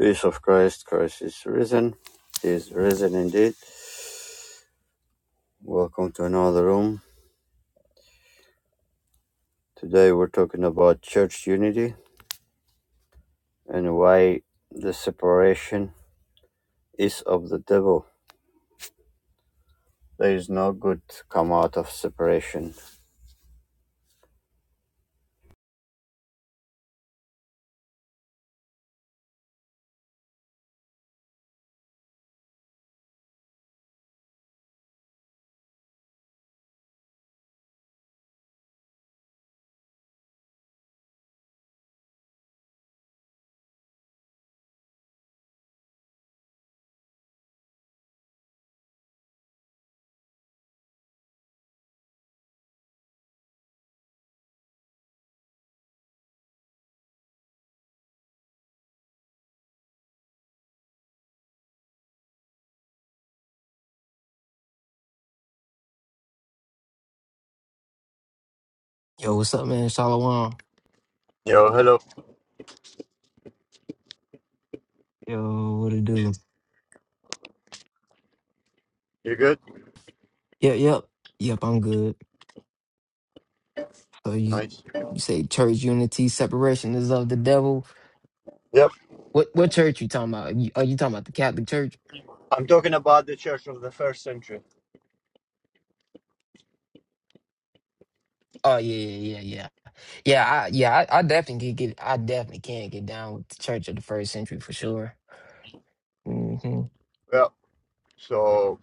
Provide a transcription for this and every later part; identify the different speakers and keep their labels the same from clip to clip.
Speaker 1: Peace of Christ, Christ is risen. He is risen indeed. Welcome to another room. Today we're talking about church unity and why the separation is of the devil. There is no good come out of separation.
Speaker 2: Yo, what's up, man? Shalom.
Speaker 1: Yo, hello.
Speaker 2: Yo, what it do?
Speaker 1: You good?
Speaker 2: Yep, yep, yep. I'm good. So you
Speaker 1: Nice.
Speaker 2: you say church unity, separation is of the devil.
Speaker 1: Yep.
Speaker 2: What what church you talking about? You, are you talking about the Catholic Church?
Speaker 1: I'm talking about the church of the first century.
Speaker 2: Oh yeah, yeah, yeah, yeah. Yeah, I, yeah. I, I definitely can get. I definitely can get down with the Church of the First Century for sure. hmm
Speaker 1: Yep. So,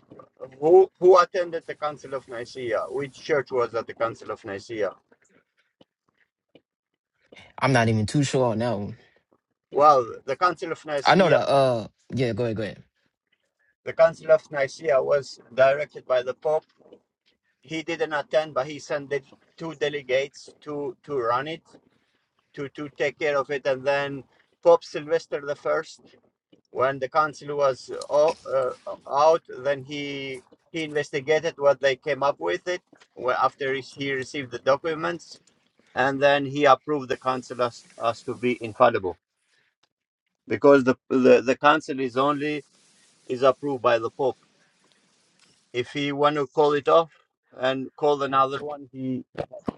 Speaker 1: who who attended the Council of Nicaea? Which church was at the Council of Nicaea?
Speaker 2: I'm not even too sure on that one.
Speaker 1: Well, the Council of
Speaker 2: I know
Speaker 1: Nicaea
Speaker 2: that. Uh, yeah. Go ahead, go ahead.
Speaker 1: The Council of Nicaea was directed by the Pope. He didn't attend, but he sent two delegates to, to run it, to, to take care of it. And then Pope Sylvester the First, when the council was o- uh, out, then he he investigated what they came up with it well, after he received the documents, and then he approved the council as, as to be infallible because the, the the council is only is approved by the Pope If he want to call it off and call another one, he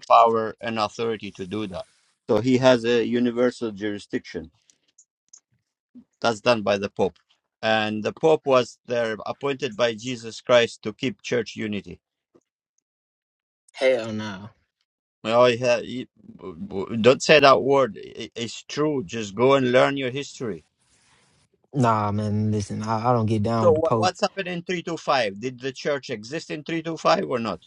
Speaker 1: power and authority to do that. So he has a universal jurisdiction. That's done by the Pope. And the Pope was there appointed by Jesus Christ to keep church unity.
Speaker 2: Hell no.
Speaker 1: Oh, yeah, you- don't say that word. I- It's true. Just go and learn your history.
Speaker 2: Nah, man. Listen, I, I don't get down
Speaker 1: So
Speaker 2: with the
Speaker 1: what,
Speaker 2: Pope.
Speaker 1: what's happened in 325? Did the church exist in 325 or not?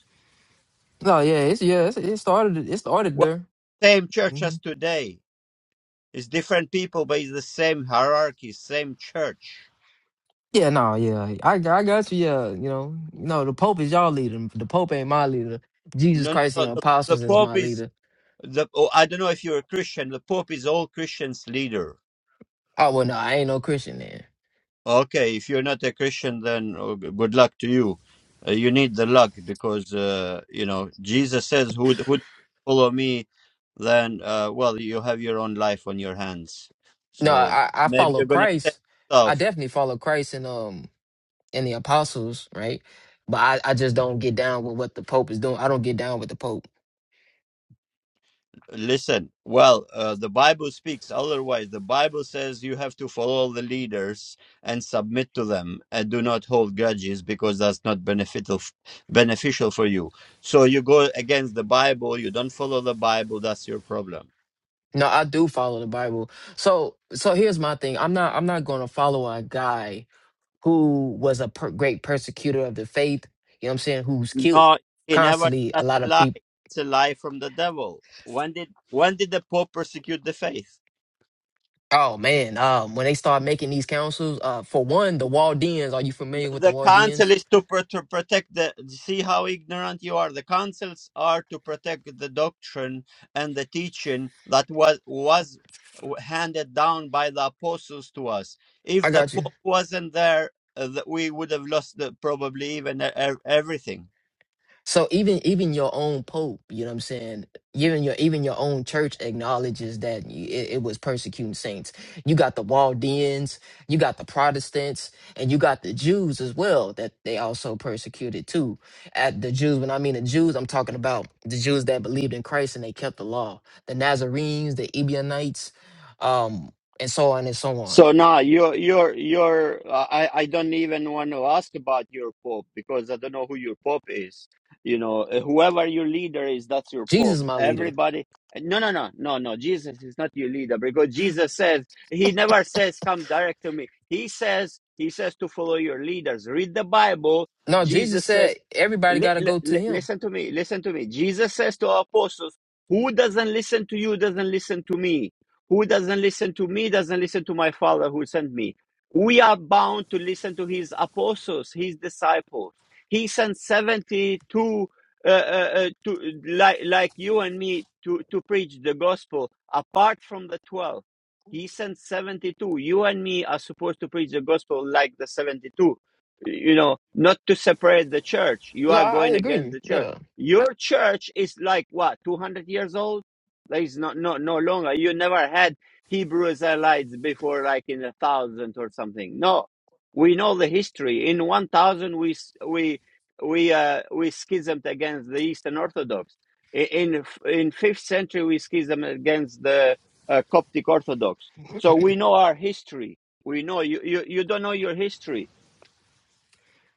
Speaker 2: No, yeah, it's yeah. It's, it started. It started
Speaker 1: Well,
Speaker 2: there.
Speaker 1: same church
Speaker 2: Mm-hmm.
Speaker 1: as today. It's different people, but it's the same hierarchy, same church.
Speaker 2: Yeah, no, yeah, I, I got you. Yeah, you know, you know, the Pope is y'all leader. The Pope ain't my leader. Jesus
Speaker 1: No, no,
Speaker 2: Christ and
Speaker 1: no,
Speaker 2: the
Speaker 1: the, the
Speaker 2: apostles is my
Speaker 1: Pope is
Speaker 2: leader.
Speaker 1: the. Oh, I don't know if you're a Christian. The Pope is all Christians' leader.
Speaker 2: Oh well, no, I ain't no Christian then.
Speaker 1: Okay, if you're not a Christian, then oh, g- good luck to you. Uh, you need the luck because uh, you know Jesus says, "Who d- who d- follow me?" Then, uh, well, you have your own life on your hands.
Speaker 2: No,
Speaker 1: So
Speaker 2: I, I
Speaker 1: maybe
Speaker 2: follow
Speaker 1: you're gonna say
Speaker 2: Christ. I
Speaker 1: stuff.
Speaker 2: definitely follow Christ and um and the apostles, right? But I, I just don't get down with what the Pope is doing. I don't get down with the Pope.
Speaker 1: Listen, well, uh, the Bible speaks otherwise. The Bible says you have to follow the leaders and submit to them and do not hold grudges because that's not beneficial beneficial for you. So you go against the Bible, you don't follow the Bible, that's your problem.
Speaker 2: No, I do follow the Bible. So so here's my thing. I'm not I'm not gonna follow a guy who was a per- great persecutor of the faith, you know what I'm saying, who's killed
Speaker 1: No, he never
Speaker 2: constantly a
Speaker 1: that's
Speaker 2: lot
Speaker 1: a
Speaker 2: of
Speaker 1: lie.
Speaker 2: people.
Speaker 1: It's a lie from the devil. When did when did the Pope persecute the faith?
Speaker 2: Oh man, um, when they start making these councils, uh, for one, the Waldeans, are you familiar with the
Speaker 1: the council
Speaker 2: Waldeans?
Speaker 1: is to, pro- to protect the see how ignorant you are the councils are to protect the doctrine and the teaching that was was handed down by the apostles to us
Speaker 2: I
Speaker 1: if the
Speaker 2: got you.
Speaker 1: pope wasn't there uh, th- we would have lost the, probably even e- e- everything
Speaker 2: So even even your own pope, you know what I'm saying? Even your even your own church acknowledges that y- it, it was persecuting saints. You got the Waldeans, you got the Protestants, and you got the Jews as well that they also persecuted too. At the Jews, when I mean the Jews, I'm talking about the Jews that believed in Christ and they kept the law, the Nazarenes, the Ebionites, um, and so on and so on.
Speaker 1: So now you're you're you're uh, I I don't even want to ask about your pope because I don't know who your pope is. You know, uh, whoever your leader is, that's your
Speaker 2: Jesus,
Speaker 1: pope.
Speaker 2: is my leader.
Speaker 1: Everybody, no, no, no, no, no. Jesus is not your leader because Jesus says he never says come direct to me. He says he says to follow your leaders. Read the Bible.
Speaker 2: No, Jesus
Speaker 1: Jesus
Speaker 2: said
Speaker 1: says,
Speaker 2: everybody
Speaker 1: li-
Speaker 2: got to
Speaker 1: li-
Speaker 2: go to
Speaker 1: li-
Speaker 2: Him.
Speaker 1: listen to me, listen to me. Jesus says to our apostles, who doesn't listen to you doesn't listen to me. Who doesn't listen to me doesn't listen to my Father who sent me. We are bound to listen to his apostles, his disciples. He sent 72 uh, uh, uh, to, like, like you and me to, to preach the gospel apart from the 12. He sent 72. You and me are supposed to preach the gospel like the 72. You know, not to separate the church. You
Speaker 2: No,
Speaker 1: are
Speaker 2: I I
Speaker 1: going against
Speaker 2: agree.
Speaker 1: the church.
Speaker 2: Yeah.
Speaker 1: Your church is like what, 200 years old? Like it's not no no longer. You never had Hebrew Israelites before, like in a thousand or something. No, we know the history. In one thousand, we s- we we uh, we schismed against the Eastern Orthodox. I- In f- in fifth century, we schismed against the uh, Coptic Orthodox. So we know our history. We know you, you you don't know your history.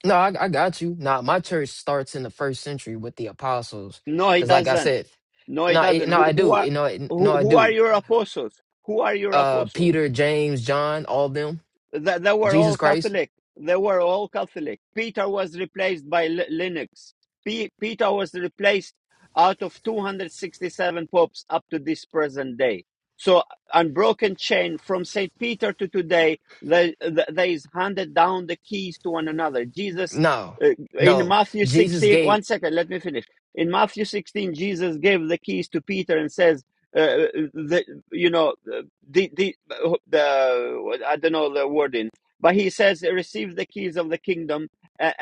Speaker 2: No, I, I got you. Nah, my church starts in the first century with the apostles,
Speaker 1: No, he
Speaker 2: because like I
Speaker 1: doesn't.
Speaker 2: said,
Speaker 1: No, he
Speaker 2: no, it,
Speaker 1: doesn't.
Speaker 2: no, I
Speaker 1: Who who
Speaker 2: do.
Speaker 1: are
Speaker 2: You know, it- no,
Speaker 1: who,
Speaker 2: I
Speaker 1: who are
Speaker 2: do.
Speaker 1: your apostles? Who are your
Speaker 2: Uh,
Speaker 1: apostles?
Speaker 2: Peter, James, John, all of them.
Speaker 1: Th- they were
Speaker 2: Jesus
Speaker 1: all
Speaker 2: Christ.
Speaker 1: Catholic. They were all Catholic. Peter was replaced by Li- Linux. P- Peter was replaced out of 267 popes up to this present day. So, unbroken chain from St. Peter to today, they, they, they is handed down the keys to one another. Jesus,
Speaker 2: No,
Speaker 1: uh, in
Speaker 2: no.
Speaker 1: Matthew
Speaker 2: Jesus
Speaker 1: 16,
Speaker 2: gave
Speaker 1: one second, let me finish. In Matthew 16, Jesus gave the keys to Peter and says, uh, uh, the, you know the the, the I don't know the wording, but he says receive the keys of the kingdom,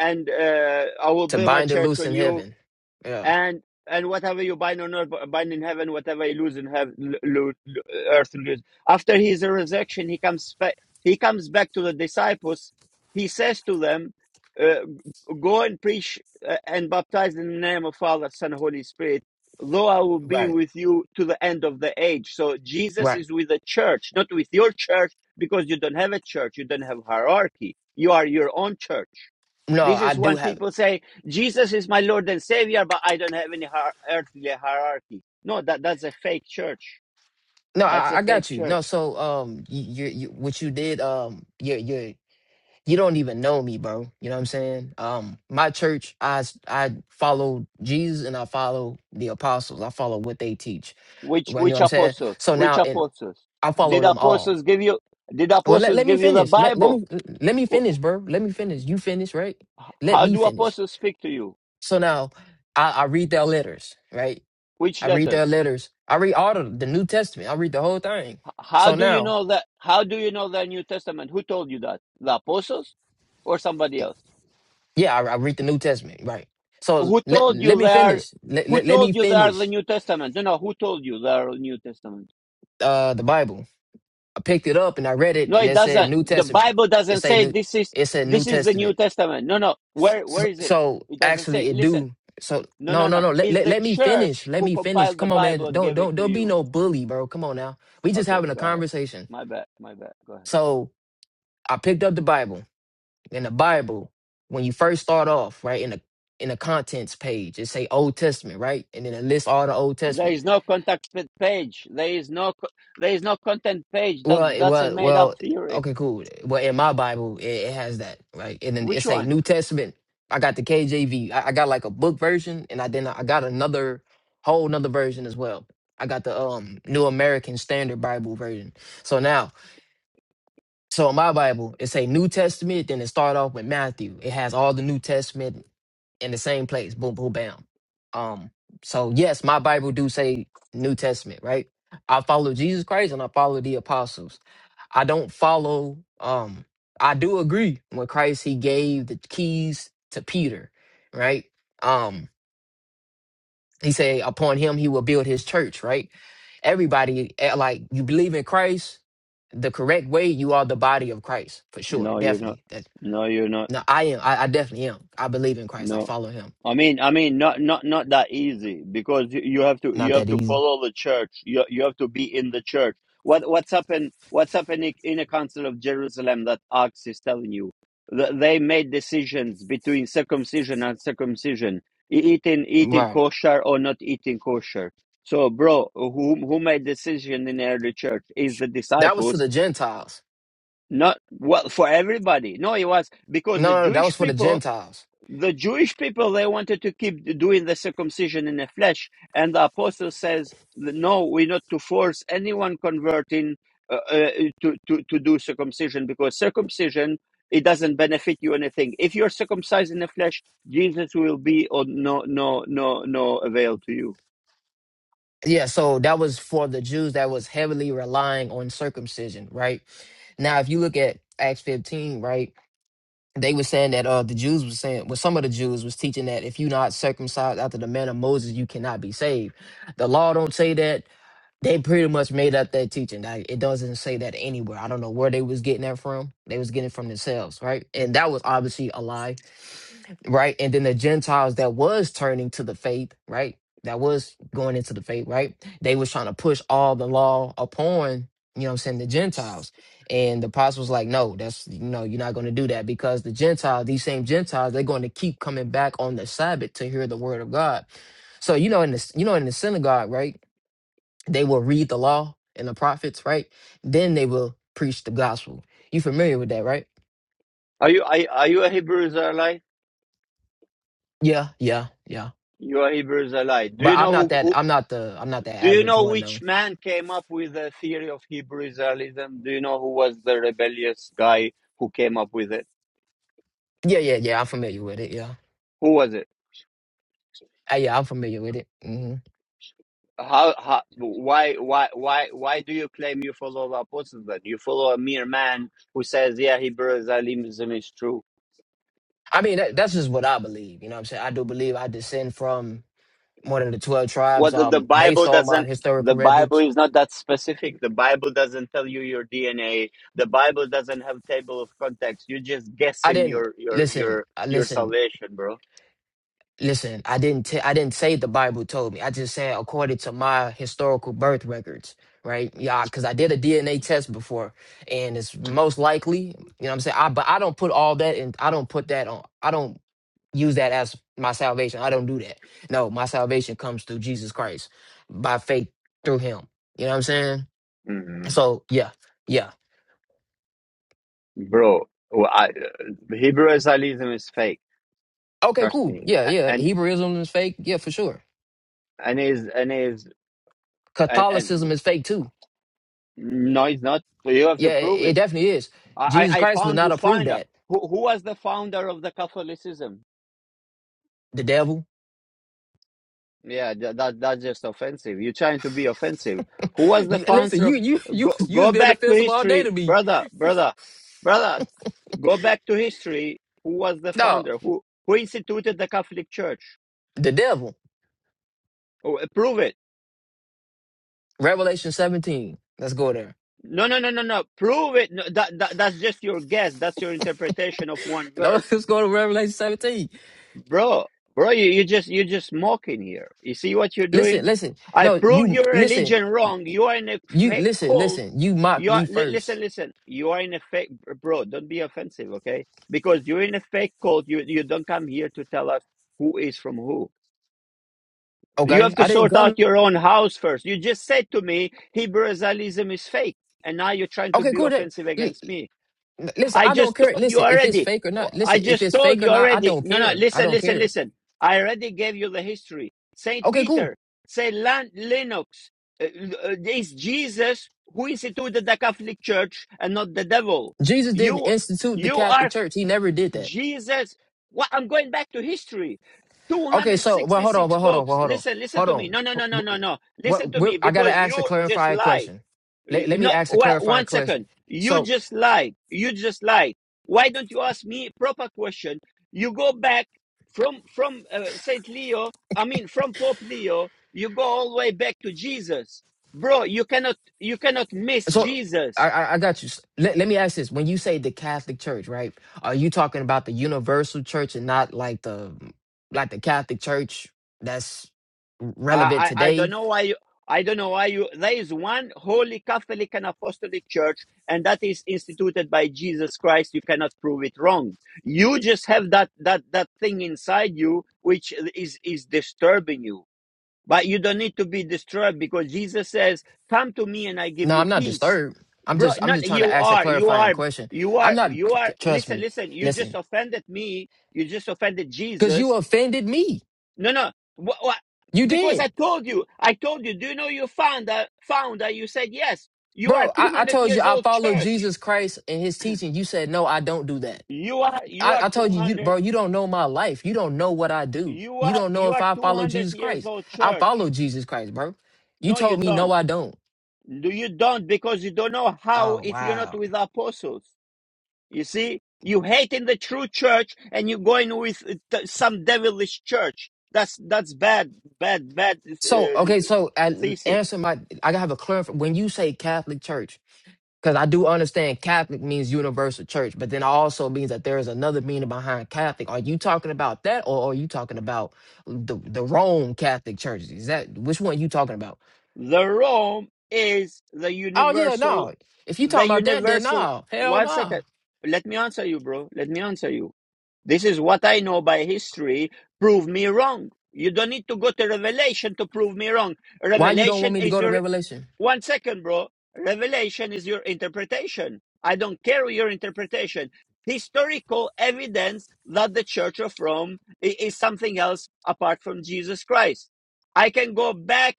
Speaker 1: and uh, I will
Speaker 2: to
Speaker 1: build my
Speaker 2: bind and
Speaker 1: church
Speaker 2: loose
Speaker 1: on
Speaker 2: in
Speaker 1: you,
Speaker 2: heaven. Yeah,
Speaker 1: and and whatever you bind on earth bind in heaven whatever you lose in heaven lo- lo- earth lose after his resurrection he comes back he comes back to the disciples he says to them uh, go and preach uh, and baptize in the name of father son holy spirit though i will be
Speaker 2: right,
Speaker 1: with you to the end of the age so jesus
Speaker 2: right.
Speaker 1: is with the church not with your church because you don't have a church you don't have hierarchy you are your own church
Speaker 2: No,
Speaker 1: this
Speaker 2: I
Speaker 1: is
Speaker 2: do
Speaker 1: when
Speaker 2: have.
Speaker 1: people say, Jesus is my Lord and Savior, but I don't have any hier- earthly hierarchy. No, that, that's a fake church.
Speaker 2: No,
Speaker 1: That's a
Speaker 2: I, I
Speaker 1: fake
Speaker 2: got you.
Speaker 1: church.
Speaker 2: No, so um, you, you, you what you did um, your your you don't even know me, bro. You know what I'm saying? Um, my church, I s- I follow Jesus and I follow the apostles. I follow what they teach.
Speaker 1: Which,
Speaker 2: Well, You know
Speaker 1: which
Speaker 2: what I'm saying?
Speaker 1: apostles?
Speaker 2: So
Speaker 1: Which
Speaker 2: now, and
Speaker 1: apostles?
Speaker 2: I follow
Speaker 1: Did
Speaker 2: them all.
Speaker 1: apostles give you, did
Speaker 2: Well, let,
Speaker 1: apostles
Speaker 2: let me
Speaker 1: give you the
Speaker 2: finish. Let, let
Speaker 1: Bible?
Speaker 2: me let me finish, bro. Let me finish. You finish, right? Let
Speaker 1: How
Speaker 2: me
Speaker 1: do
Speaker 2: finish.
Speaker 1: apostles speak to you?
Speaker 2: So now, I, I read their letters, right?
Speaker 1: Which
Speaker 2: I read
Speaker 1: letters?
Speaker 2: their letters. I read all of the New Testament. I read the whole thing.
Speaker 1: How
Speaker 2: So
Speaker 1: do you
Speaker 2: now,
Speaker 1: know that? How do you know the New Testament? Who told you that? The apostles or somebody else?
Speaker 2: yeah, I, I read the New Testament, right? So
Speaker 1: Who
Speaker 2: let
Speaker 1: told
Speaker 2: let
Speaker 1: you
Speaker 2: me
Speaker 1: they are,
Speaker 2: finish. Let,
Speaker 1: who
Speaker 2: let, let me
Speaker 1: told you they are the
Speaker 2: finish.
Speaker 1: New Testament? No, no, who told you they are the New Testament?
Speaker 2: uh the Bible. I picked it up and I read it
Speaker 1: No,
Speaker 2: and
Speaker 1: it
Speaker 2: it said
Speaker 1: doesn't.
Speaker 2: New
Speaker 1: The
Speaker 2: Testament.
Speaker 1: Bible
Speaker 2: It
Speaker 1: doesn't
Speaker 2: say
Speaker 1: say
Speaker 2: New
Speaker 1: this is
Speaker 2: it said New
Speaker 1: this is the New
Speaker 2: Testament.
Speaker 1: Testament. No, no. Where
Speaker 2: So,
Speaker 1: where is it?
Speaker 2: so
Speaker 1: It doesn't
Speaker 2: actually
Speaker 1: say.
Speaker 2: it
Speaker 1: Listen.
Speaker 2: do. So
Speaker 1: No,
Speaker 2: no
Speaker 1: no,
Speaker 2: no
Speaker 1: no.
Speaker 2: no let,
Speaker 1: It's
Speaker 2: let
Speaker 1: the
Speaker 2: let me finish.
Speaker 1: church
Speaker 2: Let
Speaker 1: who
Speaker 2: me finish.
Speaker 1: compiled the
Speaker 2: Come on man.
Speaker 1: Bible and
Speaker 2: Don't
Speaker 1: gave it
Speaker 2: don't
Speaker 1: to
Speaker 2: don't be
Speaker 1: you.
Speaker 2: no bully, bro. Come on now. We just
Speaker 1: Okay,
Speaker 2: having a
Speaker 1: go ahead.
Speaker 2: conversation.
Speaker 1: My bad. My bad. Go ahead.
Speaker 2: So I picked up the Bible. In the Bible, when you first start off, right, in the in the contents page, it say Old Testament, right? And then it lists all the Old Testament.
Speaker 1: There is no contact p- page. There is no co- there is no content page. That
Speaker 2: Well, it-
Speaker 1: that's a
Speaker 2: well,
Speaker 1: made up
Speaker 2: well.
Speaker 1: theory.
Speaker 2: Okay, cool. Well, in my Bible, it, it has that right, and then
Speaker 1: Which
Speaker 2: it's a
Speaker 1: one?
Speaker 2: New Testament. I got the KJV. I I got like a book version, and I then I got another whole another version as well. I got the um New American Standard Bible version. So now so in my Bible, it say New Testament, then it start off with Matthew. It has all the New Testament in the same place. Boom, boom, bam. Um, so yes, my Bible do say New Testament, right? I follow Jesus Christ and I follow the apostles. I don't follow um I do agree when Christ he gave the keys to Peter, right? Um he said, upon him, he will build his church, right? Everybody, eh, like, you believe in Christ the correct way, you are the body of Christ, for sure.
Speaker 1: No, you're not.
Speaker 2: Definitely. That,
Speaker 1: No, you're not.
Speaker 2: no, I am. I, I definitely am. I believe in Christ. I
Speaker 1: No.
Speaker 2: follow him.
Speaker 1: I mean, I mean, not not not that easy because you you have to you
Speaker 2: Not
Speaker 1: have
Speaker 2: that
Speaker 1: to
Speaker 2: easy.
Speaker 1: follow the church. You you have to be in the church. What what's happened? What's happening in a council of Jerusalem that Acts is telling you? Th- They made decisions between circumcision and circumcision, e- eating eating
Speaker 2: Right.
Speaker 1: kosher or not eating kosher. So, bro, who who made decision in the early church is the
Speaker 2: That was to
Speaker 1: disciples.
Speaker 2: the Gentiles.
Speaker 1: Not well for everybody. No, it was because
Speaker 2: No,
Speaker 1: the
Speaker 2: no, no, that
Speaker 1: Jewish
Speaker 2: was for the
Speaker 1: people
Speaker 2: Gentiles.
Speaker 1: the Jewish people they wanted to keep doing the circumcision in the flesh, and the apostle says, "No, we're not to force anyone converting uh, uh, to, to to do circumcision because circumcision it doesn't benefit you anything. If you're circumcised in the flesh, Jesus will be of no no no no avail to you."
Speaker 2: Yeah, so that was for the Jews that was heavily relying on circumcision, right? Now, if you look at Acts 15, right? they were saying that uh the Jews were saying well some of the Jews was teaching that if you're not circumcised after the manner of Moses you cannot be saved. The law don't say that. They pretty much made up that teaching. Like it doesn't say that anywhere. I don't know where they was getting that from. They was getting it from themselves, right? And that was obviously a lie right? And then the Gentiles that was turning to the faith, right? That was going into the faith, right? They was trying to push all the law upon, you know what I'm saying, the Gentiles. And the apostles like, no, that's you know, you're not gonna do that because the Gentiles, these same Gentiles, they're going to keep coming back on the Sabbath to hear the word of God. So you know, in the you know, in the synagogue, right? They will read the law and the prophets, right? Then they will preach the gospel. You familiar with that, right?
Speaker 1: Are you are, are you a Hebrew Israelite?
Speaker 2: Yeah, yeah, yeah.
Speaker 1: You are a Hebrew Israelite. Do
Speaker 2: But
Speaker 1: you
Speaker 2: I'm
Speaker 1: know
Speaker 2: not
Speaker 1: who,
Speaker 2: that.
Speaker 1: who
Speaker 2: I'm not the. I'm not the
Speaker 1: Do you
Speaker 2: average
Speaker 1: know
Speaker 2: one though.
Speaker 1: which man came up with the theory of Hebrew Israelism? Do you know who was the rebellious guy who came up with it?
Speaker 2: Yeah, yeah, yeah. I'm familiar with it. Yeah,
Speaker 1: Who was it?
Speaker 2: Uh, yeah. I'm familiar with it. hmm
Speaker 1: How, how why why why why do you claim you follow the apostles then? You follow a mere man who says, Yeah, Hebrew Israelism is true.
Speaker 2: I mean, that, that's just what I believe. You know, what I'm saying I do believe I descend from one of the twelve tribes.
Speaker 1: What the, the
Speaker 2: Um, based
Speaker 1: Bible
Speaker 2: on my
Speaker 1: doesn't the
Speaker 2: historical
Speaker 1: Bible
Speaker 2: records,
Speaker 1: is not that specific. The Bible doesn't tell you your DNA. The Bible doesn't have table of contents. You're just
Speaker 2: I
Speaker 1: guessing
Speaker 2: didn't
Speaker 1: your your
Speaker 2: listen.
Speaker 1: your
Speaker 2: I
Speaker 1: your
Speaker 2: listen.
Speaker 1: salvation, bro.
Speaker 2: Listen, I didn't t- I didn't say the Bible told me. I just said according to my historical birth records, right? Yeah, because I did a DNA test before, and it's most likely, you know, what I'm saying, I but I don't put all that in. I don't put that on. I don't use that as my salvation. I don't do that. No, my salvation comes through Jesus Christ by faith through Him. You know what I'm saying?
Speaker 1: Mhm.
Speaker 2: So yeah, yeah,
Speaker 1: bro. well, I, uh, Hebrew Israelism is fake.
Speaker 2: okay,
Speaker 1: Trust
Speaker 2: cool,
Speaker 1: me.
Speaker 2: yeah,
Speaker 1: A-
Speaker 2: yeah.
Speaker 1: And
Speaker 2: Hebrewism is fake, yeah, for sure.
Speaker 1: and is and is and and
Speaker 2: Catholicism is fake too
Speaker 1: no, it's not. So you have to
Speaker 2: Yeah,
Speaker 1: prove
Speaker 2: it it
Speaker 1: it.
Speaker 2: definitely is.
Speaker 1: I
Speaker 2: Jesus
Speaker 1: I I
Speaker 2: Christ would
Speaker 1: found
Speaker 2: not
Speaker 1: you
Speaker 2: approve
Speaker 1: finder.
Speaker 2: that.
Speaker 1: Who who was the founder of the Catholicism?
Speaker 2: The devil.
Speaker 1: Yeah, that, that that's just offensive. You're trying to be offensive. Who was the
Speaker 2: You, and listen,
Speaker 1: founder
Speaker 2: you
Speaker 1: of?
Speaker 2: you you
Speaker 1: Go
Speaker 2: you was
Speaker 1: go
Speaker 2: being
Speaker 1: back to
Speaker 2: defensive all day
Speaker 1: history,
Speaker 2: to me.
Speaker 1: brother, brother, brother. Go back to history. Who was the
Speaker 2: No,
Speaker 1: founder? Who who instituted the Catholic Church?
Speaker 2: the devil.
Speaker 1: Oh, prove it.
Speaker 2: Revelation 17. Let's go there.
Speaker 1: No, no, no, no, no. Prove it. No, that, that that's just your guess. That's your interpretation of one
Speaker 2: No,
Speaker 1: verse,
Speaker 2: Let's go to Revelation 17.
Speaker 1: bro. Bro, you, you just you just mocking here. You see what you're
Speaker 2: Listen,
Speaker 1: doing?
Speaker 2: listen.
Speaker 1: I
Speaker 2: No,
Speaker 1: proved
Speaker 2: you
Speaker 1: your
Speaker 2: listen.
Speaker 1: religion
Speaker 2: y-
Speaker 1: wrong. You are in a
Speaker 2: You
Speaker 1: fake
Speaker 2: listen,
Speaker 1: cult.
Speaker 2: listen. You mocked
Speaker 1: You are
Speaker 2: me
Speaker 1: li- listen,
Speaker 2: first.
Speaker 1: listen. You are in a fake, bro. Don't be offensive, okay? Because you're in a fake cult. You you don't come here to tell us who is from who. You
Speaker 2: Okay,
Speaker 1: have to
Speaker 2: I didn't
Speaker 1: sort
Speaker 2: come.
Speaker 1: out your own house first. You just said to me Hebraism is fake, and now you're trying to
Speaker 2: Okay,
Speaker 1: be
Speaker 2: cool. That,
Speaker 1: offensive
Speaker 2: l-
Speaker 1: against me.
Speaker 2: l- listen,
Speaker 1: I
Speaker 2: I don't
Speaker 1: just
Speaker 2: care.
Speaker 1: told you
Speaker 2: Listen, if it's
Speaker 1: already.
Speaker 2: fake or not.
Speaker 1: I
Speaker 2: Listen, if
Speaker 1: just
Speaker 2: it's
Speaker 1: told
Speaker 2: fake or
Speaker 1: you
Speaker 2: not, I
Speaker 1: already.
Speaker 2: don't
Speaker 1: No, no,
Speaker 2: care. I
Speaker 1: listen,
Speaker 2: don't
Speaker 1: listen,
Speaker 2: care.
Speaker 1: listen. I already gave you the history. Saint
Speaker 2: Okay, cool.
Speaker 1: Peter, Saint Lan- Lennox, uh, uh, it's Jesus who instituted the Catholic Church and not the devil.
Speaker 2: Jesus didn't
Speaker 1: You,
Speaker 2: institute the
Speaker 1: you
Speaker 2: Catholic
Speaker 1: are
Speaker 2: Church. He never did that.
Speaker 1: Jesus. What? I'm going back to history.
Speaker 2: Okay, so well, hold on,
Speaker 1: 266
Speaker 2: well, hold on, well,
Speaker 1: popes.
Speaker 2: hold on,
Speaker 1: Listen, listen
Speaker 2: hold
Speaker 1: to me. No, no, no, no,
Speaker 2: on.
Speaker 1: no, no.
Speaker 2: What
Speaker 1: Listen to
Speaker 2: we're,
Speaker 1: me
Speaker 2: I gotta
Speaker 1: because you
Speaker 2: ask a
Speaker 1: just
Speaker 2: clarifying
Speaker 1: lie
Speaker 2: question. Let,
Speaker 1: you-
Speaker 2: let me
Speaker 1: No,
Speaker 2: ask a
Speaker 1: well,
Speaker 2: clarifying
Speaker 1: one
Speaker 2: question.
Speaker 1: second. You
Speaker 2: So,
Speaker 1: just lied. You just lied. Why don't you ask me proper question? You go back from from uh, Saint Leo. I mean, from Pope Leo. You go all the way back to Jesus, bro. You cannot you cannot miss
Speaker 2: so
Speaker 1: Jesus.
Speaker 2: I, I, I got you. Let, let me ask this: When you say the Catholic Church, right? Are you talking about the universal church and not like the like the Catholic Church that's relevant
Speaker 1: I, I I don't
Speaker 2: today?
Speaker 1: know why you. I don't know why you. There is one holy Catholic and Apostolic Church, and that is instituted by Jesus Christ. You cannot prove it wrong. You just have that that that thing inside you which is is disturbing you. But you don't need to be disturbed because Jesus says, "Come to me, and I give
Speaker 2: No,
Speaker 1: you
Speaker 2: I'm not
Speaker 1: peace."
Speaker 2: disturbed. I'm just
Speaker 1: Bro,
Speaker 2: I'm just
Speaker 1: not
Speaker 2: trying to
Speaker 1: you
Speaker 2: ask a
Speaker 1: are. You
Speaker 2: clarifying
Speaker 1: are.
Speaker 2: question.
Speaker 1: You
Speaker 2: I'm
Speaker 1: are.
Speaker 2: not.
Speaker 1: You are.
Speaker 2: Trust
Speaker 1: Listen,
Speaker 2: me.
Speaker 1: listen. You just
Speaker 2: Listen,
Speaker 1: offended me. You just offended
Speaker 2: Because
Speaker 1: Jesus
Speaker 2: you offended me.
Speaker 1: no, no. What, what?
Speaker 2: You
Speaker 1: Because
Speaker 2: did.
Speaker 1: I told you, I told you. Do you know you found that? Found that you said yes. You are
Speaker 2: Bro, I, I
Speaker 1: 200
Speaker 2: told you
Speaker 1: years
Speaker 2: I
Speaker 1: old
Speaker 2: follow
Speaker 1: church.
Speaker 2: Jesus Christ and his teaching. You said, no, I don't do that.
Speaker 1: You are you
Speaker 2: I,
Speaker 1: are
Speaker 2: I told you, you,
Speaker 1: 200.
Speaker 2: bro, you don't know my life. You don't know what I do.
Speaker 1: You
Speaker 2: You
Speaker 1: are
Speaker 2: don't know
Speaker 1: you
Speaker 2: if
Speaker 1: are
Speaker 2: I follow
Speaker 1: 200
Speaker 2: Jesus
Speaker 1: years
Speaker 2: Christ.
Speaker 1: old
Speaker 2: I
Speaker 1: church.
Speaker 2: follow Jesus Christ, bro. You
Speaker 1: No, you
Speaker 2: told me, no,
Speaker 1: don't.
Speaker 2: I don't.
Speaker 1: Do you don't because you don't know how
Speaker 2: Oh,
Speaker 1: if you're not
Speaker 2: wow.
Speaker 1: with the apostles. You see, you hating the true church and you're going with uh, t- some devilish church. That's that's bad, bad, bad
Speaker 2: So,
Speaker 1: uh,
Speaker 2: okay, so I,
Speaker 1: thesis.
Speaker 2: answer my, I gotta have a clear, when you say Catholic Church, Because I do understand Catholic means universal church, but then also means that there is another meaning behind Catholic. Are you talking about that, or are you talking about the the Rome Catholic Church? Is that which one you talking about?
Speaker 1: The Rome is the
Speaker 2: Oh yeah,
Speaker 1: universal,
Speaker 2: no. If you
Speaker 1: the
Speaker 2: talking about that, then
Speaker 1: universal.
Speaker 2: no, hell
Speaker 1: One
Speaker 2: no.
Speaker 1: second. Let me answer you, bro. Let me answer you. This is what I know by history. Prove me wrong. You don't need to go to Revelation to prove me wrong.
Speaker 2: Why you don't want
Speaker 1: Revelation
Speaker 2: me to
Speaker 1: is
Speaker 2: go to
Speaker 1: your.
Speaker 2: Revelation?
Speaker 1: One second, bro. Revelation is your interpretation. I don't care your interpretation. Historical evidence that the Church of Rome i- is something else apart from Jesus Christ. I can go back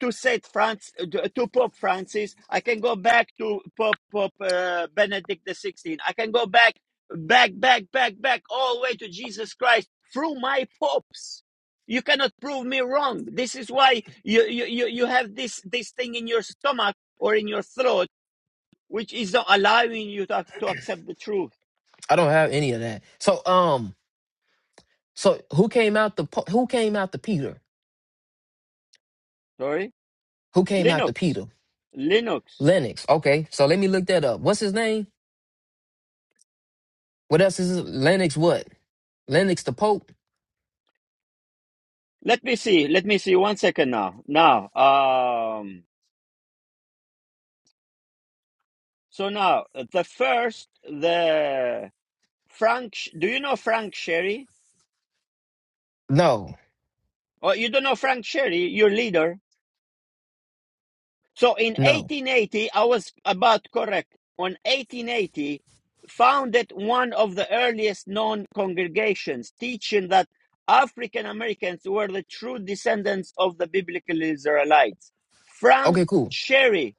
Speaker 1: to Saint France, to Pope Francis. I can go back to Pope Pope uh, Benedict the Sixteenth. I can go back, back, back, back, back, all the way to Jesus Christ through my popes. You cannot prove me wrong. This is why you you you, you have this this thing in your stomach or in your throat, which is not allowing you to to accept the truth.
Speaker 2: I don't have any of that. So um, so who came out the po- who came out the Peter?
Speaker 1: Sorry,
Speaker 2: Who came out the
Speaker 1: Linux,
Speaker 2: Peter?
Speaker 1: Linux.
Speaker 2: Lennox. Okay, so let me look that up. What's his name? What else is his- Lennox? What Lennox the Pope?
Speaker 1: Let me see. Let me see. One second now. Now, um. So now, uh, the first, the Frank, do you know Frank Sherry?
Speaker 2: No,
Speaker 1: Or you don't know Frank Sherry, your leader. So in
Speaker 2: no.
Speaker 1: 1880, I was about correct. On 1880, founded one of the earliest known congregations, teaching that African Americans were the true descendants of the biblical Israelites. Frank
Speaker 2: Okay, cool.
Speaker 1: Sherry,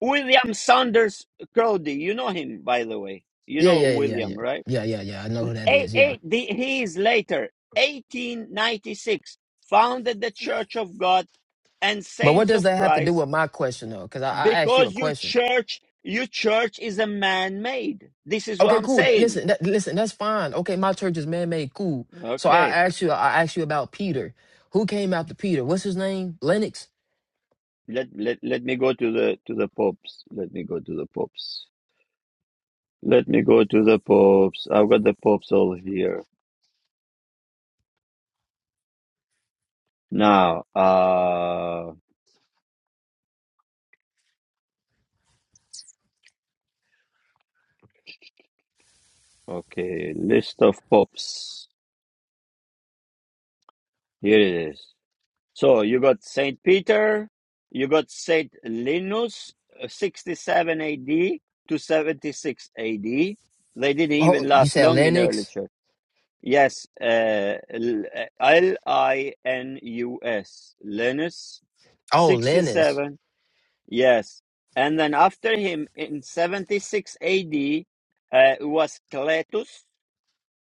Speaker 1: William Saunders Crowdy, you know him, by the way. You
Speaker 2: Yeah,
Speaker 1: know
Speaker 2: yeah, yeah,
Speaker 1: William,
Speaker 2: yeah,
Speaker 1: right?
Speaker 2: yeah, yeah, yeah, yeah. I know who that
Speaker 1: eight,
Speaker 2: is. Yeah,
Speaker 1: eight, the, he is later, 1896, founded the Church of God and
Speaker 2: but what
Speaker 1: Saints
Speaker 2: does
Speaker 1: of
Speaker 2: that have to do
Speaker 1: Christ
Speaker 2: with my question though? Because I, I asked you a
Speaker 1: because your
Speaker 2: question.
Speaker 1: church, your church is a man-made. This is what
Speaker 2: Okay,
Speaker 1: I'm
Speaker 2: cool. Th-
Speaker 1: saying.
Speaker 2: Listen, that, listen, that's fine. Okay, my church is man-made. Cool. So I
Speaker 1: Okay.
Speaker 2: asked you, I asked you about Peter. Who came after Peter? What's his name? Lennox.
Speaker 1: Let, let, let me go to the, to the popes. Let me go to the popes. Let me go to the popes. I've got the popes all here. Now, uh, okay. List of popes. Here it is. So you got Saint Peter, you got Saint Linus, uh, 67 AD to 76 AD. They didn't
Speaker 2: Oh,
Speaker 1: even
Speaker 2: you
Speaker 1: last
Speaker 2: said
Speaker 1: long in early
Speaker 2: Lennox.
Speaker 1: church. Yes, uh, L L L I N U S, Linus,
Speaker 2: Oh, Lennox.
Speaker 1: 67. Yes. And then after him in 76 AD uh, was Cletus,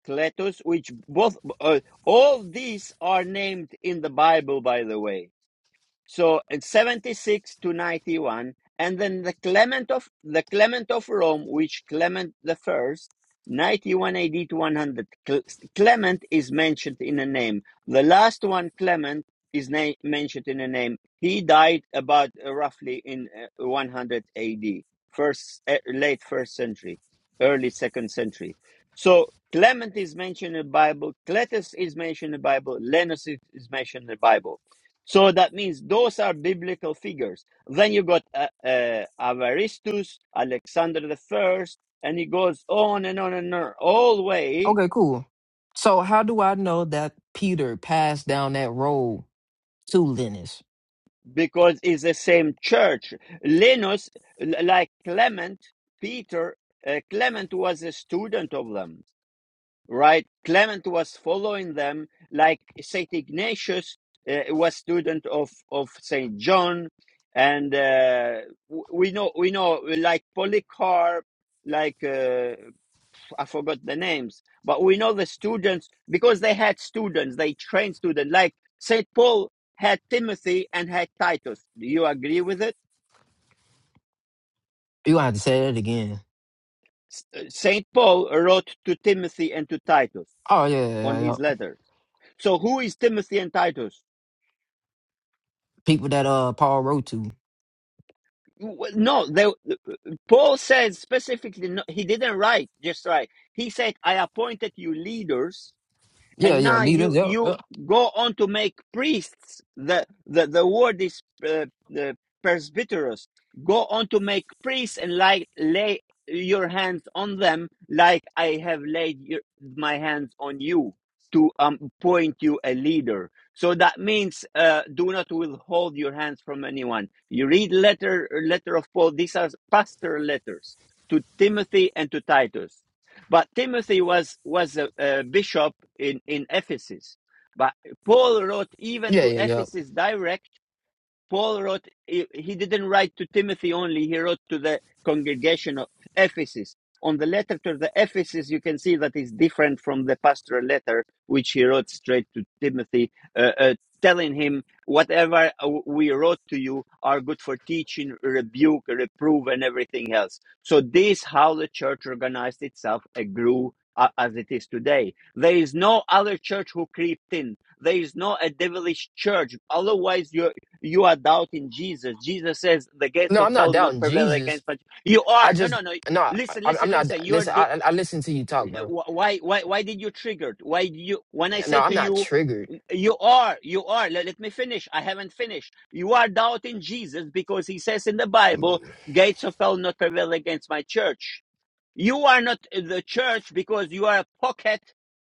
Speaker 1: Cletus, which both, uh, all these are named in the Bible, by the way so in 76 to 91, and then the Clement of the Clement of Rome, which Clement the First, 91 AD to 100. Cle- Clement is mentioned in a name. The last one, Clement, is na- mentioned in a name. He died about uh, roughly in uh, 100 AD, first uh, late first century, early second century. So Clement is mentioned in the Bible. Cletus is mentioned in the Bible. Lenus is is mentioned in the Bible so that means those are biblical figures. Then you got uh, uh, Avaristus, Alexander the First, and he goes on and on and on, all the way
Speaker 2: Okay, cool. So how do I know that Peter passed down that road to Lennox?
Speaker 1: because it's the same church. Linus, l- like Clement, Peter, uh, Clement was a student of them. right? Clement was following them, like Saint Ignatius uh, was student of of Saint John, and uh, we know we know like Polycarp, like uh, I forgot the names, but we know the students because they had students, they trained students, like Saint Paul had Timothy and had Titus. Do you agree with it?
Speaker 2: You gonna have to say that again.
Speaker 1: S- uh, Saint Paul wrote to Timothy and to Titus
Speaker 2: Oh yeah, yeah,
Speaker 1: on
Speaker 2: yeah. yeah.
Speaker 1: his letters. So who is Timothy and Titus?
Speaker 2: People that uh Paul wrote to.
Speaker 1: Well, No, the, Paul says specifically, no, he didn't write just right. He said, I appointed you leaders
Speaker 2: Yeah,
Speaker 1: and
Speaker 2: yeah,
Speaker 1: now
Speaker 2: leaders.
Speaker 1: you
Speaker 2: Yep,
Speaker 1: you
Speaker 2: yep.
Speaker 1: go on to make priests the the, the word is uh, the presbyteros go on to make priests and like lay your hands on them like i have laid your, my hands on you to um, appoint you a leader so that means uh, do not withhold your hands from anyone you read letter letter of paul these are pastor letters to timothy and to titus but Timothy was was a, a bishop in in Ephesus. But Paul wrote even
Speaker 2: Yeah,
Speaker 1: to
Speaker 2: yeah, yep.
Speaker 1: Ephesus direct Paul wrote, he didn't write to Timothy only, he wrote to the congregation of Ephesus. On the letter to the Ephesus, you can see that it's different from the pastoral letter, which he wrote straight to Timothy, uh, uh, telling him, Whatever uh, we wrote to you are good for teaching, rebuke, reprove, and everything else. So, this is how the church organized itself and grew uh, as it is today. There is no other church who crept in there is no a devilish church. Otherwise, you you are doubting Jesus. Jesus says the gates
Speaker 2: No,
Speaker 1: of
Speaker 2: I'm not
Speaker 1: hell not
Speaker 2: doubting
Speaker 1: prevail
Speaker 2: Jesus.
Speaker 1: against but you
Speaker 2: I
Speaker 1: are. No,
Speaker 2: just
Speaker 1: no, no.
Speaker 2: no,
Speaker 1: Listen,
Speaker 2: I'm, I'm
Speaker 1: listen,
Speaker 2: not.
Speaker 1: listen. You're
Speaker 2: Listen,
Speaker 1: the,
Speaker 2: I, I listen to you talk, bro.
Speaker 1: why why why did you triggered? Why do you when I
Speaker 2: No,
Speaker 1: say
Speaker 2: I'm
Speaker 1: to
Speaker 2: not
Speaker 1: you
Speaker 2: triggered.
Speaker 1: you are, you are. Let, let me finish. I haven't finished. You are doubting Jesus because he says in the Bible,
Speaker 2: Mm.
Speaker 1: gates of hell not prevail against my church. You are not the church because you are a pocket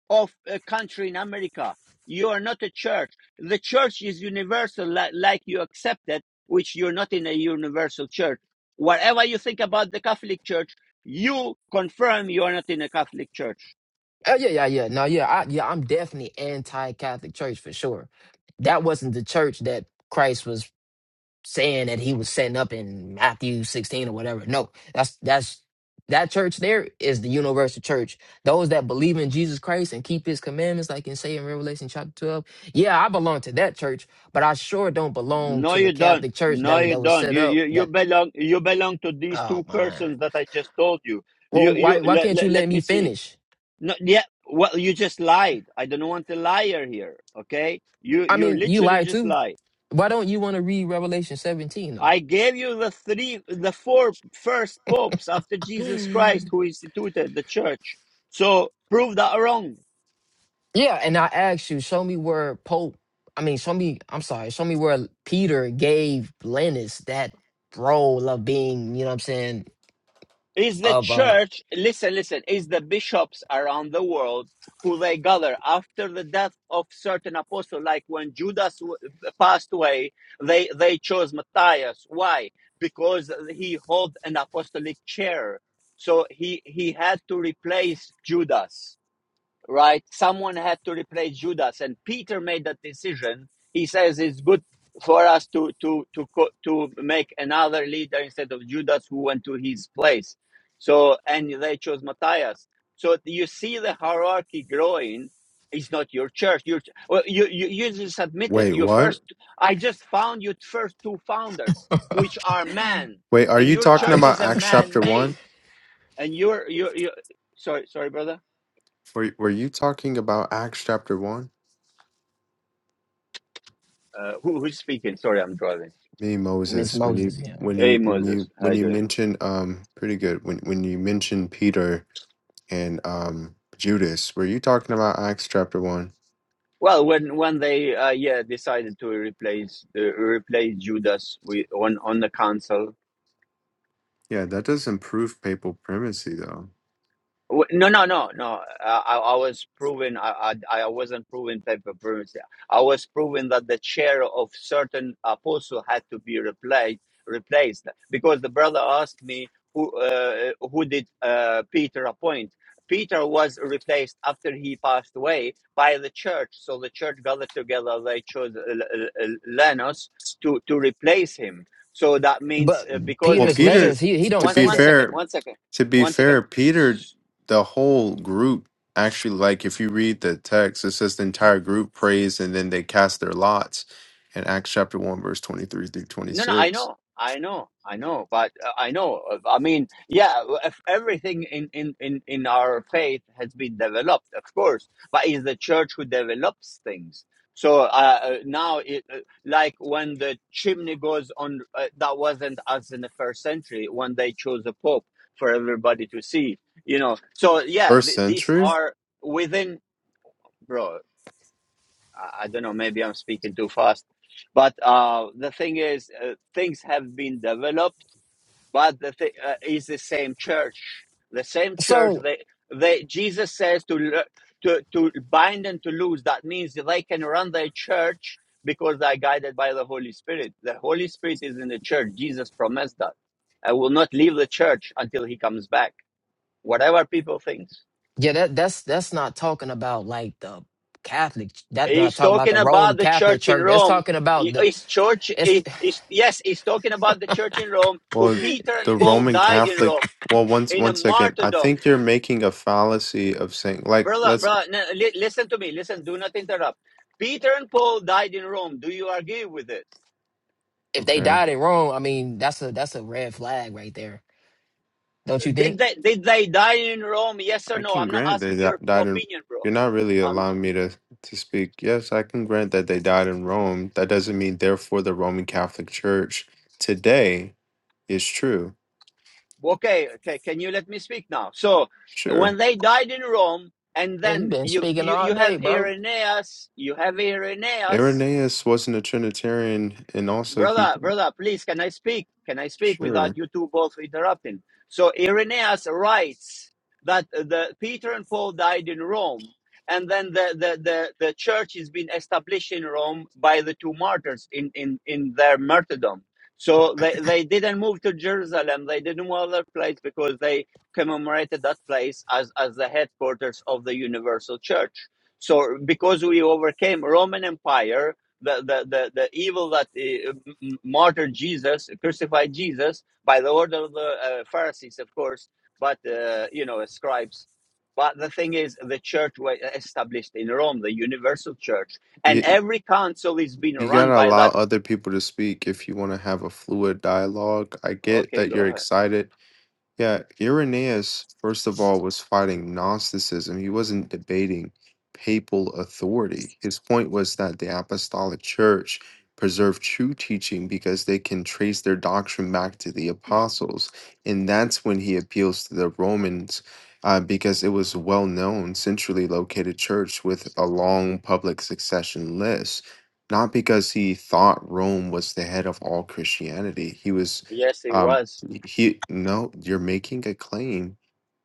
Speaker 1: of a country in America. You are not a church. The church is universal, li- like you accepted, which you're not in a universal church. Whatever you think about the Catholic Church, you confirm you are not in a Catholic Church.
Speaker 2: Oh yeah, yeah, yeah. No, yeah, I, yeah. I'm definitely anti-Catholic Church for sure. That wasn't the church that Christ was saying that he was setting up in Matthew 16 or whatever. No, that's that's that church there is the universal church. Those that believe in Jesus Christ and keep his commandments, like in say in Revelation chapter 12. Yeah, I belong to that church, but I sure don't belong
Speaker 1: No,
Speaker 2: to the
Speaker 1: you don't.
Speaker 2: Catholic church
Speaker 1: No,
Speaker 2: that was
Speaker 1: you
Speaker 2: that was
Speaker 1: don't.
Speaker 2: set
Speaker 1: You
Speaker 2: up
Speaker 1: you, you
Speaker 2: that
Speaker 1: belong. You belong to these
Speaker 2: oh
Speaker 1: two
Speaker 2: man.
Speaker 1: persons that I just told you.
Speaker 2: Well,
Speaker 1: You you.
Speaker 2: why why
Speaker 1: Let,
Speaker 2: can't you
Speaker 1: let,
Speaker 2: let
Speaker 1: let me
Speaker 2: me
Speaker 1: see.
Speaker 2: finish?
Speaker 1: No, yeah. Well, you just lied. I don't want a liar here. Okay, you
Speaker 2: I
Speaker 1: you
Speaker 2: mean, you
Speaker 1: literally
Speaker 2: lied
Speaker 1: just
Speaker 2: too.
Speaker 1: lied.
Speaker 2: Why don't you want to read Revelation 17
Speaker 1: I gave you the three, the four first popes after Jesus
Speaker 2: though?
Speaker 1: Christ who instituted the church. So prove that wrong.
Speaker 2: Yeah, and I asked you, show me where Pope, I mean, show me, I'm sorry, show me where Peter gave Linus that role of being, you know what I'm saying,
Speaker 1: is the
Speaker 2: of uh
Speaker 1: church listen listen is the bishops around the world who they gather after the death of certain apostle like when judas w- passed away they they chose matthias why because he held an apostolic chair so he he had to replace judas right? Someone had to replace Judas, and Peter made that decision. He says it's good for us to to to to make another leader instead of Judas, who went to his place. So and they chose Matthias. So you see the hierarchy growing. It's not your church. Your ch- well, you you you just admitted
Speaker 3: Wait,
Speaker 1: your
Speaker 3: what?
Speaker 1: first. I just found your first two founders, which are man,
Speaker 3: Wait, are
Speaker 1: and
Speaker 3: you
Speaker 1: your
Speaker 3: talking
Speaker 1: church
Speaker 2: I-
Speaker 1: is
Speaker 3: about
Speaker 1: a
Speaker 3: Acts
Speaker 1: man
Speaker 3: chapter one?
Speaker 1: made, and you're you you. Sorry, sorry, brother.
Speaker 3: Were Were you talking about Acts chapter one?
Speaker 1: Uh, who, who's speaking? Sorry, I'm driving.
Speaker 3: Me,
Speaker 2: Miss
Speaker 3: Moses. When you
Speaker 2: Moses, yeah.
Speaker 3: when
Speaker 1: Hey,
Speaker 3: you when
Speaker 1: Moses,
Speaker 3: you
Speaker 1: how
Speaker 3: when
Speaker 1: you
Speaker 3: you
Speaker 1: doing?
Speaker 3: mentioned um pretty good when when you mentioned Peter and um Judas, were you talking about Acts chapter one?
Speaker 1: Well, when when they uh, yeah decided to replace uh, replace Judas with, on on the council,
Speaker 3: Yeah, that doesn't prove papal primacy though.
Speaker 1: W- No, no, no, no. Uh, I, I was proving I, I, I wasn't proving paper currency. I was proving that the chair of certain apostle had to be replaced, replaced because the brother asked me who uh, who did uh, Peter appoint. Peter was replaced after he passed away by the church. So the church gathered together. They chose uh, L- L- Lennos to to replace him. So that means
Speaker 2: But
Speaker 1: uh, because
Speaker 3: Well,
Speaker 1: the
Speaker 2: Peter's
Speaker 3: Peter,
Speaker 2: letters,
Speaker 1: keys.
Speaker 2: he he
Speaker 3: to
Speaker 2: don't
Speaker 1: One
Speaker 3: be
Speaker 2: say
Speaker 1: one
Speaker 2: that.
Speaker 1: second.
Speaker 3: fair,
Speaker 1: One second.
Speaker 3: to be
Speaker 1: One second
Speaker 3: fair, Peter, the whole group actually, like if you read the text, it says the entire group prays and then they cast their lots in Acts chapter 1, verse 23 through
Speaker 1: No, no, I
Speaker 3: 26.
Speaker 1: know, I know, I know, but uh, I know. uh, I mean, yeah, if everything in, in, in, in our faith has been developed, of course, but it's the church who develops things. So uh, uh, now, it, uh, like when the chimney goes on, uh, that wasn't us in the first century when they chose a pope for everybody to see, you know. So yeah,
Speaker 3: First
Speaker 1: th- these
Speaker 3: century?
Speaker 1: are within, bro. I, I don't know, maybe I'm speaking too fast. But uh, the thing is, uh, things have been developed, but the thi- uh, is the same church, the same church.
Speaker 2: So
Speaker 1: They, they Jesus says to lo- to to bind and to loose. That means that they can run their church because they are guided by the Holy Spirit. The Holy Spirit is in the church. Jesus promised that. I will not leave the church until He comes back. Whatever people think.
Speaker 2: yeah, that that's that's not talking about like the Catholic. That's not
Speaker 1: He's
Speaker 2: talking about
Speaker 1: talking
Speaker 2: the Rome
Speaker 1: about the
Speaker 2: Catholic
Speaker 1: church in
Speaker 2: Church. That's
Speaker 1: Rome.
Speaker 2: talking about the.
Speaker 1: His church,
Speaker 2: It's
Speaker 1: he- yes, he's talking about the church in Rome, who
Speaker 3: Well,
Speaker 1: Peter and
Speaker 3: the
Speaker 1: Paul
Speaker 3: Roman
Speaker 1: died in
Speaker 3: Catholic.
Speaker 1: Rome
Speaker 3: Well, once one s-
Speaker 1: in a
Speaker 3: one second. I
Speaker 1: martyrdom.
Speaker 3: think you're making a fallacy of saying like
Speaker 1: Brother,
Speaker 3: let's
Speaker 1: brother, listen to me. Listen, do not interrupt. Peter and Paul died in Rome. Do you agree with it?
Speaker 2: if they
Speaker 3: okay.
Speaker 2: died in Rome. I mean, that's a that's a red flag right there. Don't you
Speaker 1: Did
Speaker 2: think?
Speaker 1: they did they die in Rome? Yes or
Speaker 3: I
Speaker 1: no?
Speaker 3: can
Speaker 1: I'm not
Speaker 3: grant they
Speaker 1: asking
Speaker 3: di-
Speaker 1: your
Speaker 3: died in.
Speaker 1: opinion, bro.
Speaker 3: You're not really
Speaker 1: Um,
Speaker 3: allowing me to to speak. Yes, I can grant that they died in Rome. That doesn't mean therefore the Roman Catholic Church today is true.
Speaker 1: okay, okay. Can you let me speak now? So, when
Speaker 3: Sure,
Speaker 1: they died in Rome, and
Speaker 2: Man, you
Speaker 1: then
Speaker 2: been
Speaker 1: you
Speaker 2: speaking
Speaker 1: you,
Speaker 2: all
Speaker 1: you
Speaker 2: day,
Speaker 1: have
Speaker 2: bro.
Speaker 1: Irenaeus, you have Irenaeus
Speaker 3: Irenaeus wasn't a Trinitarian, and also he.
Speaker 1: brother, brother, please, can I speak? Can I speak without
Speaker 3: Sure,
Speaker 1: you two both interrupting? So Irenaeus writes that the Peter and Paul died in Rome, and then the the the, the church is being established in Rome by the two martyrs in in in their martyrdom. So they they didn't move to Jerusalem. They didn't move other place because they commemorated that place as as the headquarters of the universal church. So because we overcame Roman Empire the, the, the, the evil that uh, martyred Jesus, crucified Jesus by the order of the uh, Pharisees, of course, but, uh, you know, scribes. But the thing is, the church was established in Rome, the universal church, and
Speaker 3: you
Speaker 1: every council is being
Speaker 3: you
Speaker 1: run
Speaker 3: gotta
Speaker 1: by
Speaker 3: allow
Speaker 1: that.
Speaker 3: other people to speak if you want to have a fluid dialogue. I get
Speaker 1: Okay,
Speaker 3: that
Speaker 1: go
Speaker 3: you're
Speaker 1: ahead.
Speaker 3: excited Yeah, Irenaeus, first of all, was fighting Gnosticism. He wasn't debating papal authority. His point was that the apostolic church preserved true teaching because they can trace their doctrine back to the apostles. And that's when he appeals to the Romans uh, because it was a well known, centrally located church with a long public succession list. Not because he thought Rome was the head of all Christianity. He was.
Speaker 1: Yes, it
Speaker 3: um,
Speaker 1: was.
Speaker 3: he no, you're making a claim.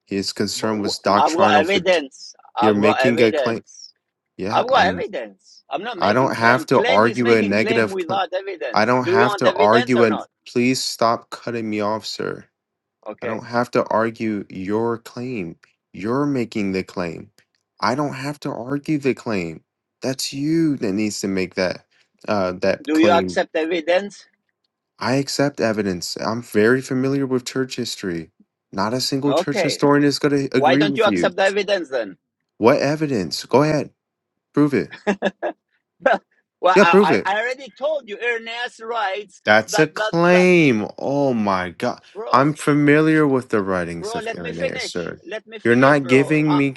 Speaker 3: His
Speaker 1: But
Speaker 3: concern
Speaker 1: w-
Speaker 3: was
Speaker 1: I've got
Speaker 3: doctrinal fit.
Speaker 1: evidence.
Speaker 3: You're
Speaker 1: I've got
Speaker 3: making a claim.
Speaker 1: evidence.
Speaker 3: Yeah,
Speaker 1: I've got
Speaker 3: I'm.
Speaker 1: evidence. I'm not
Speaker 3: I
Speaker 1: making
Speaker 3: don't
Speaker 1: claim.
Speaker 3: have to
Speaker 1: Claim is
Speaker 3: argue a
Speaker 1: making claim
Speaker 3: negative claim.
Speaker 1: without
Speaker 3: I
Speaker 1: evidence.
Speaker 3: don't
Speaker 1: Do you
Speaker 3: have
Speaker 1: want
Speaker 3: to
Speaker 1: evidence
Speaker 3: argue
Speaker 1: or
Speaker 3: and
Speaker 1: not?
Speaker 3: please stop cutting me off, sir. I
Speaker 1: Okay.
Speaker 3: don't have to argue your claim. You're making the claim. I don't have to argue the claim. That's you that needs to make that uh that
Speaker 1: Do you
Speaker 3: claim
Speaker 1: accept evidence?
Speaker 3: I accept evidence. I'm very familiar with church history. Not a single church
Speaker 1: Okay.
Speaker 3: historian is going to
Speaker 1: Why
Speaker 3: agree
Speaker 1: don't you
Speaker 3: with you.
Speaker 1: accept the evidence then?
Speaker 3: What evidence? Go ahead. Prove it.
Speaker 1: well,
Speaker 3: Yeah, prove
Speaker 1: I, I
Speaker 3: it.
Speaker 1: already told you Ernest writes
Speaker 3: That's a
Speaker 1: that that that
Speaker 3: claim. Oh my God.
Speaker 1: bro,
Speaker 3: I'm familiar with the writings
Speaker 1: bro,
Speaker 3: of
Speaker 1: let me
Speaker 3: Irenaeus,
Speaker 1: finish.
Speaker 3: sir.
Speaker 1: Let me
Speaker 3: You're
Speaker 1: finish,
Speaker 3: not
Speaker 1: bro.
Speaker 3: giving
Speaker 1: Uh,
Speaker 3: me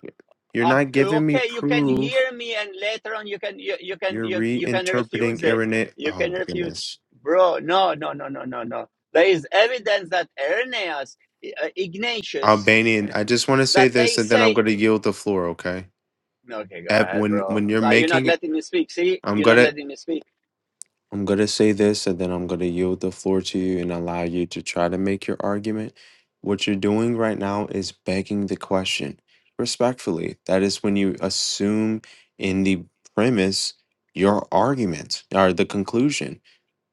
Speaker 3: you're
Speaker 1: uh,
Speaker 3: not giving me
Speaker 1: okay, you can
Speaker 3: proof.
Speaker 1: hear me and later on you can you, you can
Speaker 3: You're
Speaker 1: you, you can refuse
Speaker 3: reinterpreting
Speaker 1: it.
Speaker 3: Irenaeus.
Speaker 1: You
Speaker 3: Oh
Speaker 1: can
Speaker 3: my
Speaker 1: refuse.
Speaker 3: goodness.
Speaker 1: Bro, no, no, no, no, no, no. There is evidence that Irenaeus, uh, Ignatius,
Speaker 3: Albanian.
Speaker 1: uh,
Speaker 3: I just want to say
Speaker 1: that
Speaker 3: this
Speaker 1: they
Speaker 3: and then
Speaker 1: say
Speaker 3: I'm going to yield the floor, okay?
Speaker 1: Okay, go
Speaker 3: Ev-
Speaker 1: ahead,
Speaker 3: When
Speaker 1: bro.
Speaker 3: when you're
Speaker 1: Uh, you're not
Speaker 3: making
Speaker 1: letting me speak. See,
Speaker 3: I'm
Speaker 1: you're not
Speaker 3: gonna
Speaker 1: letting me speak.
Speaker 3: I'm going to say this and then I'm going to yield the floor to you and allow you to try to make your argument. What you're doing right now is begging the question respectfully. That is when you assume in the premise your argument or the conclusion.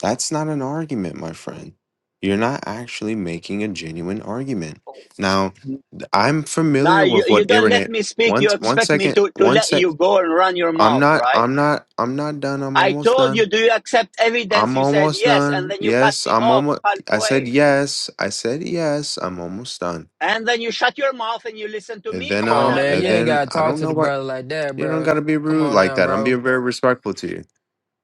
Speaker 3: That's not an argument, my friend. You're not actually making a genuine argument. Now, th- I'm
Speaker 1: Now
Speaker 3: familiar
Speaker 1: you,
Speaker 3: with
Speaker 1: you
Speaker 3: what
Speaker 1: don't
Speaker 3: Irene.
Speaker 1: let me speak.
Speaker 3: One,
Speaker 1: You
Speaker 3: one
Speaker 1: expect me
Speaker 3: second,
Speaker 1: to, to
Speaker 3: one
Speaker 1: let
Speaker 3: sec.
Speaker 1: you go and run your
Speaker 3: I'm
Speaker 1: mouth,
Speaker 3: not.
Speaker 1: right?
Speaker 3: I'm not. I'm not done. I'm
Speaker 1: I
Speaker 3: almost
Speaker 1: told
Speaker 3: done.
Speaker 1: you, do you accept evidence?
Speaker 3: I'm
Speaker 1: You said
Speaker 3: almost
Speaker 1: yes, and
Speaker 3: done.
Speaker 1: then you cut
Speaker 3: Yes,
Speaker 1: me
Speaker 3: I'm
Speaker 1: off
Speaker 3: almost. I said
Speaker 1: halfway.
Speaker 3: yes. I said yes. I'm almost done.
Speaker 1: And then you shut your mouth and you listen to
Speaker 3: And
Speaker 1: me if
Speaker 3: then
Speaker 2: Come
Speaker 1: you want
Speaker 2: on,
Speaker 3: I'll.
Speaker 2: man.
Speaker 3: And
Speaker 2: You ain't
Speaker 3: then
Speaker 1: evidence.
Speaker 2: gotta
Speaker 3: I
Speaker 2: talk
Speaker 3: don't
Speaker 2: to
Speaker 3: know
Speaker 2: the
Speaker 3: what.
Speaker 2: brother like that,
Speaker 3: You don't
Speaker 2: bro.
Speaker 3: gotta be
Speaker 2: Come
Speaker 3: rude
Speaker 2: on
Speaker 3: like
Speaker 2: now,
Speaker 3: that. I'm
Speaker 2: bro.
Speaker 3: being very respectful to you.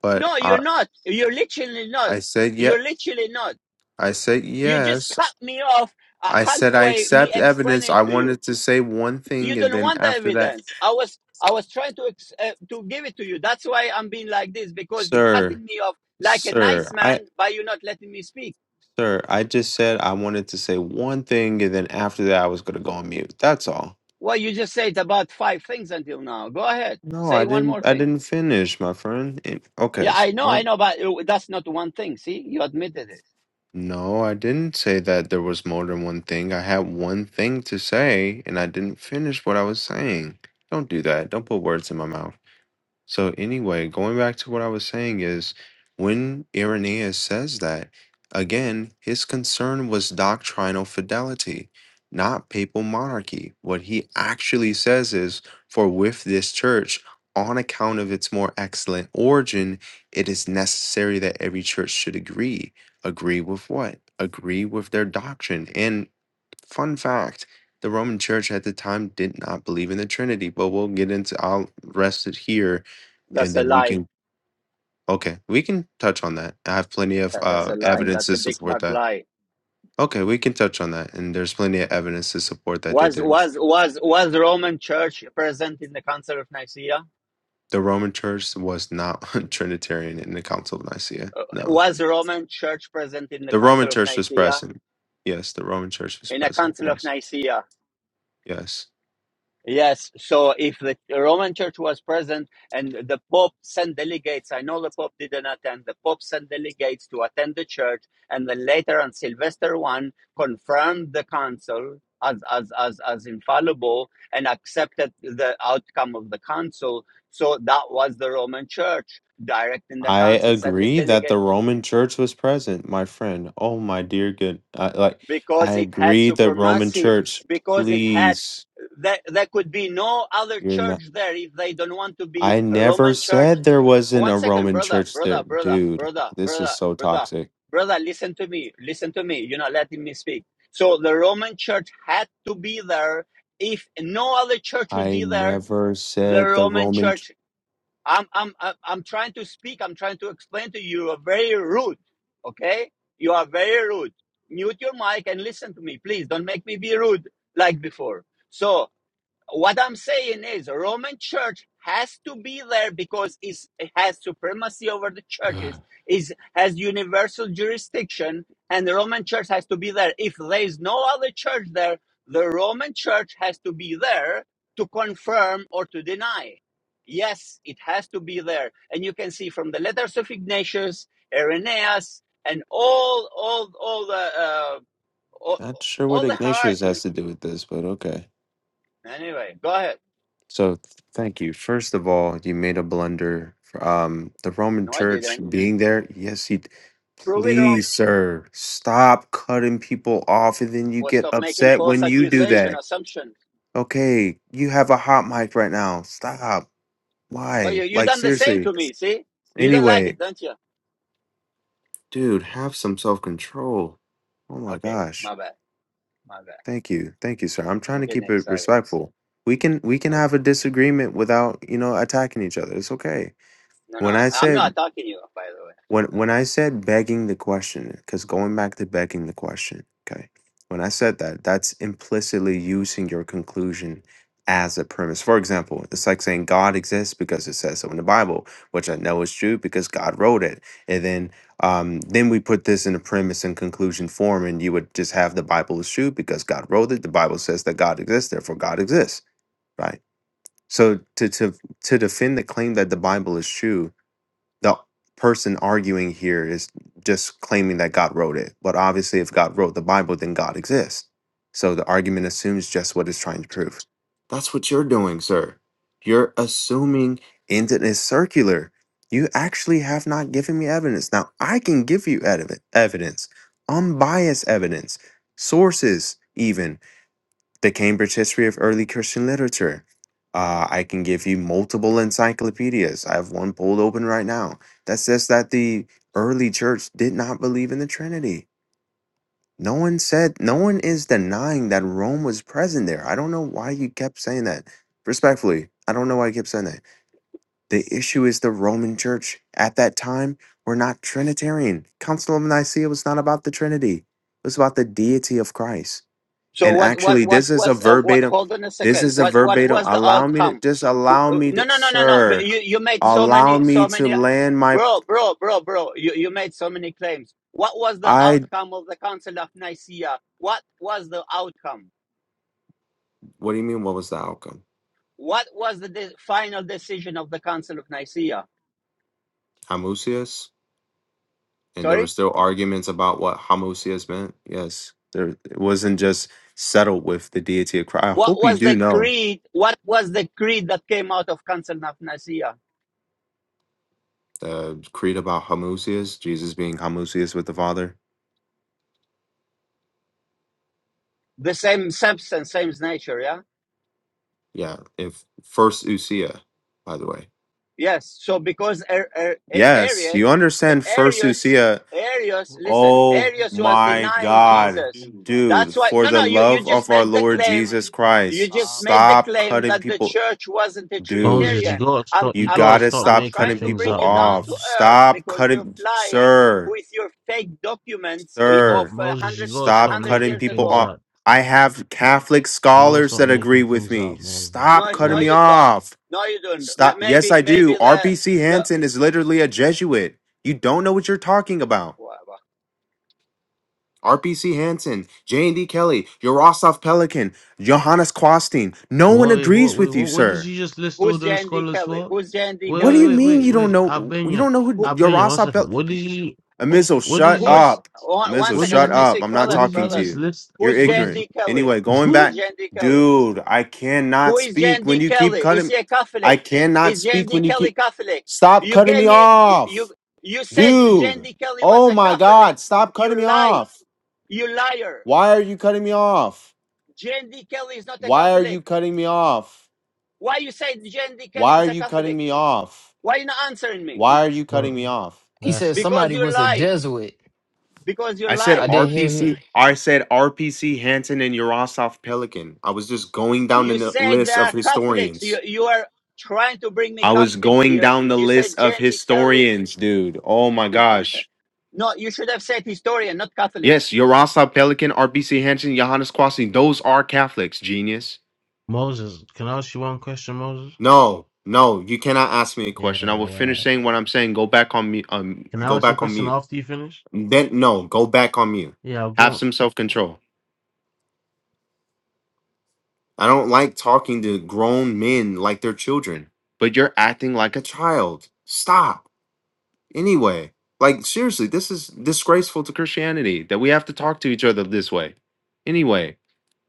Speaker 3: But
Speaker 1: No,
Speaker 3: I.
Speaker 1: you're not. You're literally not.
Speaker 3: I said
Speaker 1: You're
Speaker 3: yet.
Speaker 1: literally not.
Speaker 3: I said
Speaker 1: You just cut
Speaker 3: yes.
Speaker 1: me off uh,
Speaker 3: I said I
Speaker 1: halfway, me
Speaker 3: accept evidence.
Speaker 1: explaining
Speaker 3: I
Speaker 1: to you.
Speaker 3: wanted to say one thing,
Speaker 1: You
Speaker 3: and
Speaker 1: don't
Speaker 3: then
Speaker 1: want the
Speaker 3: after that,
Speaker 1: evidence. I was I was trying to ex- uh, to give it to you. That's why I'm being like this because you're
Speaker 3: sir,
Speaker 1: cutting me off like a
Speaker 3: sir,
Speaker 1: nice
Speaker 3: I,
Speaker 1: man, by you not letting me speak.
Speaker 3: sir, I just said I wanted to say one thing, and then after that, I was gonna go on mute. That's all.
Speaker 1: Well, you just said about five things until now. Go ahead,
Speaker 3: No,
Speaker 1: say
Speaker 3: I
Speaker 1: one
Speaker 3: didn't.
Speaker 1: more
Speaker 3: I
Speaker 1: thing.
Speaker 3: didn't finish, my friend. It- okay.
Speaker 1: Yeah,
Speaker 3: So,
Speaker 1: I know,
Speaker 3: well,
Speaker 1: I know, but uh, that's not one thing. See, you admitted it.
Speaker 3: no, I didn't say that there was more than one thing. I had one thing to say, and I didn't finish what I was saying. Don't do that. Don't put words in my mouth. So anyway, going back to what I was saying is when Irenaeus says that, again, his concern was doctrinal fidelity, not papal monarchy. What he actually says is, for with this church, on account of its more excellent origin, it is necessary that every church should agree. Agree with what? Agree with their doctrine. And Fun fact, the Roman Church at the time did not believe in the Trinity, but we'll get into I'll rest it here and
Speaker 1: That's a
Speaker 3: then we
Speaker 1: lie.
Speaker 3: can okay, we can touch on that. I have plenty of
Speaker 1: Yeah, that's
Speaker 3: uh
Speaker 1: a lie.
Speaker 3: evidence
Speaker 1: That's
Speaker 3: to
Speaker 1: a big
Speaker 3: support
Speaker 1: fat
Speaker 3: that.
Speaker 1: lie.
Speaker 3: Okay, we can touch on that and there's plenty of evidence to support that they
Speaker 1: Was
Speaker 3: didn't.
Speaker 1: was was was Roman Church present in the Council of Nicaea?
Speaker 3: The Roman Church was not Trinitarian in the Council of Nicaea. No.
Speaker 1: Was Roman Church present in the
Speaker 3: The Roman
Speaker 1: Council of
Speaker 3: Church was
Speaker 1: Nicaea?
Speaker 3: present. Yes, the Roman Church was
Speaker 1: In the
Speaker 3: present.
Speaker 1: Council of
Speaker 3: Yes.
Speaker 1: Nicaea,
Speaker 3: Yes.
Speaker 1: Yes. So if the Roman Church was present and the Pope sent delegates, I know the Pope didn't attend, the Pope sent delegates to attend the church, and then later on Sylvester I confirmed the council as, as, as, as infallible and accepted the outcome of the council. So that was the Roman Church directing the
Speaker 3: I
Speaker 1: council, sending
Speaker 3: agree that
Speaker 1: delegate
Speaker 3: the Roman Church was present, my friend. Oh my dear good. I, like I
Speaker 1: because it had
Speaker 3: agree the Roman
Speaker 1: supremacy,
Speaker 3: Church.
Speaker 1: because it had
Speaker 3: Please,
Speaker 1: There, there could be no other
Speaker 3: you're not
Speaker 1: church there if they don't want to be
Speaker 3: I
Speaker 1: a
Speaker 3: never
Speaker 1: Roman church.
Speaker 3: said there wasn't a
Speaker 1: One second,
Speaker 3: Roman
Speaker 1: brother,
Speaker 3: church
Speaker 1: brother,
Speaker 3: there.
Speaker 1: brother,
Speaker 3: Dude,
Speaker 1: brother,
Speaker 3: this is
Speaker 1: brother,
Speaker 3: so
Speaker 1: brother,
Speaker 3: toxic.
Speaker 1: brother, listen to me, listen to me. You're not letting me speak. So the Roman church had to be there. If no other church would
Speaker 3: I
Speaker 1: be there,
Speaker 3: never
Speaker 1: the
Speaker 3: said the
Speaker 1: Roman
Speaker 3: Roman ch-
Speaker 1: church. I'm, I'm, I'm I'm trying to speak. I'm trying to explain to you. You are very rude. Okay? You are very rude. Mute your mic and listen to me, please. Don't make me be rude like before. So, what I'm saying is Roman Church has to be there because it's, it has supremacy over the churches, is has universal jurisdiction, and the Roman Church has to be there. If there is no other church there, the Roman Church has to be there to confirm or to deny. Yes, it has to be there, and you can see from the letters of Ignatius, Irenaeus, and all all all the uh, all,
Speaker 3: not sure what
Speaker 1: all the
Speaker 3: Ignatius has
Speaker 1: hierarchy.
Speaker 3: to do with this, but okay.
Speaker 1: Anyway, go ahead.
Speaker 3: So thank you. First of all, you made a blunder. Um, the Roman
Speaker 1: No, I
Speaker 3: Church
Speaker 1: didn't.
Speaker 3: being there, yes, he.
Speaker 1: prove it wrong
Speaker 3: Please, sir, stop cutting people off, and then you
Speaker 1: or
Speaker 3: get
Speaker 1: stop making
Speaker 3: upset
Speaker 1: false
Speaker 3: when you do
Speaker 1: accusation
Speaker 3: that.
Speaker 1: assumption
Speaker 3: Okay, you have a hot mic right now. Stop.
Speaker 1: but
Speaker 3: Why?
Speaker 1: you you
Speaker 3: Like
Speaker 1: done the same
Speaker 3: seriously.
Speaker 1: to me see you don't like
Speaker 3: Anyway,
Speaker 1: it don't you
Speaker 3: dude, have some self control. Oh my
Speaker 1: okay
Speaker 3: gosh.
Speaker 1: my bad my bad
Speaker 3: Thank you, thank you, sir. I'm trying
Speaker 1: i'm
Speaker 3: to
Speaker 1: getting
Speaker 3: keep it
Speaker 1: excited
Speaker 3: respectful. We can we can have
Speaker 1: okay
Speaker 3: a disagreement without you know attacking each other. It's okay.
Speaker 1: no no
Speaker 3: When
Speaker 1: I,
Speaker 3: I
Speaker 1: i'm
Speaker 3: said
Speaker 1: not attacking you by the way
Speaker 3: When
Speaker 1: Not
Speaker 3: when
Speaker 1: attacking.
Speaker 3: I said begging the question, because going back to begging the question, okay, when I said that, that's implicitly using your conclusion as a premise. For example, it's like saying God exists because it says so in the Bible, which I know is true because God wrote it. And then um, then we put this in a premise and conclusion form, and you would just have the Bible is true because God wrote it. The Bible says that God exists, therefore God exists, right? So to to to defend the claim that the Bible is true the person arguing here is just claiming that God wrote it. But obviously, if God wrote the Bible, then God exists. So the argument assumes just what it's trying to prove. That's what you're doing, sir. You're assuming and it is circular. You actually have not given me evidence. Now, I can give you ev- evidence, unbiased evidence, sources, even the Cambridge History of Early Christian Literature. Uh, I can give you multiple encyclopedias. I have one pulled open right now that says that the early church did not believe in the Trinity. No one said, no one is denying that Rome was present there. I don't know why you kept saying that. Respectfully, I don't know why you kept saying that. The issue is the Roman church at that time were not Trinitarian. Council of Nicaea was not about the Trinity, it was about the deity of Christ.
Speaker 1: so
Speaker 3: And
Speaker 1: what what
Speaker 3: actually,
Speaker 1: what
Speaker 3: this is a
Speaker 1: was uh, what
Speaker 3: verbatim.
Speaker 1: hold on a
Speaker 3: This
Speaker 1: second
Speaker 3: is a
Speaker 1: what what
Speaker 3: verbatim.
Speaker 1: was the
Speaker 3: Allow me to
Speaker 1: outcome
Speaker 3: just
Speaker 1: W-
Speaker 3: allow
Speaker 1: uh,
Speaker 3: me
Speaker 1: no
Speaker 3: to,
Speaker 1: no no no no but
Speaker 3: sir.
Speaker 1: you you made so
Speaker 3: Allow
Speaker 1: many
Speaker 3: me
Speaker 1: so
Speaker 3: to
Speaker 1: many
Speaker 3: land my.
Speaker 1: bro bro bro bro you, you made so many claims what was the
Speaker 3: I.
Speaker 1: outcome of the council of nicaea what was the outcome
Speaker 3: What do you mean? What was the outcome?
Speaker 1: What was the de- final decision of the Council of Nicaea?
Speaker 3: Hamusius, and there were
Speaker 1: Sorry?
Speaker 3: still arguments about what Hamusius meant. Yes, there it wasn't just settled with the deity of Christ. I
Speaker 1: What
Speaker 3: hope you
Speaker 1: was
Speaker 3: do
Speaker 1: the
Speaker 3: know
Speaker 1: creed? What was the creed that came out of Council of Nicaea?
Speaker 3: the creed about Hamusius, Jesus being Hamusius with the Father.
Speaker 1: The same substance, same nature, yeah?
Speaker 3: Yeah, if first Usia, by the way.
Speaker 1: Yes. So because Ar- Ar- A-
Speaker 3: Yes, you
Speaker 1: Arian,
Speaker 3: understand
Speaker 1: A-
Speaker 3: first
Speaker 1: Arius,
Speaker 3: Usia
Speaker 1: Arius, listen,
Speaker 3: Oh
Speaker 1: Arius was
Speaker 4: So make
Speaker 3: my
Speaker 1: denying
Speaker 4: so make
Speaker 3: God.
Speaker 4: the
Speaker 1: Jesus.
Speaker 4: do that what
Speaker 1: That's
Speaker 3: Dude,
Speaker 4: the
Speaker 1: why.
Speaker 4: Lord
Speaker 3: for
Speaker 1: No,
Speaker 3: the
Speaker 1: no. You
Speaker 4: the
Speaker 1: you
Speaker 3: love
Speaker 1: just
Speaker 3: of our
Speaker 1: make the
Speaker 3: Lord
Speaker 4: So
Speaker 1: claim.
Speaker 3: Jesus
Speaker 4: Moses,
Speaker 1: You
Speaker 3: Christ,
Speaker 1: just
Speaker 4: stop.
Speaker 1: made the
Speaker 3: stop
Speaker 1: claim
Speaker 3: cutting
Speaker 1: that the
Speaker 3: people.
Speaker 1: church wasn't a
Speaker 3: Dude,
Speaker 4: Moses,
Speaker 1: Trinitarian.
Speaker 4: you gotta stop.
Speaker 1: I'm
Speaker 3: you
Speaker 4: You
Speaker 1: I'm
Speaker 4: gotta
Speaker 3: gotta
Speaker 1: I'm
Speaker 4: stop
Speaker 1: I'm
Speaker 3: stop
Speaker 4: making
Speaker 1: trying
Speaker 3: cutting
Speaker 1: to
Speaker 4: things
Speaker 1: bring
Speaker 3: people
Speaker 4: up,
Speaker 1: you down
Speaker 3: off.
Speaker 1: to
Speaker 4: Moses.
Speaker 1: earth
Speaker 3: Stop
Speaker 1: because you're
Speaker 3: cutting,
Speaker 1: flying
Speaker 3: sir,
Speaker 1: with your fake documents of
Speaker 4: Mo-
Speaker 3: sir,
Speaker 1: a
Speaker 4: Moses, you
Speaker 1: hundred
Speaker 4: gotta
Speaker 1: a
Speaker 4: stop
Speaker 3: stop
Speaker 1: hundred
Speaker 3: cutting
Speaker 4: making
Speaker 1: years
Speaker 3: people
Speaker 4: things
Speaker 1: ago.
Speaker 3: off.
Speaker 4: up.
Speaker 3: I have Catholic
Speaker 4: You gotta
Speaker 3: scholars
Speaker 4: stop
Speaker 3: that agree
Speaker 4: making
Speaker 3: with
Speaker 4: things
Speaker 3: me.
Speaker 4: up, Moses.
Speaker 3: Stop
Speaker 1: No,
Speaker 4: You
Speaker 3: cutting
Speaker 1: no,
Speaker 4: gotta
Speaker 3: me
Speaker 1: you
Speaker 4: s-
Speaker 1: don't.
Speaker 3: off.
Speaker 1: No, you don't. M-
Speaker 3: Stop. Yes,
Speaker 1: maybe
Speaker 3: I
Speaker 1: maybe
Speaker 3: do. RPC
Speaker 1: the
Speaker 3: Hansen is literally a Jesuit. You don't know what you're talking about.
Speaker 1: the.
Speaker 3: RPC Hansen, J&D Kelly, Yaroslav Pelikan, Johannes Kwastin. No one
Speaker 4: what, wait, what,
Speaker 3: agrees
Speaker 4: wait,
Speaker 3: with you,
Speaker 4: what, what did
Speaker 3: sir.
Speaker 4: you just list all
Speaker 1: Who's
Speaker 4: those
Speaker 1: Jan D.
Speaker 4: scholars
Speaker 1: Kelly?
Speaker 4: for?
Speaker 1: Who's Jan D.
Speaker 4: Wait,
Speaker 3: What do
Speaker 4: wait,
Speaker 3: you
Speaker 1: Kelly?
Speaker 4: wait,
Speaker 3: mean
Speaker 4: wait,
Speaker 3: you don't
Speaker 4: wait.
Speaker 3: know? You
Speaker 4: Albania,
Speaker 3: don't know who
Speaker 1: Who,
Speaker 4: Albania, one
Speaker 3: Yaroslav
Speaker 4: second.
Speaker 3: Pel?
Speaker 4: What did you?
Speaker 1: who-
Speaker 3: Amizo,
Speaker 4: What
Speaker 3: shut
Speaker 4: did you?
Speaker 1: who's,
Speaker 3: up.
Speaker 1: one, one
Speaker 3: Amizo,
Speaker 4: What did
Speaker 1: second,
Speaker 3: shut
Speaker 1: let me
Speaker 4: you?
Speaker 1: see,
Speaker 3: up. I'm not
Speaker 4: What
Speaker 1: brothers,
Speaker 4: did
Speaker 3: talking
Speaker 4: you
Speaker 3: to
Speaker 1: brothers.
Speaker 4: just
Speaker 3: you.
Speaker 4: list?
Speaker 3: You're
Speaker 1: Who's
Speaker 4: What did
Speaker 1: Jan
Speaker 3: ignorant.
Speaker 1: D. Kelly?
Speaker 3: Anyway, going
Speaker 1: Who's
Speaker 3: back,
Speaker 4: you?
Speaker 1: Jan D. Kelly?
Speaker 3: dude, I cannot
Speaker 1: Who is
Speaker 3: speak
Speaker 1: Jan
Speaker 3: when
Speaker 1: D.
Speaker 3: you keep
Speaker 1: Kelly? Is
Speaker 3: cutting.
Speaker 1: he a
Speaker 3: I
Speaker 1: Catholic?
Speaker 3: cannot
Speaker 1: Is Jan
Speaker 3: speak
Speaker 1: D.
Speaker 3: when you
Speaker 1: Kelly
Speaker 3: keep.
Speaker 1: Catholic?
Speaker 3: Stop
Speaker 1: You
Speaker 3: cutting
Speaker 1: gave
Speaker 3: me
Speaker 1: me,
Speaker 3: off,
Speaker 1: you, you said Jan
Speaker 3: dude.
Speaker 1: D. Kelly was
Speaker 3: Oh
Speaker 1: a
Speaker 3: my
Speaker 1: Catholic.
Speaker 3: God, stop cutting me
Speaker 1: You lied.
Speaker 3: off.
Speaker 1: You liar.
Speaker 3: Why are you cutting me off?
Speaker 1: Jan D. Kelly is not a
Speaker 3: Why are you
Speaker 1: Catholic.
Speaker 3: cutting me off?
Speaker 1: Why you said Jan D. Kelly
Speaker 3: Why
Speaker 1: is
Speaker 3: are
Speaker 1: a
Speaker 3: you cutting
Speaker 1: Catholic?
Speaker 3: me off?
Speaker 1: Why you not answering me?
Speaker 3: Why are you cutting
Speaker 4: Bro,
Speaker 3: me off?
Speaker 2: He
Speaker 4: that's
Speaker 2: said
Speaker 1: Because
Speaker 2: somebody
Speaker 1: you
Speaker 2: was a
Speaker 1: lie.
Speaker 2: Jesuit.
Speaker 1: Because you
Speaker 3: I said
Speaker 2: I
Speaker 1: lied
Speaker 2: didn't hear
Speaker 3: RPC.
Speaker 2: him.
Speaker 3: I said RPC Hanson and Yurosov Pelikan. I was just going down
Speaker 1: You
Speaker 3: the n-
Speaker 1: said
Speaker 3: list of
Speaker 1: the Catholics. You
Speaker 3: historians.
Speaker 1: you are trying to bring me
Speaker 3: I was
Speaker 1: Catholics
Speaker 3: going
Speaker 1: here.
Speaker 3: down the
Speaker 1: You said
Speaker 3: list of
Speaker 1: Jen Kelly.
Speaker 3: historians, dude. Oh my gosh.
Speaker 1: No, you should have said historian, not
Speaker 3: Yes,
Speaker 1: Catholics.
Speaker 3: Yurosov Pelikan, RPC Hanson, Johannes Kwasi. Those are Catholics, genius.
Speaker 4: Moses, can I ask you one question, Moses?
Speaker 3: No, no, you cannot ask me a
Speaker 4: Yeah,
Speaker 3: question. I will finish
Speaker 4: right.
Speaker 3: saying what I'm saying. Go back on me. Um,
Speaker 4: Can I
Speaker 3: go
Speaker 4: ask you a
Speaker 3: back on
Speaker 4: question
Speaker 3: mute.
Speaker 4: after you finish?
Speaker 3: Then no, go back on mute.
Speaker 4: Yeah, I'll go
Speaker 3: Have
Speaker 4: on.
Speaker 3: some self control. I don't like talking to grown men like they're children. But you're acting like a child. Stop. anyway. Like seriously, this is disgraceful to Christianity that we have to talk to each other this way. Anyway,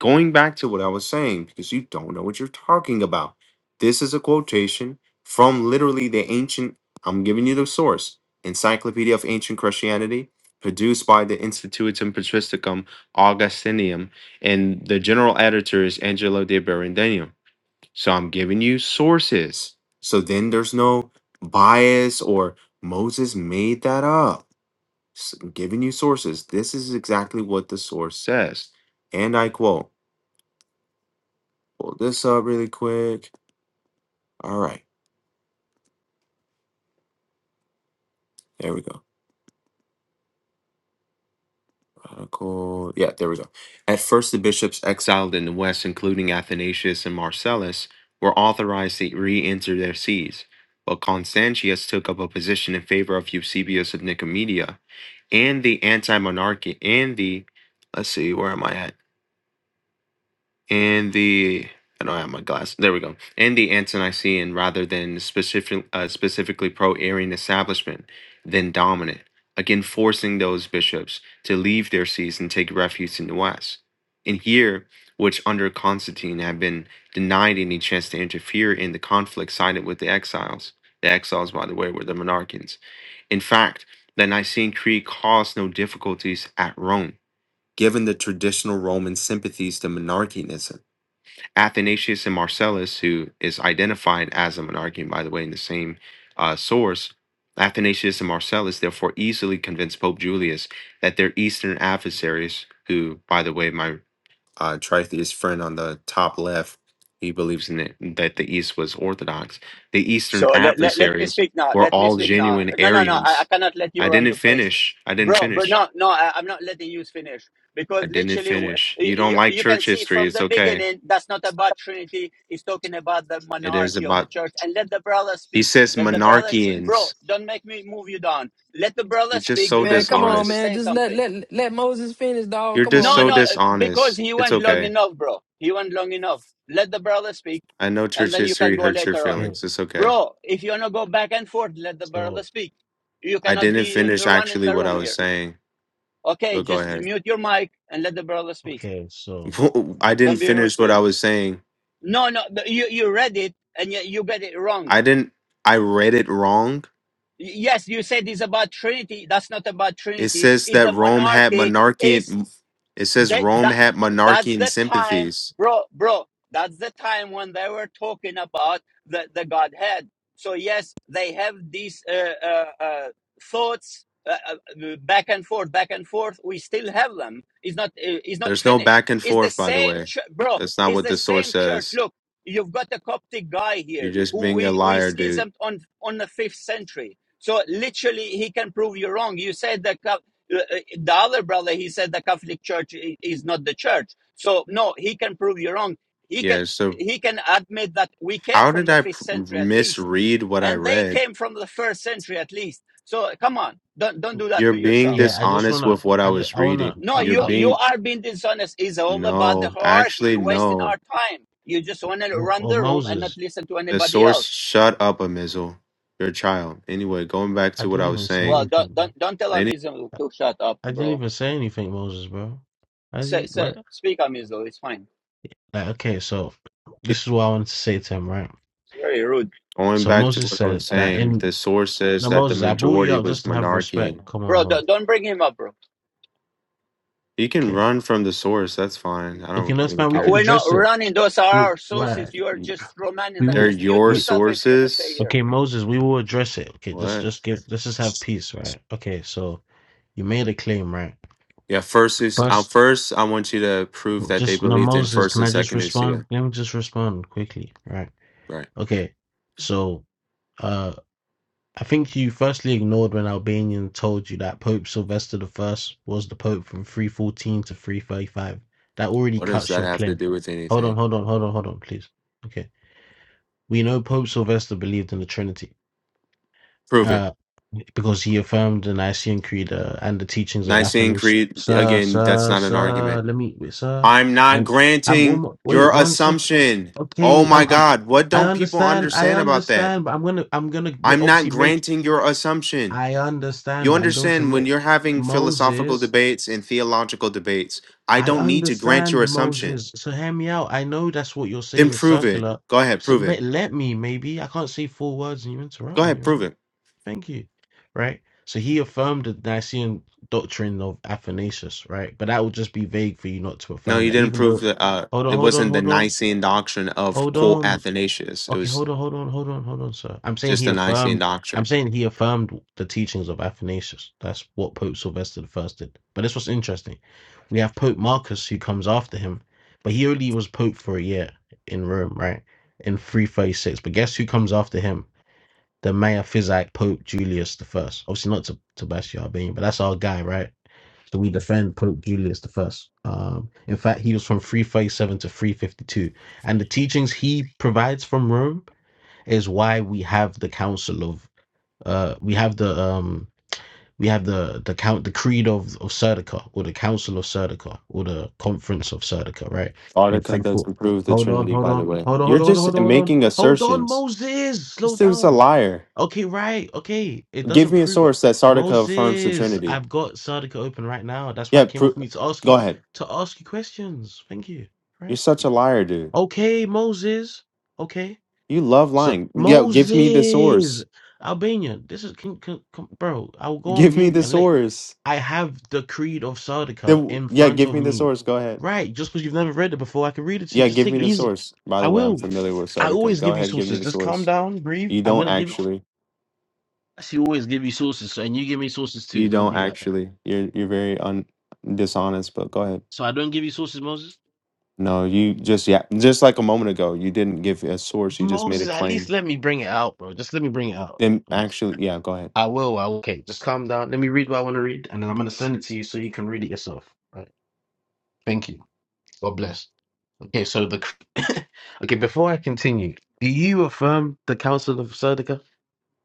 Speaker 3: going back to what I was saying because you don't know what you're talking about. This is a quotation from literally the ancient I'm giving you the source, Encyclopedia of Ancient Christianity, produced by the Institutum Patristicum Augustinium and the general editor is Angelo de Berendenium. So I'm giving you sources. So then there's no bias or Moses made that up. S- I'm giving you sources. This is exactly what the source says. And I quote, pull this up really quick. All right, there we go. Uh, cool. Yeah, there we go. At first, the bishops exiled in the West, including Athanasius and Marcellus, were authorized to re enter their sees, but Constantius took up a position in favor of Eusebius of Nicomedia and the anti monarchy and the let's see, where am I at? and the I don't have my glass. There we go. And the anti-Nicene rather than specific, uh, specifically pro-Arian establishment than dominant. Again, forcing those bishops to leave their seats and take refuge in the West. And here, which under Constantine had been denied any chance to interfere in the conflict, sided with the exiles. The exiles, by the way, were the monarchians. In fact, the Nicene Creed caused no difficulties at Rome, given the traditional Roman sympathies to monarchianism Athanasius and Marcellus, who is identified as a monarchian, by the way, in the same uh, source, Athanasius and Marcellus therefore easily convinced Pope Julius that their Eastern adversaries, who, by the way, my uh, Tritheist friend on the top left, he believes in it, that the East was Orthodox. The Eastern
Speaker 1: So let, let, let me
Speaker 3: adversaries
Speaker 1: speak now.
Speaker 3: were
Speaker 1: Let me
Speaker 3: all
Speaker 1: speak now.
Speaker 3: genuine
Speaker 1: No, no, no. I, I
Speaker 3: Arians.
Speaker 1: cannot let you
Speaker 3: I
Speaker 1: run
Speaker 3: didn't
Speaker 1: the place.
Speaker 3: finish. I didn't
Speaker 1: Bro, but
Speaker 3: finish.
Speaker 1: no, no, I, I'm not letting you finish
Speaker 3: I
Speaker 1: because
Speaker 3: didn't
Speaker 1: literally
Speaker 3: finish.
Speaker 1: you,
Speaker 3: You don't
Speaker 1: you
Speaker 3: like
Speaker 1: you can
Speaker 3: church
Speaker 1: see
Speaker 3: history.
Speaker 1: from
Speaker 3: It's
Speaker 1: the
Speaker 3: okay.
Speaker 1: beginning that's not about Trinity. He's talking about the
Speaker 3: It is
Speaker 1: monarchy of the
Speaker 3: about,
Speaker 1: church and let the brother
Speaker 3: he
Speaker 1: speak.
Speaker 3: says,
Speaker 1: Let the brother, exp- bro,
Speaker 3: monarchians.
Speaker 1: don't make me move you down. Let the brother
Speaker 3: You're just
Speaker 1: speak
Speaker 3: so
Speaker 2: Man,
Speaker 1: because
Speaker 2: come
Speaker 1: he wants
Speaker 2: on,
Speaker 1: to
Speaker 3: dishonest.
Speaker 2: man.
Speaker 1: say
Speaker 2: Just let
Speaker 1: something.
Speaker 2: let let Moses finish, dog.
Speaker 3: You're
Speaker 2: Come
Speaker 3: just
Speaker 2: on,
Speaker 1: No,
Speaker 3: so
Speaker 2: man.
Speaker 1: no, because
Speaker 3: dishonest.
Speaker 1: he
Speaker 3: It's
Speaker 1: went long
Speaker 3: okay.
Speaker 1: enough, bro. He went long enough. Let the brother speak,
Speaker 3: I know
Speaker 1: and
Speaker 3: church
Speaker 1: then you can
Speaker 3: history
Speaker 1: go
Speaker 3: hurts your
Speaker 1: later on.
Speaker 4: Yeah.
Speaker 3: feelings. It's okay.
Speaker 1: Bro, if you want to go back and forth, let the brother
Speaker 4: So,
Speaker 1: speak. You
Speaker 3: I
Speaker 1: cannot
Speaker 3: didn't
Speaker 1: be
Speaker 3: finish
Speaker 1: uh, running
Speaker 3: actually
Speaker 1: the
Speaker 3: what I
Speaker 1: room
Speaker 3: was
Speaker 1: here.
Speaker 3: saying,
Speaker 1: Okay,
Speaker 3: but go
Speaker 1: just
Speaker 3: ahead.
Speaker 1: mute your mic and let the brother speak.
Speaker 4: okay, so
Speaker 3: I didn't
Speaker 1: Don't be rude
Speaker 3: finish
Speaker 1: to
Speaker 3: what I
Speaker 1: him.
Speaker 3: was saying.
Speaker 1: No, no, the- you, you read it and you, you get it wrong.
Speaker 3: I didn't, I read it wrong.
Speaker 1: Y- Yes, you said it's about Trinity. That's not about
Speaker 3: It
Speaker 1: Trinity.
Speaker 3: says
Speaker 1: It's
Speaker 3: that
Speaker 1: the
Speaker 3: Rome had
Speaker 1: monarchy. It's
Speaker 3: monarchian, it says
Speaker 1: That
Speaker 3: Rome
Speaker 1: that
Speaker 3: had
Speaker 1: that's
Speaker 3: monarchian
Speaker 1: the time,
Speaker 3: sympathies.
Speaker 1: bro, bro. That's the time when they were talking about the the Godhead. So yes, they have these uh, uh, uh, thoughts uh, uh, back and forth, back and forth. We still have them. It's not uh, it's not
Speaker 3: There's no
Speaker 1: finished.
Speaker 3: back and
Speaker 1: It's the
Speaker 3: forth, by the
Speaker 1: same,
Speaker 3: way.
Speaker 1: ch- bro.
Speaker 3: That's not
Speaker 1: It's
Speaker 3: what
Speaker 1: the
Speaker 3: the source
Speaker 1: same church.
Speaker 3: says.
Speaker 1: Look, you've got a Coptic guy
Speaker 3: You're
Speaker 1: here
Speaker 3: just
Speaker 1: who
Speaker 3: being a
Speaker 1: we we
Speaker 3: liar, dude.
Speaker 1: schismed on on the fifth century. So literally, he can prove you wrong. You said that uh, uh, the other brother, he said the Catholic Church is not the church. So no, he can prove you wrong. He can
Speaker 3: Yeah, so
Speaker 1: he can admit that we came
Speaker 3: how
Speaker 1: from
Speaker 3: did
Speaker 1: the
Speaker 3: I p-
Speaker 1: fifth century at least,
Speaker 3: misread what I
Speaker 1: and they
Speaker 3: read?
Speaker 1: came from the first century at least. So come on, don't don't do that
Speaker 3: You're
Speaker 1: to
Speaker 3: being
Speaker 1: yourself.
Speaker 4: yeah, I just
Speaker 3: dishonest
Speaker 4: wanna,
Speaker 3: with what I
Speaker 4: I just,
Speaker 3: was
Speaker 4: I wanna,
Speaker 3: reading.
Speaker 1: No,
Speaker 4: I,
Speaker 3: You're
Speaker 1: you
Speaker 4: I,
Speaker 1: you
Speaker 3: being
Speaker 1: are being dishonest. It's all about the
Speaker 3: no,
Speaker 1: hierarchy.
Speaker 3: actually
Speaker 1: You're wasting
Speaker 3: no.
Speaker 1: our time. You just want to
Speaker 4: well,
Speaker 1: run
Speaker 4: well,
Speaker 1: the room and not
Speaker 4: Moses,
Speaker 1: listen to
Speaker 3: The
Speaker 1: anybody
Speaker 3: source
Speaker 1: else.
Speaker 3: shut up Amizel. You're a mizzle. Your child. Anyway, going back
Speaker 4: I
Speaker 3: to what I
Speaker 4: didn't
Speaker 3: was
Speaker 4: even say
Speaker 3: saying.
Speaker 1: Well,
Speaker 4: anything.
Speaker 1: don't
Speaker 4: Bro.
Speaker 1: don't don't tell
Speaker 3: Any
Speaker 1: Amizim
Speaker 4: I,
Speaker 1: to shut up,
Speaker 4: I didn't
Speaker 1: bro.
Speaker 4: even say anything, Moses, bro. I
Speaker 1: Say,
Speaker 4: just,
Speaker 1: say,
Speaker 4: what?
Speaker 1: speak on Mizzle. It's fine.
Speaker 4: Like, okay, so this is what I wanted to say to him, right?
Speaker 1: It's very rude,
Speaker 3: going
Speaker 4: So
Speaker 3: back to
Speaker 4: Moses
Speaker 3: what I was
Speaker 4: said that
Speaker 3: saying,
Speaker 4: in
Speaker 3: the source says
Speaker 4: no
Speaker 3: that the
Speaker 4: Moses, I brought you
Speaker 3: majority
Speaker 4: up
Speaker 3: was
Speaker 4: just to have respect.
Speaker 3: monarchy.
Speaker 4: Come on,
Speaker 1: bro.
Speaker 4: Moses.
Speaker 1: Don't, don't bring him up, bro.
Speaker 3: You can
Speaker 4: Okay,
Speaker 3: run from the source, that's fine. I
Speaker 4: okay,
Speaker 3: don't
Speaker 4: that's
Speaker 3: really
Speaker 4: fine. We
Speaker 1: Uh,
Speaker 4: could
Speaker 3: care.
Speaker 1: We're not
Speaker 4: address it.
Speaker 1: running. Those are
Speaker 4: We,
Speaker 1: our
Speaker 4: right?
Speaker 1: sources. You are just romaning
Speaker 4: We
Speaker 1: them.
Speaker 3: They're
Speaker 4: will.
Speaker 1: Just mute
Speaker 3: your
Speaker 4: we,
Speaker 1: yourself if you want to stay
Speaker 3: sources.
Speaker 1: here.
Speaker 4: Okay, Moses, we will address it. Okay, just
Speaker 3: What?
Speaker 4: just give let's just have peace, right? Okay, so you made a claim, right?
Speaker 3: Yeah, first is uh,
Speaker 4: First
Speaker 3: first I want you to prove that they
Speaker 4: just no
Speaker 3: believed in
Speaker 4: Moses,
Speaker 3: first
Speaker 4: can
Speaker 3: and
Speaker 4: I just
Speaker 3: second
Speaker 4: respond?
Speaker 3: Usia.
Speaker 4: Let me just respond quickly, right?
Speaker 3: Right.
Speaker 4: Okay. So uh I think you firstly ignored when Albanian told you that Pope Sylvester the First was the Pope from three fourteen to three thirty five. That already
Speaker 3: What does
Speaker 4: cuts
Speaker 3: that
Speaker 4: your
Speaker 3: have to
Speaker 4: claim.
Speaker 3: do with
Speaker 4: Hold
Speaker 3: anything?
Speaker 4: on, hold on, hold on, hold on, please. Okay. We know Pope Sylvester believed in the Trinity
Speaker 3: Prove it.
Speaker 4: uh, because he affirmed the Nicene Creed uh, and the teachings of
Speaker 3: Nicene
Speaker 4: Athanasius.
Speaker 3: Creed,
Speaker 4: Sir,
Speaker 3: again, that's
Speaker 4: sir,
Speaker 3: not an
Speaker 4: sir,
Speaker 3: argument.
Speaker 4: let me, wait, sir.
Speaker 3: I'm not
Speaker 4: And I'm
Speaker 3: granting
Speaker 4: almost, wait,
Speaker 3: your
Speaker 4: one sec.
Speaker 3: assumption. Oh
Speaker 4: Okay,
Speaker 3: my
Speaker 4: I'm, I'm,
Speaker 3: God, what
Speaker 4: I
Speaker 3: don't people
Speaker 4: understand, I
Speaker 3: understand about that?
Speaker 4: understand, but I'm gonna, I'm gonna ma-
Speaker 3: I'm not
Speaker 4: obviously make,
Speaker 3: granting your assumption.
Speaker 4: I
Speaker 3: You
Speaker 4: understand, but I'm going to
Speaker 3: understand when
Speaker 4: make
Speaker 3: you're having philosophical
Speaker 4: Moses.
Speaker 3: debates and theological debates, I
Speaker 4: I
Speaker 3: don't need to grant
Speaker 4: understand
Speaker 3: your assumption.
Speaker 4: Moses. So hear me out. I know that's what you're
Speaker 3: Then
Speaker 4: saying is
Speaker 3: prove it.
Speaker 4: circular.
Speaker 3: Go ahead,
Speaker 4: So
Speaker 3: prove it.
Speaker 4: let, let me, maybe. I can't say four words and you interrupt
Speaker 3: Go
Speaker 4: me,
Speaker 3: ahead,
Speaker 4: right?
Speaker 3: prove it.
Speaker 4: Thank you. Right? So he affirmed the Nicene doctrine of Athanasius, right? But that would just be vague for you not to
Speaker 3: No,
Speaker 4: affirm
Speaker 3: you
Speaker 4: that,
Speaker 3: didn't
Speaker 4: even
Speaker 3: prove
Speaker 4: though.
Speaker 3: that uh,
Speaker 4: Hold
Speaker 3: it
Speaker 4: on, hold on,
Speaker 3: wasn't the
Speaker 4: hold on,
Speaker 3: Nicene doctrine of
Speaker 4: hold
Speaker 3: quote
Speaker 4: on.
Speaker 3: Athanasius. It
Speaker 4: Okay,
Speaker 3: was
Speaker 4: hold on, hold on, hold on, hold on, sir. I'm saying
Speaker 3: just
Speaker 4: he
Speaker 3: the Nicene
Speaker 4: affirmed. I'm
Speaker 3: doctrine.
Speaker 4: saying he affirmed the teachings of Athanasius. That's what Pope Sylvester the first did. But this was interesting. We have Pope Marcus who comes after him, but he only was Pope for a year in Rome, right? In 336. But guess who comes after him? the mayor Physic Pope Julius the First. Obviously not to, to bash your Albanian, but that's our guy, right? So we defend Pope Julius the First. Um, in fact, he was from 337 to 352, and the teachings he provides from Rome is why we have the Council of uh, we have the um, we have the the count the Creed of of Serdica or the Council of Serdica or the Conference of Serdica, right? In
Speaker 3: Boudica
Speaker 4: Frankfurt.
Speaker 3: doesn't prove the
Speaker 4: Hold on,
Speaker 3: Trinity,
Speaker 4: hold
Speaker 3: by the
Speaker 4: on,
Speaker 3: way.
Speaker 4: hold on,
Speaker 3: You're
Speaker 4: hold on, hold on, hold on,
Speaker 3: just
Speaker 4: hold on,
Speaker 3: making
Speaker 4: hold on,
Speaker 3: assertions.
Speaker 4: Moses,
Speaker 3: This
Speaker 4: slow
Speaker 3: dude's a
Speaker 4: down.
Speaker 3: liar.
Speaker 4: Okay, right. Okay. It
Speaker 3: Give
Speaker 4: doesn't
Speaker 3: me a
Speaker 4: prove
Speaker 3: source that Sardica affirms the
Speaker 4: Moses,
Speaker 3: Trinity.
Speaker 4: I've got Sardica open right now. That's why I
Speaker 3: Yeah,
Speaker 4: came off
Speaker 3: pro-
Speaker 4: mute to ask
Speaker 3: go
Speaker 4: you
Speaker 3: ahead.
Speaker 4: to ask you questions. Thank you.
Speaker 3: You're
Speaker 4: Right.
Speaker 3: such a liar, dude.
Speaker 4: Okay, Moses. Okay.
Speaker 3: You love
Speaker 4: So
Speaker 3: lying. Yeah, give me the
Speaker 4: Moses,
Speaker 3: source.
Speaker 4: Albanian. This is can, can, can, bro. I will go on
Speaker 3: Give me
Speaker 4: mute
Speaker 3: the
Speaker 4: and let.
Speaker 3: source.
Speaker 4: I have the creed of Sardica
Speaker 3: The-
Speaker 4: in
Speaker 3: yeah,
Speaker 4: front
Speaker 3: give
Speaker 4: of
Speaker 3: me the
Speaker 4: me.
Speaker 3: source. Go ahead.
Speaker 4: Right. Just because you've never read it before, I can read it to you.
Speaker 3: Yeah,
Speaker 4: Just
Speaker 3: give
Speaker 4: take
Speaker 3: me
Speaker 4: it
Speaker 3: the
Speaker 4: easy.
Speaker 3: source. By
Speaker 4: I
Speaker 3: the way, I'm
Speaker 4: will.
Speaker 3: familiar with
Speaker 4: I
Speaker 3: Sardica.
Speaker 4: always
Speaker 3: Go
Speaker 4: give you
Speaker 3: ahead, give me
Speaker 4: sources.
Speaker 3: the
Speaker 4: Just calm
Speaker 3: source.
Speaker 4: down, breathe.
Speaker 3: You
Speaker 4: I'm
Speaker 3: don't
Speaker 4: gonna give.
Speaker 3: actually.
Speaker 4: She always give you sources, and you give me sources too.
Speaker 3: You
Speaker 4: Don't
Speaker 3: don't
Speaker 4: be like that.
Speaker 3: actually. You're you're very un- dishonest, but go ahead.
Speaker 4: So I don't give you sources, Moses.
Speaker 3: No, you just yeah, just like a moment ago, you didn't give a source, you just made a
Speaker 4: Moses, at least
Speaker 3: claim.
Speaker 4: let me bring it out, bro. Just let me bring it out.
Speaker 3: Then
Speaker 4: Like,
Speaker 3: actually, yeah, go ahead.
Speaker 4: I will. I will. Okay, just calm down. Let me read what I want to read, and then I'm gonna send it to you so you can read it yourself. Right. Thank you. God bless. Okay, so the okay. Before I continue, do you affirm the Council of Sardica?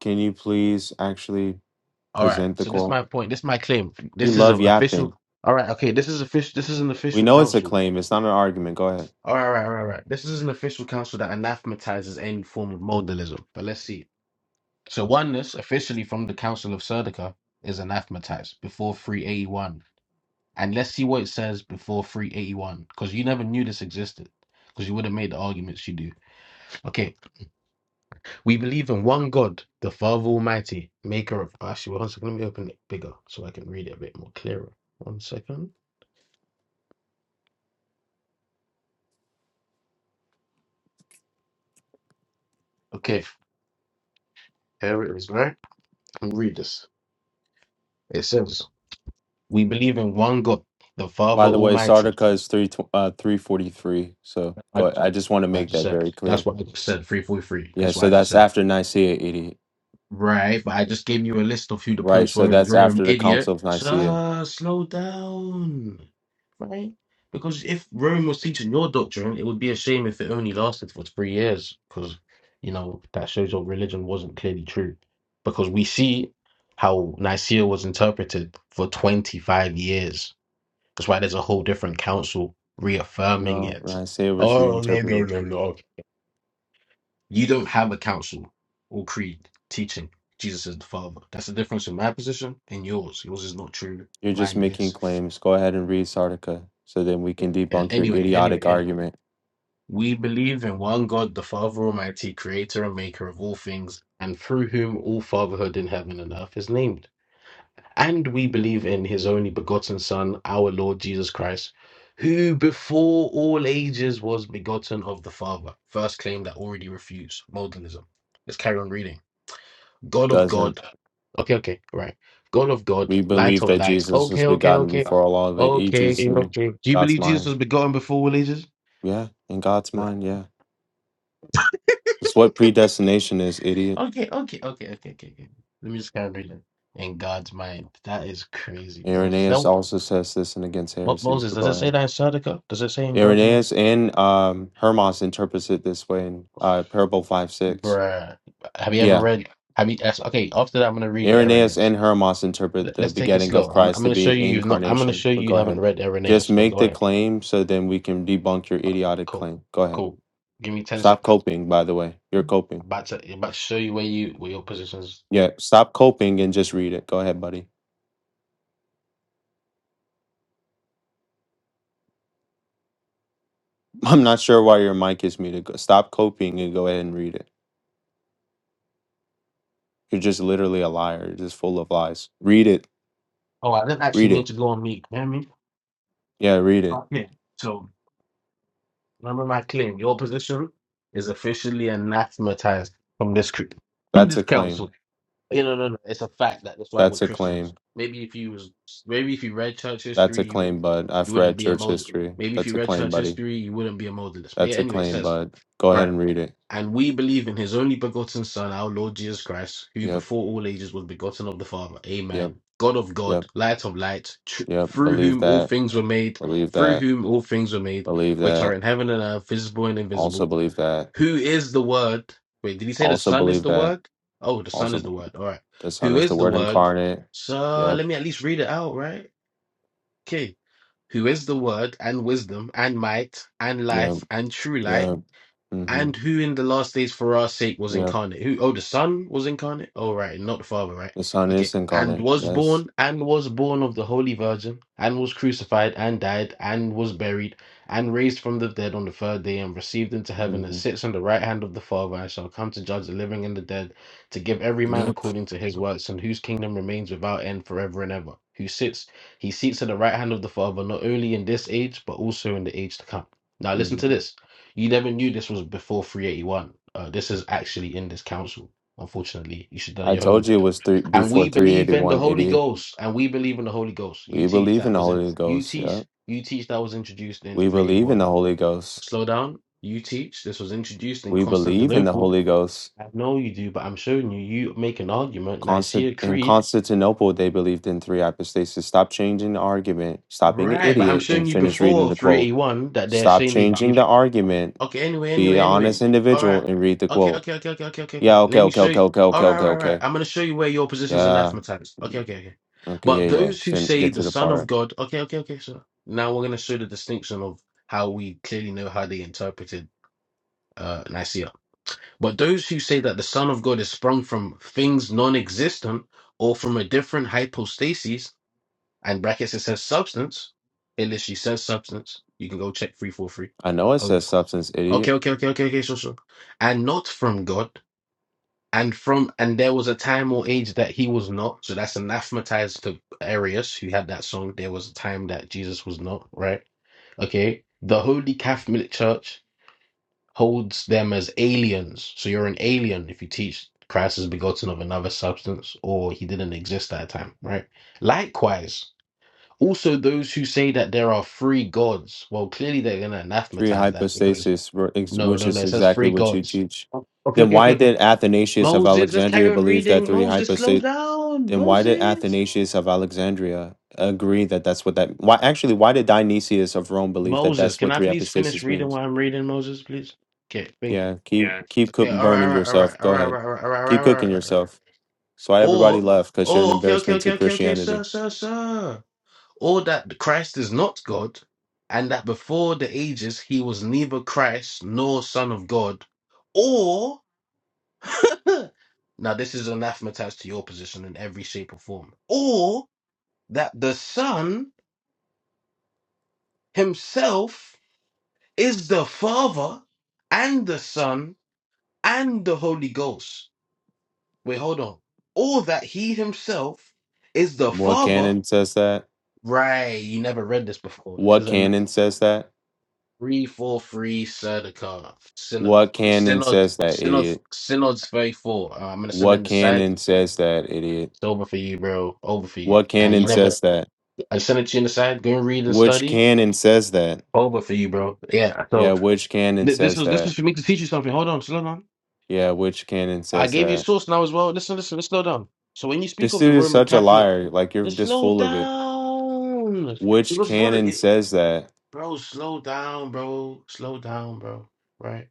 Speaker 3: Can you please actually
Speaker 4: All right.
Speaker 3: present the
Speaker 4: So this is
Speaker 3: quote?
Speaker 4: my point. This is my claim.
Speaker 3: You
Speaker 4: This is
Speaker 3: love
Speaker 4: an official.
Speaker 3: yapping.
Speaker 4: All right. Okay. This is official. This is an
Speaker 3: We
Speaker 4: official
Speaker 3: know it's a
Speaker 4: council.
Speaker 3: claim, it's not an argument. Go ahead.
Speaker 4: All right, all right, all right. all right. This is an official council that anathematizes any form of modalism. But let's see. So oneness, officially from the Council of Serdica, is anathematized before 381. And let's see what it says before 381, because you never knew this existed, because you would have made the arguments you do. Okay, we believe in one God, the Father Almighty, maker of. Actually, one second, let me open it bigger so I can read it a bit more clearer. One second. Okay, here it is, right? And read this. It says. We believe in one God, the Father
Speaker 3: By the way,
Speaker 4: Almighty.
Speaker 3: Sardica is three tw- uh, three forty three. So
Speaker 4: I,
Speaker 3: go. Ahead. I just want to
Speaker 4: I
Speaker 3: make
Speaker 4: just
Speaker 3: that
Speaker 4: said
Speaker 3: very
Speaker 4: that's
Speaker 3: clear.
Speaker 4: what I just said. Three forty three.
Speaker 3: Yeah.
Speaker 4: That's what
Speaker 3: So
Speaker 4: I just
Speaker 3: that's
Speaker 4: said.
Speaker 3: after Nicaea, idiot.
Speaker 4: Right, but I just gave you a list of who the
Speaker 3: Right.
Speaker 4: popes
Speaker 3: So
Speaker 4: were in
Speaker 3: that's
Speaker 4: Rome,
Speaker 3: after the
Speaker 4: idiot.
Speaker 3: Council of Nicaea.
Speaker 4: Sir, slow down. Right? Because if Rome was teaching your doctrine, it would be a shame if it only lasted for three years. Because, you know, that shows your religion wasn't clearly true. Because we see how Nicaea was interpreted for 25 years That's why there's a whole different council reaffirming
Speaker 3: No,
Speaker 4: it.
Speaker 3: Nicaea was
Speaker 4: Oh, no, no,
Speaker 3: reinterpreted.
Speaker 4: no, no. You don't have a council or creed teaching Jesus is the Father. That's the difference in my position and yours. Yours is not true.
Speaker 3: You're just
Speaker 4: Mine
Speaker 3: making
Speaker 4: is.
Speaker 3: claims. Go ahead and read Sardica so then we can
Speaker 4: Yeah,
Speaker 3: debunk your
Speaker 4: Anyway, anyway,
Speaker 3: idiotic
Speaker 4: anyway.
Speaker 3: argument.
Speaker 4: We believe in one God, the Father Almighty, creator and maker of all things, and through whom all fatherhood in heaven and earth is named. And we believe in his only begotten Son, our Lord Jesus Christ, who before all ages was begotten of the Father. First claim that already refused modalism. Let's carry on reading. God of
Speaker 3: Doesn't.
Speaker 4: God. Okay, okay, right. God of God,
Speaker 3: We
Speaker 4: light
Speaker 3: believe
Speaker 4: of
Speaker 3: that
Speaker 4: light.
Speaker 3: Jesus was
Speaker 4: Okay, okay,
Speaker 3: begotten
Speaker 4: okay.
Speaker 3: before all the ages
Speaker 4: Okay,
Speaker 3: in
Speaker 4: okay. Do you
Speaker 3: God's
Speaker 4: believe Jesus
Speaker 3: mind.
Speaker 4: was begotten before all ages?
Speaker 3: Yeah, in God's
Speaker 4: Like,
Speaker 3: mind, yeah. It's what predestination is, idiot.
Speaker 4: Okay, okay, okay, okay, okay, okay. Let me just carry on reading. In God's mind. That is crazy, Moses. Is that
Speaker 3: Irenaeus also says this in Against
Speaker 4: what,
Speaker 3: Heresies,
Speaker 4: Moses,
Speaker 3: but
Speaker 4: does
Speaker 3: go
Speaker 4: it say
Speaker 3: ahead.
Speaker 4: that in Sardica? Does it say in God's mind?
Speaker 3: Irenaeus and um, Hermas interprets it this way in uh, Parable 5 6.
Speaker 4: Bruh, have you ever
Speaker 3: Yeah.
Speaker 4: read? Have you? that's- Okay, after that, I'm gonna read you
Speaker 3: Irenaeus
Speaker 4: Irenaeus.
Speaker 3: and Hermas interpret
Speaker 4: Let,
Speaker 3: the
Speaker 4: let's take it
Speaker 3: begetting of
Speaker 4: slow. I'm I'm
Speaker 3: Christ to
Speaker 4: gonna
Speaker 3: be
Speaker 4: show you you've not. I'm gonna
Speaker 3: incarnation.
Speaker 4: show
Speaker 3: But
Speaker 4: you you
Speaker 3: go
Speaker 4: haven't
Speaker 3: ahead.
Speaker 4: read
Speaker 3: Just
Speaker 4: Irenaeus, but
Speaker 3: make
Speaker 4: go
Speaker 3: the
Speaker 4: ahead.
Speaker 3: claim so then we can debunk your idiotic
Speaker 4: Cool,
Speaker 3: claim. Go ahead.
Speaker 4: cool. Give me ten
Speaker 3: Stop
Speaker 4: seconds.
Speaker 3: coping, by the way. You're coping.
Speaker 4: I'm about to I'm about to show you where you where your positions.
Speaker 3: Yeah, stop coping and just read it. Go ahead, buddy. I'm not sure why your mic is muted. Go- Stop coping and go ahead and read it. You're just literally a liar. You're just full of lies. Read it.
Speaker 4: Oh, I didn't actually
Speaker 3: Read
Speaker 4: mean
Speaker 3: it.
Speaker 4: to go on mute. You hear me?
Speaker 3: Yeah, read it.
Speaker 4: Okay. So remember my claim. Your position is officially anathematized from this cr-
Speaker 3: That's
Speaker 4: this
Speaker 3: a
Speaker 4: council.
Speaker 3: claim.
Speaker 4: You know, no, no. It's a fact that that's why we're
Speaker 3: That's a claim.
Speaker 4: Christians. Maybe if you was, maybe if you read church
Speaker 3: That's
Speaker 4: history,
Speaker 3: a
Speaker 4: you would,
Speaker 3: claim, bud.
Speaker 4: you
Speaker 3: I've
Speaker 4: wouldn't
Speaker 3: read
Speaker 4: be a
Speaker 3: church
Speaker 4: mod.
Speaker 3: history.
Speaker 4: Maybe if
Speaker 3: That's
Speaker 4: you
Speaker 3: a
Speaker 4: read
Speaker 3: claim,
Speaker 4: church
Speaker 3: buddy.
Speaker 4: history, you wouldn't be a modalist. But yeah,
Speaker 3: That's a
Speaker 4: anyway, it
Speaker 3: claim,
Speaker 4: says
Speaker 3: bud. Go ahead
Speaker 4: right.
Speaker 3: and read it.
Speaker 4: And we believe in His only begotten Son, our Lord Jesus Christ, who
Speaker 3: Yep,
Speaker 4: before all ages was begotten of the Father.
Speaker 3: yep,
Speaker 4: Amen. God of God,
Speaker 3: yep,
Speaker 4: Light of Light, tr-
Speaker 3: yep.
Speaker 4: through
Speaker 3: Believe
Speaker 4: whom all
Speaker 3: that.
Speaker 4: things were made,
Speaker 3: Believe
Speaker 4: through
Speaker 3: that.
Speaker 4: whom all things were made,
Speaker 3: Believe
Speaker 4: which are
Speaker 3: that.
Speaker 4: in heaven and earth, visible and
Speaker 3: Also
Speaker 4: invisible
Speaker 3: believe that.
Speaker 4: who is the word wait did he say the
Speaker 3: Also
Speaker 4: son is
Speaker 3: believe
Speaker 4: the
Speaker 3: that.
Speaker 4: word oh the son
Speaker 3: Also,
Speaker 4: is
Speaker 3: b-
Speaker 4: the word all right
Speaker 3: the Son
Speaker 4: who
Speaker 3: is the
Speaker 4: is the
Speaker 3: Word
Speaker 4: word
Speaker 3: incarnate.
Speaker 4: so
Speaker 3: Yep,
Speaker 4: let me at least read it out right okay who is the word and wisdom and might and
Speaker 3: yep,
Speaker 4: life and true light
Speaker 3: yep. Mm-hmm.
Speaker 4: and who in the last days for our sake was
Speaker 3: Yep.
Speaker 4: incarnate? Who? Oh, the Son was incarnate? Oh, right, not the Father, right?
Speaker 3: The Son
Speaker 4: Okay.
Speaker 3: is
Speaker 4: And
Speaker 3: incarnate.
Speaker 4: was
Speaker 3: Yes.
Speaker 4: born, and was born of the Holy Virgin, and was crucified, and died, and was buried, and raised from the dead on the third day, and received into heaven, and
Speaker 3: Mm-hmm.
Speaker 4: sits on the right hand of the Father, and shall come to judge the living and the dead, to give every man
Speaker 3: Yep.
Speaker 4: according to his works, and whose kingdom remains without end forever and ever. Who sits, he seats at the right hand of the Father, not only in this age, but also in the age to come. Now, listen to
Speaker 3: hmm
Speaker 4: this. You never knew this was before 381. Uh, this is actually in this council. Unfortunately, you should have done
Speaker 3: I
Speaker 4: your
Speaker 3: told you
Speaker 4: homework.
Speaker 3: it was three
Speaker 4: And
Speaker 3: before
Speaker 4: we
Speaker 3: three eighty
Speaker 4: believe in the
Speaker 3: one,
Speaker 4: Holy
Speaker 3: idiot.
Speaker 4: Ghost, and we believe in the Holy Ghost. You
Speaker 3: We
Speaker 4: teach
Speaker 3: believe in
Speaker 4: that
Speaker 3: the
Speaker 4: was in
Speaker 3: Holy
Speaker 4: you
Speaker 3: Ghost.
Speaker 4: teach
Speaker 3: Yep.
Speaker 4: you teach that was introduced in
Speaker 3: We believe in the
Speaker 4: 381.
Speaker 3: Holy Ghost.
Speaker 4: Slow down. You teach this was introduced in
Speaker 3: We believe in the
Speaker 4: Constantinople.
Speaker 3: Holy Ghost.
Speaker 4: I know you do, but I'm showing you. You make an argument,
Speaker 3: Constant
Speaker 4: Nicaea
Speaker 3: in
Speaker 4: Creed,
Speaker 3: Constantinople, they believed in three hypostases. Stop changing the argument. Stop being an
Speaker 4: right? But I'm
Speaker 3: idiot
Speaker 4: showing
Speaker 3: and
Speaker 4: you
Speaker 3: finish reading
Speaker 4: before
Speaker 3: the quote.
Speaker 4: 381 that they're
Speaker 3: Stop
Speaker 4: saying they
Speaker 3: changing
Speaker 4: believe.
Speaker 3: the argument.
Speaker 4: Okay, anyway,
Speaker 3: Be
Speaker 4: anyway,
Speaker 3: an honest
Speaker 4: anyway. All right.
Speaker 3: individual and read the
Speaker 4: Okay,
Speaker 3: quote.
Speaker 4: okay, okay, okay, okay, okay,
Speaker 3: Yeah.
Speaker 4: okay.
Speaker 3: Okay.
Speaker 4: Let me
Speaker 3: Okay.
Speaker 4: show
Speaker 3: Okay.
Speaker 4: you.
Speaker 3: Okay.
Speaker 4: All
Speaker 3: Okay.
Speaker 4: right, all
Speaker 3: Okay.
Speaker 4: right, all right.
Speaker 3: Okay.
Speaker 4: I'm going to show you where your position is
Speaker 3: Yeah.
Speaker 4: anathematized. Okay, okay, okay.
Speaker 3: Okay.
Speaker 4: But
Speaker 3: Yeah. Yeah.
Speaker 4: those who
Speaker 3: Fin-
Speaker 4: say
Speaker 3: get
Speaker 4: the
Speaker 3: to the
Speaker 4: Son of
Speaker 3: part.
Speaker 4: God, okay, okay, okay. So now we're going to show the distinction of how we clearly know how they interpreted uh, Nicaea. But those who say that the Son of God is sprung from things non existent or from a different hypostasis, and brackets it says substance, it literally says substance. You can go check 343
Speaker 3: I know it
Speaker 4: over.
Speaker 3: says substance,
Speaker 4: Okay,
Speaker 3: idiot.
Speaker 4: okay, okay, okay, okay, sure, sure. And not from God, and from and there was a time or age that he was not. So that's anathematized to Arius, who had that song. There was a time that Jesus was not, right? Okay. The Holy Catholic Church holds them as aliens. So you're an alien if you teach Christ is begotten of another substance or he didn't exist at a time, right? Likewise, also those who say that there are three gods, well, clearly they're gonna
Speaker 3: Three
Speaker 4: anathematize that because.
Speaker 3: hypostases, were ex-
Speaker 4: No,
Speaker 3: which
Speaker 4: no, no.
Speaker 3: is
Speaker 4: It says
Speaker 3: exactly
Speaker 4: three
Speaker 3: what you
Speaker 4: gods.
Speaker 3: teach.
Speaker 4: Oh, Okay,
Speaker 3: Then
Speaker 4: okay, okay,
Speaker 3: why
Speaker 4: okay.
Speaker 3: did Athanasius of
Speaker 4: Moses, let's carry
Speaker 3: Alexandria
Speaker 4: on
Speaker 3: believe that
Speaker 4: reading.
Speaker 3: three
Speaker 4: Moses,
Speaker 3: hypostases?
Speaker 4: slow down.
Speaker 3: Then why did
Speaker 4: Moses.
Speaker 3: Athanasius of Alexandria agree that that's what that? Why actually? Why did Dionysius of Rome believe that
Speaker 4: Moses,
Speaker 3: that's
Speaker 4: can
Speaker 3: what
Speaker 4: I
Speaker 3: three
Speaker 4: please finish
Speaker 3: epistasis
Speaker 4: reading
Speaker 3: means?
Speaker 4: what I'm reading, Moses, please? Okay, thank
Speaker 3: Yeah, keep
Speaker 4: Yeah.
Speaker 3: keep cook
Speaker 4: Okay, all
Speaker 3: burning
Speaker 4: right, all
Speaker 3: yourself.
Speaker 4: right, all
Speaker 3: Go
Speaker 4: right, all
Speaker 3: ahead,
Speaker 4: right, all right, all right, all right,
Speaker 3: keep
Speaker 4: all
Speaker 3: cooking
Speaker 4: right, all right. all right.
Speaker 3: yourself. So why everybody
Speaker 4: Or,
Speaker 3: left? Because you're an
Speaker 4: or, okay, okay,
Speaker 3: embarrassment
Speaker 4: okay,
Speaker 3: to
Speaker 4: okay, okay,
Speaker 3: Christianity.
Speaker 4: sir, sir, sir. Or that Christ is not God, and that before the ages he was neither Christ nor Son of God. Or Now, this is anathematized to your position in every shape or form. Or that the Son himself is the Father and the Son and the Holy Ghost. Wait, hold on. Or that he himself is the
Speaker 3: What
Speaker 4: Father.
Speaker 3: canon says that?
Speaker 4: Right, you never read this before. This
Speaker 3: What
Speaker 4: is a
Speaker 3: canon says that?
Speaker 4: 343 Serdica, Synod,
Speaker 3: What canon
Speaker 4: Synod,
Speaker 3: says that,
Speaker 4: Synod,
Speaker 3: idiot?
Speaker 4: Synod's 34. Uh, I'm going to send
Speaker 3: What
Speaker 4: in the side.
Speaker 3: canon says that, idiot?
Speaker 4: It's over for you, bro. Over for you.
Speaker 3: What
Speaker 4: And you
Speaker 3: canon
Speaker 4: never.
Speaker 3: says that?
Speaker 4: I sent it to you in the side. Go and read and
Speaker 3: Which
Speaker 4: study.
Speaker 3: canon says that?
Speaker 4: Over for you, bro. Yeah.
Speaker 3: Yeah,
Speaker 4: So
Speaker 3: which canon
Speaker 4: th- this
Speaker 3: says
Speaker 4: was this
Speaker 3: that?
Speaker 4: was for me to teach you something. Hold on, slow down.
Speaker 3: Yeah, which canon
Speaker 4: I
Speaker 3: says
Speaker 4: gave you
Speaker 3: that?
Speaker 4: a source now as well. Listen, listen, let's slow down. So when you speak
Speaker 3: This
Speaker 4: of the
Speaker 3: dude is
Speaker 4: Roman
Speaker 3: such a
Speaker 4: Catholic,
Speaker 3: liar. Like you're
Speaker 4: just
Speaker 3: just
Speaker 4: slow
Speaker 3: full of it.
Speaker 4: down.
Speaker 3: Which
Speaker 4: Because if only
Speaker 3: canon
Speaker 4: it,
Speaker 3: says that?
Speaker 4: bro, slow down, bro. Slow down, bro. Right?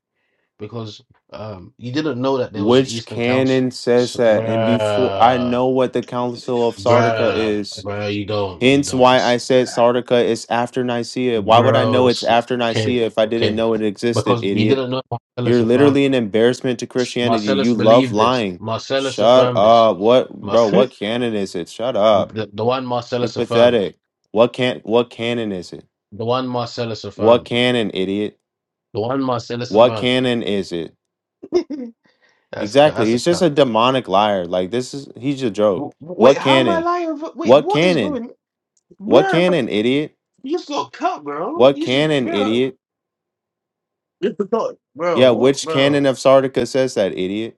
Speaker 4: Because um you didn't know that there was an
Speaker 3: Which
Speaker 4: Eastern Council.
Speaker 3: canon says
Speaker 4: So,
Speaker 3: that? And before I
Speaker 4: bruh,
Speaker 3: know what the Council of Sardica
Speaker 4: bruh,
Speaker 3: is.
Speaker 4: bruh, you don't, you
Speaker 3: Hence why
Speaker 4: don't.
Speaker 3: I said Sardica is after Nicaea. Why would I
Speaker 4: Bro,
Speaker 3: know it's
Speaker 4: it's-
Speaker 3: after
Speaker 4: okay,
Speaker 3: Nicaea if I didn't
Speaker 4: okay.
Speaker 3: know it existed,
Speaker 4: Because we
Speaker 3: idiot?
Speaker 4: didn't know Marcellus
Speaker 3: You're
Speaker 4: affirmed
Speaker 3: literally an embarrassment to
Speaker 4: this.
Speaker 3: Christianity.
Speaker 4: Marcellus
Speaker 3: You love
Speaker 4: believed this.
Speaker 3: lying.
Speaker 4: Marcellus
Speaker 3: Shut
Speaker 4: affirmed this.
Speaker 3: up. What bro, what
Speaker 4: Marcellus,
Speaker 3: canon is it? Shut up.
Speaker 4: the, the one
Speaker 3: You're
Speaker 4: Marcellus affirmed.
Speaker 3: pathetic. What can what canon is it?
Speaker 4: The one Marcellus
Speaker 3: What
Speaker 4: affirmed.
Speaker 3: canon, idiot?
Speaker 4: The one Marcellus
Speaker 3: What
Speaker 4: affirmed.
Speaker 3: canon is it?
Speaker 4: That's ca-
Speaker 3: Exactly.
Speaker 4: that's a
Speaker 3: He's just a
Speaker 4: cut.
Speaker 3: demonic liar. Like this is he's a
Speaker 4: W-
Speaker 3: joke.
Speaker 4: Wait,
Speaker 3: What
Speaker 4: how am I
Speaker 3: canon?
Speaker 4: lying? Wait,
Speaker 3: What
Speaker 4: what is
Speaker 3: canon?
Speaker 4: going,
Speaker 3: What
Speaker 4: bro?
Speaker 3: canon, idiot?
Speaker 4: You just got cut, bro.
Speaker 3: What
Speaker 4: You just,
Speaker 3: canon,
Speaker 4: bro.
Speaker 3: idiot?
Speaker 4: You just got, bro.
Speaker 3: Yeah,
Speaker 4: What,
Speaker 3: which canon
Speaker 4: bro?
Speaker 3: of Sardica says that, idiot?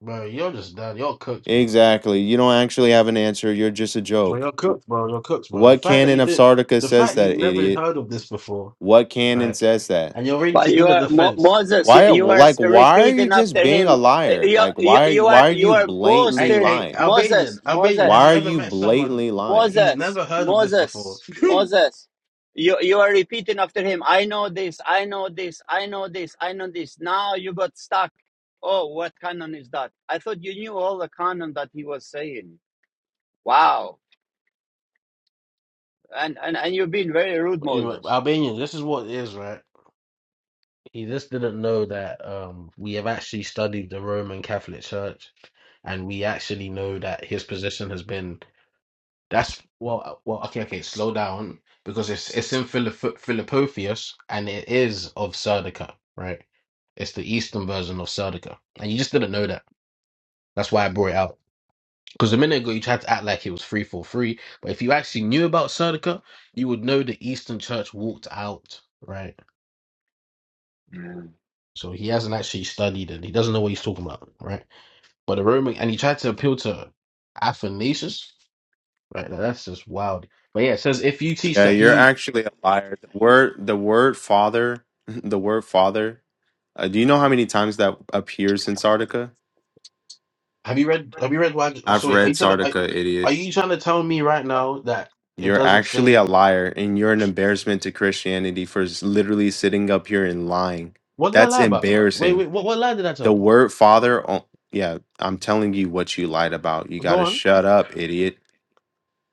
Speaker 4: Bro, you're just done. You're cooked, bro.
Speaker 3: Exactly. You don't actually have an answer. You're just a
Speaker 4: Bro,
Speaker 3: joke.
Speaker 4: you're
Speaker 3: Wh-
Speaker 4: cooked, bro. You're cooked, bro. The
Speaker 3: What
Speaker 4: fact that
Speaker 3: canon
Speaker 4: you
Speaker 3: of
Speaker 4: did,
Speaker 3: Sardica
Speaker 4: the
Speaker 3: says
Speaker 4: fact you
Speaker 3: that,
Speaker 4: have never
Speaker 3: idiot?
Speaker 4: heard of this before,
Speaker 3: What canon
Speaker 4: right?
Speaker 3: says that?
Speaker 4: And you're ready
Speaker 1: But
Speaker 4: to
Speaker 1: you
Speaker 4: give a
Speaker 1: are Mo-
Speaker 4: defense.
Speaker 1: Moses. You,
Speaker 3: Why are-
Speaker 1: you are
Speaker 3: like
Speaker 1: s-
Speaker 3: why are you
Speaker 1: repeating
Speaker 3: just
Speaker 1: after
Speaker 3: being a
Speaker 1: him. Uh,
Speaker 3: liar?
Speaker 1: You,
Speaker 3: Like
Speaker 1: you,
Speaker 3: why are you
Speaker 1: you are
Speaker 3: why are
Speaker 1: you
Speaker 3: you
Speaker 1: are
Speaker 3: blatantly
Speaker 4: Hey,
Speaker 1: boasting,
Speaker 4: hey,
Speaker 3: lying?
Speaker 4: Albanian,
Speaker 1: Moses.
Speaker 4: Albanian,
Speaker 1: Moses.
Speaker 3: Why
Speaker 4: have you
Speaker 3: are
Speaker 4: ever
Speaker 3: you
Speaker 4: met someone
Speaker 3: blatantly lying?
Speaker 4: he's
Speaker 1: Moses,
Speaker 4: never heard of this before?
Speaker 1: Moses, Moses. You you are repeating after him. I know this. I know this. I know this. I know this. Now you got stuck. Oh, what canon is that? I thought you knew all the canon that he was saying. Wow. And and and you've been very rude,
Speaker 4: You know,
Speaker 1: Moses.
Speaker 4: Albanian, this is what it is, right? He just didn't know that um, we have actually studied the Roman Catholic Church, and we actually know that his position has been. That's well, uh, well, okay, okay. Slow down because it's it's in Philipp- Philippotheus and it is of Serdica, right? It's the Eastern version of Serdica, and you just didn't know that. That's why I brought it out. Because a minute ago you tried to act like it was three four three, but if you actually knew about Serdica, you would know the Eastern Church walked out, right? So he hasn't actually studied it. He doesn't know what he's talking about, right? But the Roman and he tried to appeal to Athanasius, right? Now, That's just wild. But yeah, it says if you teach
Speaker 3: Yeah,
Speaker 4: that
Speaker 3: you're
Speaker 4: he
Speaker 3: actually a liar. The word, the word father, the word father. Uh, do you know how many times that appears in Sardica?
Speaker 4: Have you read? Have you read? Wag-
Speaker 3: I've
Speaker 4: So wait, are
Speaker 3: read
Speaker 4: you trying? Are,
Speaker 3: Sardica,
Speaker 4: are
Speaker 3: idiot.
Speaker 4: you trying to tell me right now that it
Speaker 3: You're
Speaker 4: doesn't
Speaker 3: actually a
Speaker 4: say?
Speaker 3: liar, and you're an embarrassment to Christianity for s- literally sitting up here and lying.
Speaker 4: What did I
Speaker 3: That's
Speaker 4: lie about? Wait,
Speaker 3: embarrassing.
Speaker 4: wait. What what lie did I
Speaker 3: The
Speaker 4: tell?
Speaker 3: word father. o- Yeah, I'm telling you what you lied about. You got
Speaker 4: Go
Speaker 3: to
Speaker 4: on.
Speaker 3: shut up, idiot.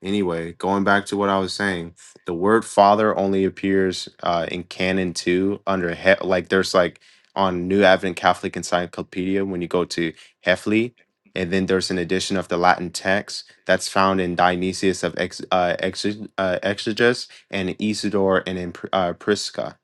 Speaker 3: Anyway, going back to what I was saying, the word father only appears uh, in canon two under he- like there's like on New Advent Catholic Encyclopedia when you go to Hefli, and then there's an edition of the Latin text that's found in Dionysius of Ex- uh, Exe- uh, Exeges and Isidore and in Pr- uh, Prisca.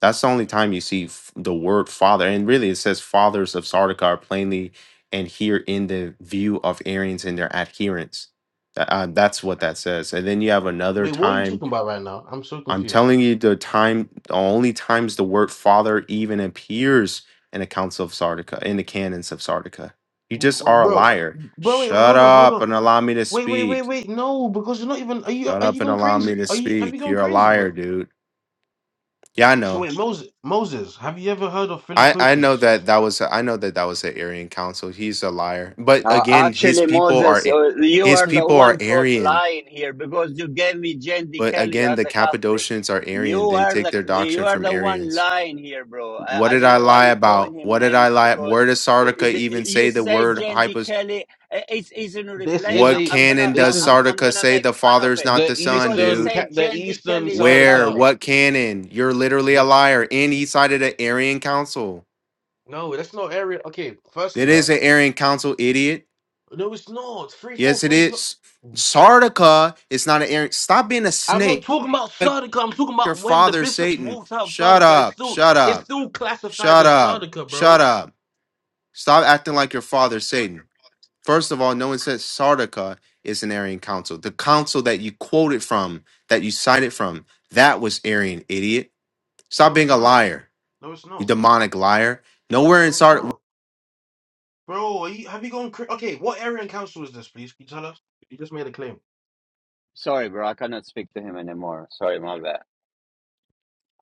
Speaker 3: That's the only time you see f- the word father. And really, it says fathers of Sardica are plainly and here in the view of Arians and their adherents. Tha- uh, that's what that says. And then you have another
Speaker 4: Wait, what are you
Speaker 3: time.
Speaker 4: talking about right now? I'm so
Speaker 3: I'm
Speaker 4: confused.
Speaker 3: telling you, the time, the only times the word father even appears in the Council of Sardica, in the canons of Sardica. You just
Speaker 4: Wait,
Speaker 3: are a
Speaker 4: bro,
Speaker 3: liar.
Speaker 4: bro. Wait, wait.
Speaker 3: Shut
Speaker 4: Hold on, hold
Speaker 3: up
Speaker 4: on.
Speaker 3: and allow me to
Speaker 4: Wait, wait, wait,
Speaker 3: speak.
Speaker 4: wait. No, because you're not even. Are you?
Speaker 3: Shut
Speaker 4: Are
Speaker 3: up
Speaker 4: you
Speaker 3: and
Speaker 4: going
Speaker 3: allow me
Speaker 4: crazy?
Speaker 3: to
Speaker 4: Are you? Have you
Speaker 3: speak.
Speaker 4: gone
Speaker 3: You're a
Speaker 4: crazy,
Speaker 3: liar,
Speaker 4: bro?
Speaker 3: dude. Yeah, I know.
Speaker 4: So wait, Moses. Moses, have you ever heard of
Speaker 3: I I
Speaker 4: Philippopius?
Speaker 3: know that that was I know that that was the Aryan council. He's a liar. But
Speaker 1: Uh,
Speaker 3: again, his
Speaker 1: actually,
Speaker 3: people are
Speaker 1: Moses,
Speaker 3: A-
Speaker 1: uh, you
Speaker 3: his
Speaker 1: are the
Speaker 3: people are
Speaker 1: one caught
Speaker 3: Aryan.
Speaker 1: lying here because you gave me Jandy
Speaker 3: But
Speaker 1: Kelly
Speaker 3: again,
Speaker 1: as
Speaker 3: the
Speaker 1: a Catholic.
Speaker 3: Cappadocians are
Speaker 1: You
Speaker 3: Aryan. They
Speaker 1: are
Speaker 3: take
Speaker 1: the,
Speaker 3: their
Speaker 1: the you
Speaker 3: doctrine
Speaker 1: are
Speaker 3: from
Speaker 1: the one
Speaker 3: Aryans.
Speaker 1: lying here, bro.
Speaker 3: What
Speaker 1: I, I
Speaker 3: did
Speaker 1: don't
Speaker 3: I
Speaker 1: know why
Speaker 3: lie
Speaker 1: you're calling
Speaker 3: about?
Speaker 1: him
Speaker 3: What did I
Speaker 1: names
Speaker 3: lie?
Speaker 1: because
Speaker 3: Where does
Speaker 1: uh,
Speaker 3: Sardica
Speaker 1: it-
Speaker 3: even
Speaker 1: you
Speaker 3: say the
Speaker 1: say
Speaker 3: word
Speaker 1: Jandy
Speaker 3: hypos?
Speaker 1: Kelly. uh, It's it's in
Speaker 4: This
Speaker 1: replay.
Speaker 4: is
Speaker 3: What
Speaker 1: I'm
Speaker 4: a.
Speaker 1: I'm gonna
Speaker 3: canon
Speaker 4: This
Speaker 3: does
Speaker 4: is
Speaker 1: I'm I'm
Speaker 3: Sardica
Speaker 1: gonna
Speaker 3: say
Speaker 1: make
Speaker 3: the
Speaker 1: fun
Speaker 3: father
Speaker 1: of
Speaker 3: is
Speaker 1: it
Speaker 3: not
Speaker 4: the
Speaker 3: the son,
Speaker 1: because you
Speaker 4: eastern.
Speaker 3: dude?
Speaker 1: say
Speaker 4: ca- The
Speaker 1: Jandy
Speaker 4: eastern
Speaker 1: Kelly is a
Speaker 4: side the
Speaker 3: Where?
Speaker 1: Catholic.
Speaker 3: What canon? You're literally a liar. And he cited an Aryan council.
Speaker 4: No, that's not area. Okay,
Speaker 3: It
Speaker 4: firstly,
Speaker 3: is
Speaker 4: right?
Speaker 3: an Aryan council, idiot.
Speaker 4: No, it's not. Three four
Speaker 3: Yes, it
Speaker 4: three is not.
Speaker 3: is.
Speaker 4: Bruh.
Speaker 3: Sardica is not an Arian. Stop being a
Speaker 4: I'm not
Speaker 3: snake
Speaker 4: talking about
Speaker 3: like
Speaker 4: Sardica. I'm talking
Speaker 3: your
Speaker 4: about when the
Speaker 3: father,
Speaker 4: bishops
Speaker 3: Satan.
Speaker 4: walked out of
Speaker 3: Shut
Speaker 4: Sardica. It's
Speaker 3: up.
Speaker 4: still
Speaker 3: Shut
Speaker 4: it's
Speaker 3: up.
Speaker 4: still classified
Speaker 3: Shut
Speaker 4: as
Speaker 3: up.
Speaker 4: Sardica,
Speaker 3: Shut
Speaker 4: bro.
Speaker 3: up. Stop acting like your father, Satan. First of all, no one says Sardica is an Arian council. The council that you quoted from, that you cited from, that was Arian, idiot. Stop
Speaker 4: No,
Speaker 3: being
Speaker 4: it's
Speaker 3: a
Speaker 4: not.
Speaker 3: liar,
Speaker 4: No, it's
Speaker 3: you
Speaker 4: not.
Speaker 3: demonic liar. Nowhere in
Speaker 4: No, it's
Speaker 3: Sardica.
Speaker 4: not. Bro, are you, have you gone? cra- Okay, what area and council is this? Please, can you tell us? You just made a claim.
Speaker 1: Sorry, bro. I cannot speak to him anymore. Sorry, my bad.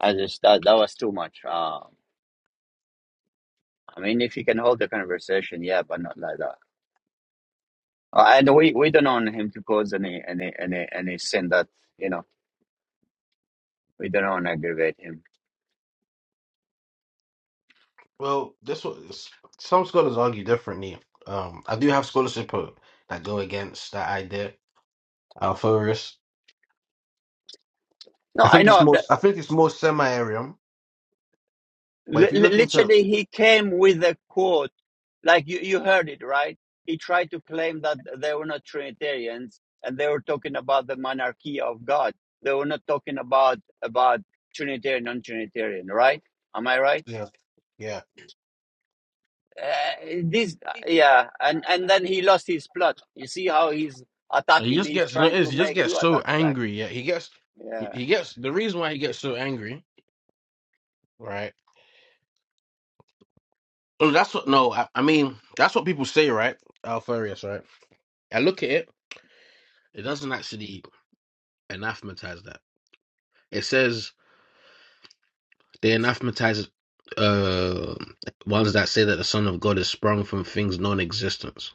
Speaker 1: I just that that was too much. Um, I mean, if he can hold the conversation, yeah, but not like that. Uh, and we, we don't want him to cause any any any any sin that you know we don't want to aggravate him.
Speaker 4: Well, that's what s- some scholars argue differently. Um, I do have scholarship uh, that go against that idea. Alphorus.
Speaker 1: No,
Speaker 4: I
Speaker 1: I
Speaker 4: think it's
Speaker 1: know
Speaker 4: more.
Speaker 1: that
Speaker 4: I think it's more semi area. But if
Speaker 1: li-
Speaker 4: you
Speaker 1: li-
Speaker 4: look into
Speaker 1: literally he came with a quote, like you you heard it right. He tried to claim that they were not Trinitarians and they were talking about the monarchy of God. They were not talking about about Trinitarian non-Trinitarian, right? Am I right?
Speaker 4: yeah, yeah,
Speaker 1: Uh, this, yeah, and
Speaker 4: he
Speaker 1: and then he lost his plot. You see how he's attacking?
Speaker 4: just
Speaker 1: He's
Speaker 4: gets you know it
Speaker 1: trying
Speaker 4: is
Speaker 1: to
Speaker 4: he just
Speaker 1: make
Speaker 4: gets
Speaker 1: you
Speaker 4: so
Speaker 1: attack back.
Speaker 4: angry. Yeah, he gets he
Speaker 1: Yeah,
Speaker 4: he gets the reason why he gets so angry, right? Oh, that's what no, I, I mean that's what people say, right? Alfarius, right? I look at it, it doesn't actually anathematize that. It says they anathematize uh ones that say that the Son of God is sprung from things non-existence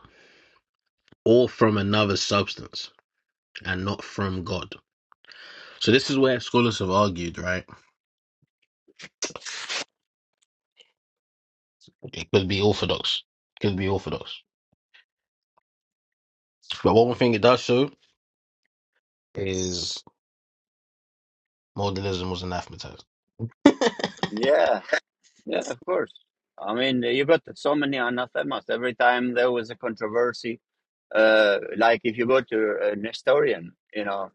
Speaker 4: or from another substance and not from God. So this is where scholars have argued, right? It could be orthodox. It could be orthodox. But one thing it does show is modernism was anathematized.
Speaker 1: yeah, yeah. Of course. I mean, you got so many anathemas. Every time there was a controversy, uh, like if you go to uh, Nestorian, you know,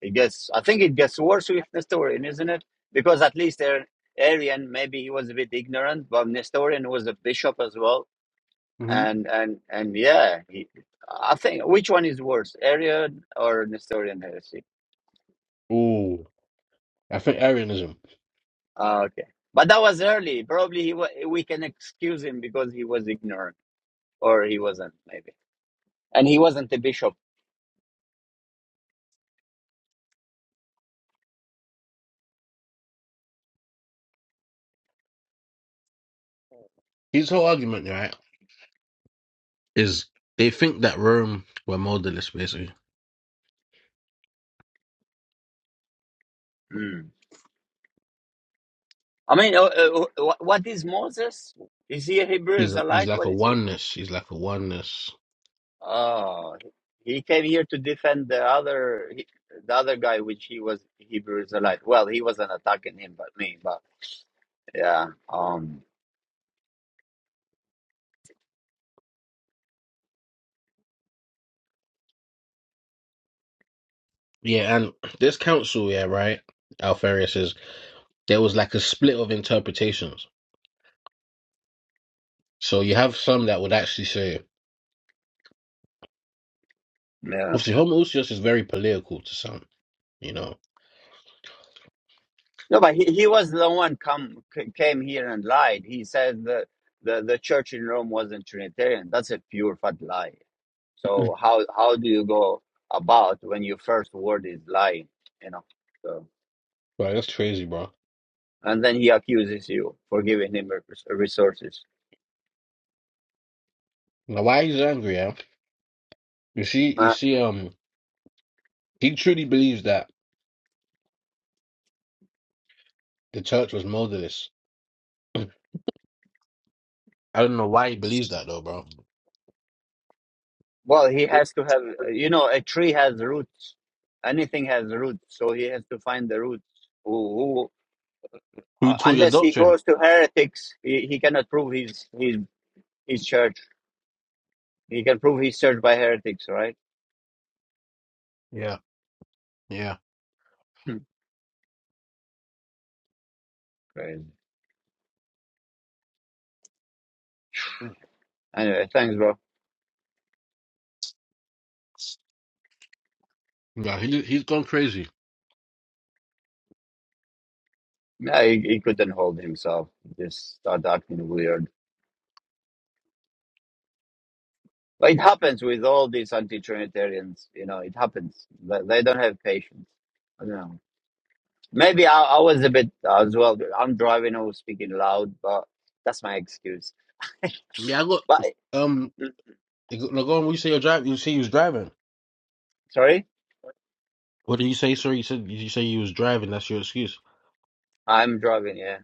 Speaker 1: it gets. I think it gets worse with Nestorian, isn't it? Because at least Ar- Arian, maybe he was a bit ignorant, but Nestorian was a bishop as well
Speaker 4: hmm
Speaker 1: and and and yeah, he, I think which one is worse, Arian or Nestorian heresy?
Speaker 4: Ooh, I think Arianism.
Speaker 1: Ah, okay, but that was early. Probably he wa- we can excuse him because he was ignorant, or he wasn't maybe, and he wasn't a bishop.
Speaker 4: His whole argument, right, is they think that Rome were modalist. basically.
Speaker 1: Hmm. I mean, uh, uh, wh- what is Moses? Is he a Hebrew
Speaker 4: He's a, he's
Speaker 1: Israelite?
Speaker 4: like
Speaker 1: What
Speaker 4: a
Speaker 1: is he?
Speaker 4: oneness. He's like a oneness.
Speaker 1: Oh, he came here to defend the other he- the other guy, which he was Hebrew Israelite. Well, he wasn't attacking him, but me. But yeah, um,
Speaker 4: Yeah, and this council, yeah, right. Alfarius says there was like a split of interpretations. So you have some that would actually say,
Speaker 1: yeah.
Speaker 4: obviously, Homoousios is very political to some, you know.
Speaker 1: No, but he, he was the one come c- came here and lied. He said the, the the church in Rome wasn't Trinitarian. That's a pure fat lie. So how how do you go about when your first word is lying? You know. So
Speaker 4: Right, that's crazy, bro.
Speaker 1: and then he accuses you for giving him res- resources.
Speaker 4: Now, why he's angry, yeah? You see, you
Speaker 1: Uh,
Speaker 4: see, um, he truly believes that the church was motherless. I don't know why he believes that though, bro.
Speaker 1: well, he has to have. You know, a tree has roots. Anything has roots, so he has to find the roots. Who, who
Speaker 4: Who
Speaker 1: uh,
Speaker 4: taught your
Speaker 1: unless he
Speaker 4: doctrine?
Speaker 1: goes to heretics, he, he cannot prove his his his church. He can prove he's searched by heretics, right?
Speaker 4: Yeah, yeah.
Speaker 1: Hmm. Crazy. Anyway, thanks, bro.
Speaker 4: Yeah, he he's gone crazy.
Speaker 1: Yeah, he, he couldn't hold himself. He just started acting weird. But it happens with all these anti-Trinitarians. You know, it happens. They, they don't have patience. I don't know. Maybe I, I was a bit uh, as well. I'm driving. I was speaking loud, but that's my excuse.
Speaker 4: Yeah, I got
Speaker 1: But
Speaker 4: um.
Speaker 1: mm,
Speaker 4: Lagon, when you say you're driving, you say you was driving.
Speaker 1: sorry,
Speaker 4: What did you say? Sorry, you said you say you was driving. That's your excuse.
Speaker 1: I'm driving. Yeah.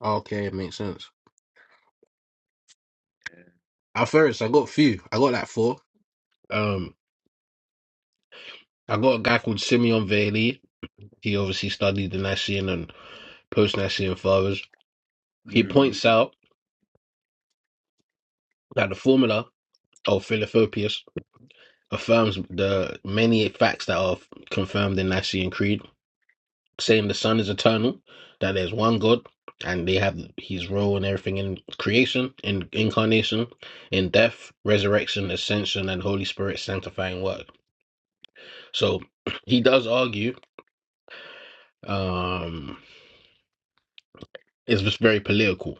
Speaker 4: Oh, Okay, it makes sense. At first, I got few. I got like four. Um, I got a guy called Simeon Veli. He obviously studied the Nicene and post Nicene fathers. He
Speaker 1: Mm.
Speaker 4: points out. that the formula of Philadelphius affirms the many facts that are confirmed in Nicene Creed, saying the Son is eternal, that there's one God, and they have His role in everything in creation, in incarnation, in death, resurrection, ascension, and Holy Spirit sanctifying work. So he does argue. Um, it's just very political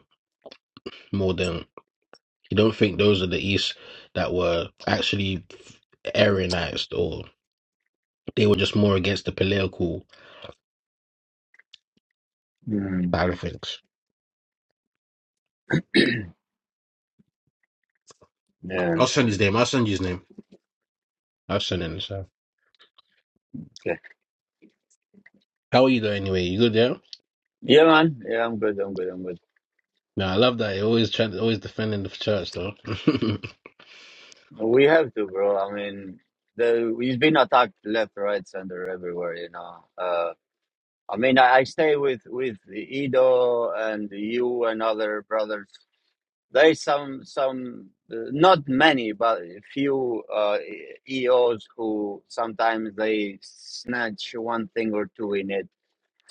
Speaker 4: more than you don't think those are the East that were actually Arianized, or they were just more against the political
Speaker 1: Mm.
Speaker 4: Perfect.
Speaker 1: Yeah.
Speaker 4: I'll send his name. I'll send you his name. I'll send him. So.
Speaker 1: Okay.
Speaker 4: How are you though? Anyway, you good? Yeah.
Speaker 1: Yeah, man. Yeah, I'm good. I'm good. I'm good.
Speaker 4: No, I love that. He always trying, always defending the church though.
Speaker 1: We have to, bro. I mean, the he's been attacked left, right, center, everywhere. You know. Uh, I mean, I, I stay with with Ido and you and other brothers. There's some some uh, not many, but a few uh, EOs who sometimes they snatch one thing or two in it.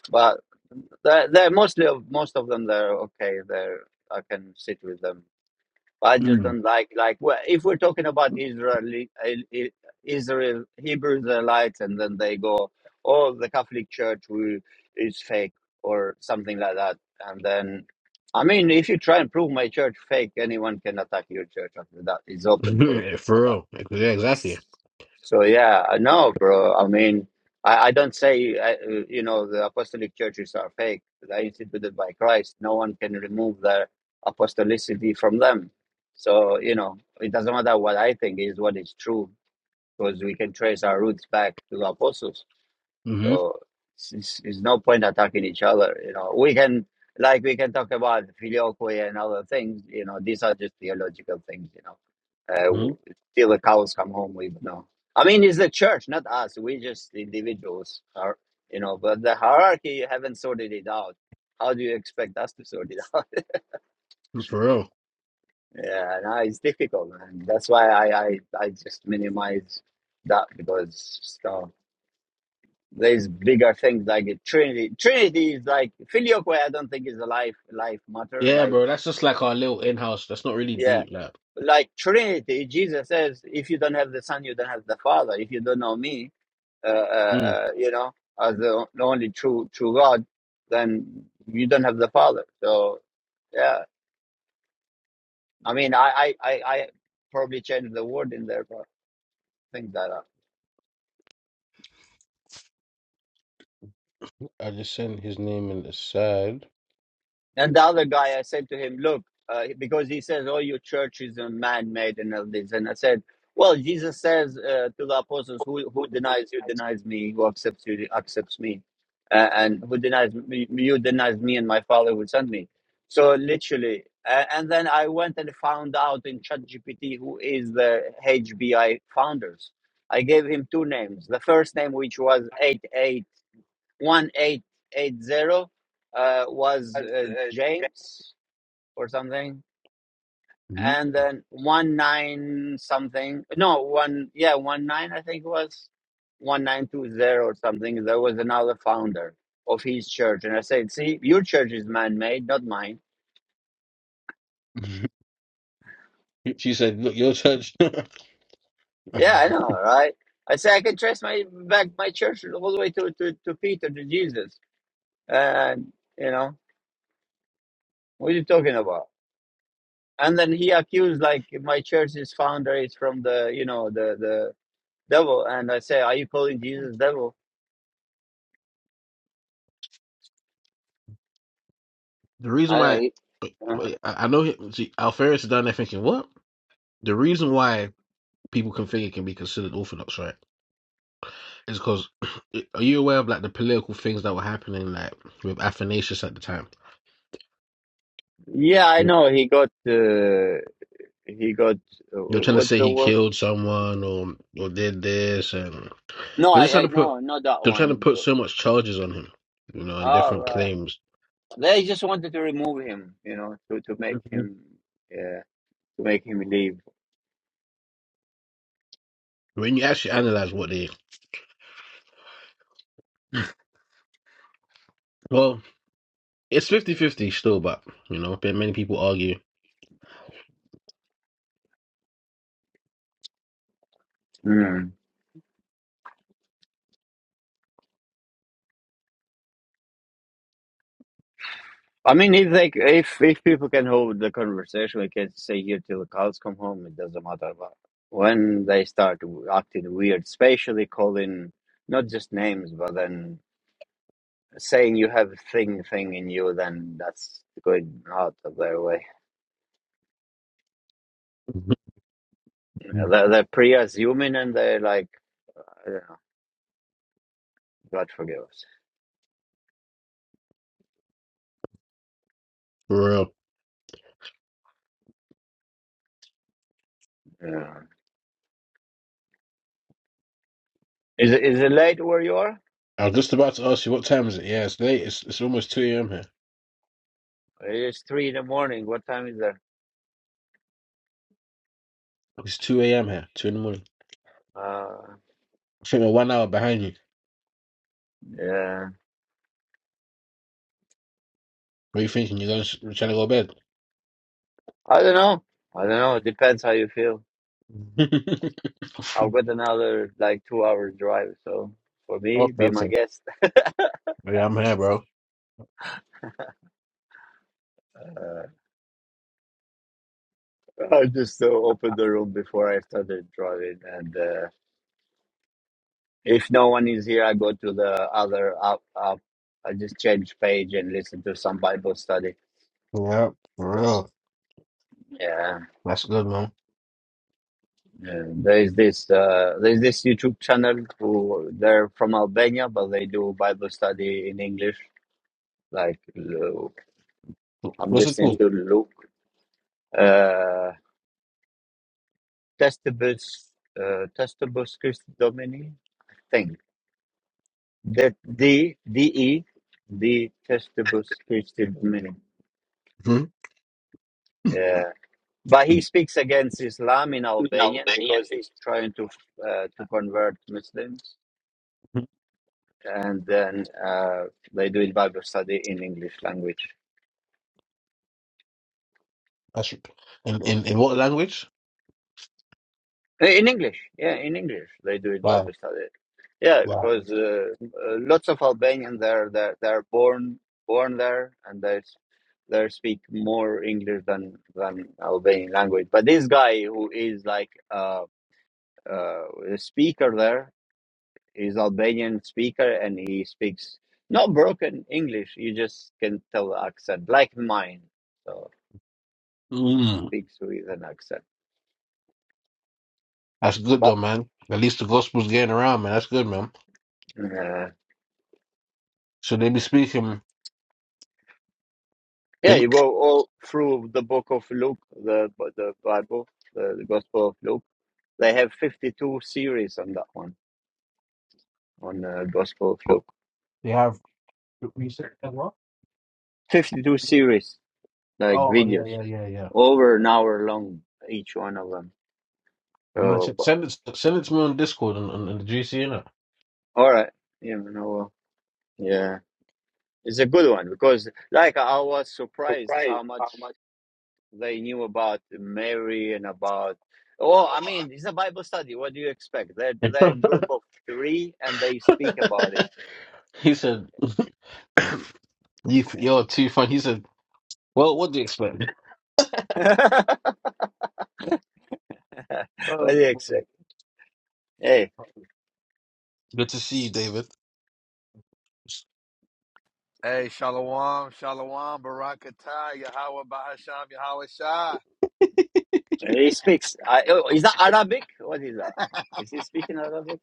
Speaker 1: But they're, they're mostly of most of them they're okay. They're I can sit with them. I just
Speaker 4: Mm.
Speaker 1: don't like like well, if we're talking about Israeli uh, Israel Hebrew Israelites, and then they go, oh, the Catholic Church will, is fake or something like that, and then. I mean, if you try and prove my church fake, anyone can attack your church after that. It's open for
Speaker 4: Yeah, For
Speaker 1: attack.
Speaker 4: real. Yeah, exactly.
Speaker 1: So yeah, I know, bro. I mean, I, I don't say I, uh, you know the apostolic churches are fake. They are instituted by Christ. No one can remove the apostolicity from them. So you know, it doesn't matter what I think is what is true because we can trace our roots back to the apostles.
Speaker 4: hmm
Speaker 1: So it's, it's, it's no point attacking each other. You know, we can like we can talk about filioque and other things. You know, these are just theological things. You know, uh,
Speaker 4: hmm
Speaker 1: w- till the cows come home, we know. I mean, it's the church, not us. We just individuals are. You know, but the hierarchy you haven't sorted it out. How do you expect us to sort it out?
Speaker 4: For real.
Speaker 1: yeah, no, it's difficult, and that's why I I, I just minimize that because stuff. There's bigger things like a Trinity. Trinity is like filioque. I don't think is a life life matter.
Speaker 4: Yeah,
Speaker 1: Like
Speaker 4: bro. That's just like our little in-house. That's not really
Speaker 1: yeah,
Speaker 4: deep. Like,
Speaker 1: like Trinity. Jesus says, if you don't have the Son, you don't have the Father. If you don't know me, uh, uh,
Speaker 4: mm.
Speaker 1: uh, you know, as the only true true God, then you don't have the Father. So yeah, I mean, I I I, I probably changed the word in there, but things like that.
Speaker 4: I just sent his name in the side.
Speaker 1: And the other guy, I said to him, look, uh, because he says, oh, your church is a man-made and all this. And I said, well, Jesus says uh, to the apostles, who, who denies you denies me, who accepts you accepts me, uh, and who denies me, you denies me and my Father who sent me. So literally, uh, and then I went and found out in ChatGPT who is the HBI founders. I gave him two names. The first name, which was 8A 1880 uh, was uh, James or something,
Speaker 4: hmm
Speaker 1: and then one nine something. No, one yeah, one nine I think it was one nine two zero or something. There was another founder of his church, and I said, "See, your church is man made, not mine."
Speaker 4: she said, "Look, your church." the
Speaker 1: Yeah, I know, right? I say I can trace my back my church all the way to to, to Peter to Jesus, and you know what are you talking about? and then he accused like my church's founder is from the you know the the devil and i say are you calling jesus devil
Speaker 4: reason
Speaker 1: i
Speaker 4: why
Speaker 1: I- uh-huh.
Speaker 4: I I know he- see, Alferis is down there thinking, "What?" The reason why people can think it can be considered orthodox, right? It's because are you aware of like the political things that were happening like with Athanasius at the time?
Speaker 1: yeah i
Speaker 4: Yeah.
Speaker 1: know he got uh, he got uh,
Speaker 4: They're trying to
Speaker 1: what's
Speaker 4: say
Speaker 1: the
Speaker 4: he
Speaker 1: word
Speaker 4: killed someone or or did this, and
Speaker 1: no
Speaker 4: they're just
Speaker 1: i
Speaker 4: trying
Speaker 1: i
Speaker 4: to put
Speaker 1: no not that
Speaker 4: they're trying to
Speaker 1: one
Speaker 4: put so much charges on him, you know, and
Speaker 1: oh
Speaker 4: different
Speaker 1: right.
Speaker 4: claims.
Speaker 1: they just wanted to remove him you know to to make
Speaker 4: Mhm.
Speaker 1: him yeah to make him leave
Speaker 4: When you actually analyze what they, well, it's fifty fifty still, but you know, but many people argue.
Speaker 1: I mean, if like if if people can hold the conversation, we can stay here till the cows come home. It doesn't matter. But when they start acting weird, especially calling not just names, but then saying you have thing thing in you, then that's going out of their way. You know, they're, they're pre-assuming and they're like, I don't know, God forgive us.
Speaker 4: For real.
Speaker 1: Yeah. Is it is it late where you are?
Speaker 4: I was just about to ask you what time is it? Yeah, it's late. It's it's almost two a.m. here.
Speaker 1: It's three in the morning. What time is there?
Speaker 4: It's two a.m. here, two in the morning.
Speaker 1: Uh,
Speaker 4: I think we're one hour behind you.
Speaker 1: yeah,
Speaker 4: What are you thinking? You're going to, trying to go to bed?
Speaker 1: I don't know. I don't know. It depends how you feel. I've got another like two hour drive, so for me,
Speaker 4: okay,
Speaker 1: be my
Speaker 4: okay.
Speaker 1: guest.
Speaker 4: Yeah, I'm here, bro.
Speaker 1: Uh, I just uh, opened the room before I started driving, and uh, if no one is here, I go to the other app. app. I just change page and listen to some Bible study.
Speaker 4: Yeah, for real.
Speaker 1: Yeah,
Speaker 4: That's good, man.
Speaker 1: yeah. there is this uh, there is this YouTube channel who they're from Albania, but they do Bible study in English. Like uh, I'm
Speaker 4: What's it
Speaker 1: listening
Speaker 4: called?
Speaker 1: to Luke. Uh, Testabus, uh, Testabus Christi Domini thing. That D D E, the the Testabus Christi Domini.
Speaker 4: Hmm?
Speaker 1: Yeah, but he speaks against Islam in Albanian because he's trying to uh, to convert Muslims, and then uh, they do it Bible study in English language.
Speaker 4: That's in, in in what language?
Speaker 1: Uh, In English, yeah, in English they do it Bible
Speaker 4: Wow,
Speaker 1: study. Yeah,
Speaker 4: wow.
Speaker 1: because uh, uh, lots of Albanians they're they're they're born born there and they s- they speak more English than than Albanian language. But this guy who is like uh, uh, the speaker there is Albanian speaker and he speaks not broken English. You just can tell the accent like mine. So
Speaker 4: Mm.
Speaker 1: speaks with an accent,
Speaker 4: That's good though,
Speaker 1: but.
Speaker 4: man. At least the gospel's getting around, man. That's good, man. So they be speaking. They
Speaker 1: Yeah,
Speaker 4: be,
Speaker 1: you go all through the book of Luke, the the Bible, the, the Gospel of Luke. They have 52 series on that one, on the Gospel of Luke.
Speaker 4: they have. Research as well.
Speaker 1: 52 series, like
Speaker 4: Oh yeah,
Speaker 1: videos,
Speaker 4: yeah, yeah, yeah.
Speaker 1: over an hour long, each one of them.
Speaker 4: I'm gonna
Speaker 1: So,
Speaker 4: check,
Speaker 1: but-
Speaker 4: send it send it to me on Discord and, and, and the GC in it.
Speaker 1: all right. You know, yeah. It's a good one because, like, I was surprised
Speaker 4: Surprised
Speaker 1: how
Speaker 4: how
Speaker 1: much.
Speaker 4: much
Speaker 1: They knew about Mary and about. Oh, I mean, it's a Bible study. What do you expect? They're they're a group of three, and they speak about it.
Speaker 4: he said, "You
Speaker 1: Yeah.
Speaker 4: you're too funny." He said, "Well, what do you expect?"
Speaker 1: what
Speaker 4: Oh,
Speaker 1: do you
Speaker 4: man.
Speaker 1: expect? Hey,
Speaker 4: good to see you, David.
Speaker 5: Hey, Shalom, Shalom, Barakatah, Yahweh Bahasham, Yahweh Shah.
Speaker 1: he speaks. I, oh, is that Arabic? What is that? Is he speaking Arabic?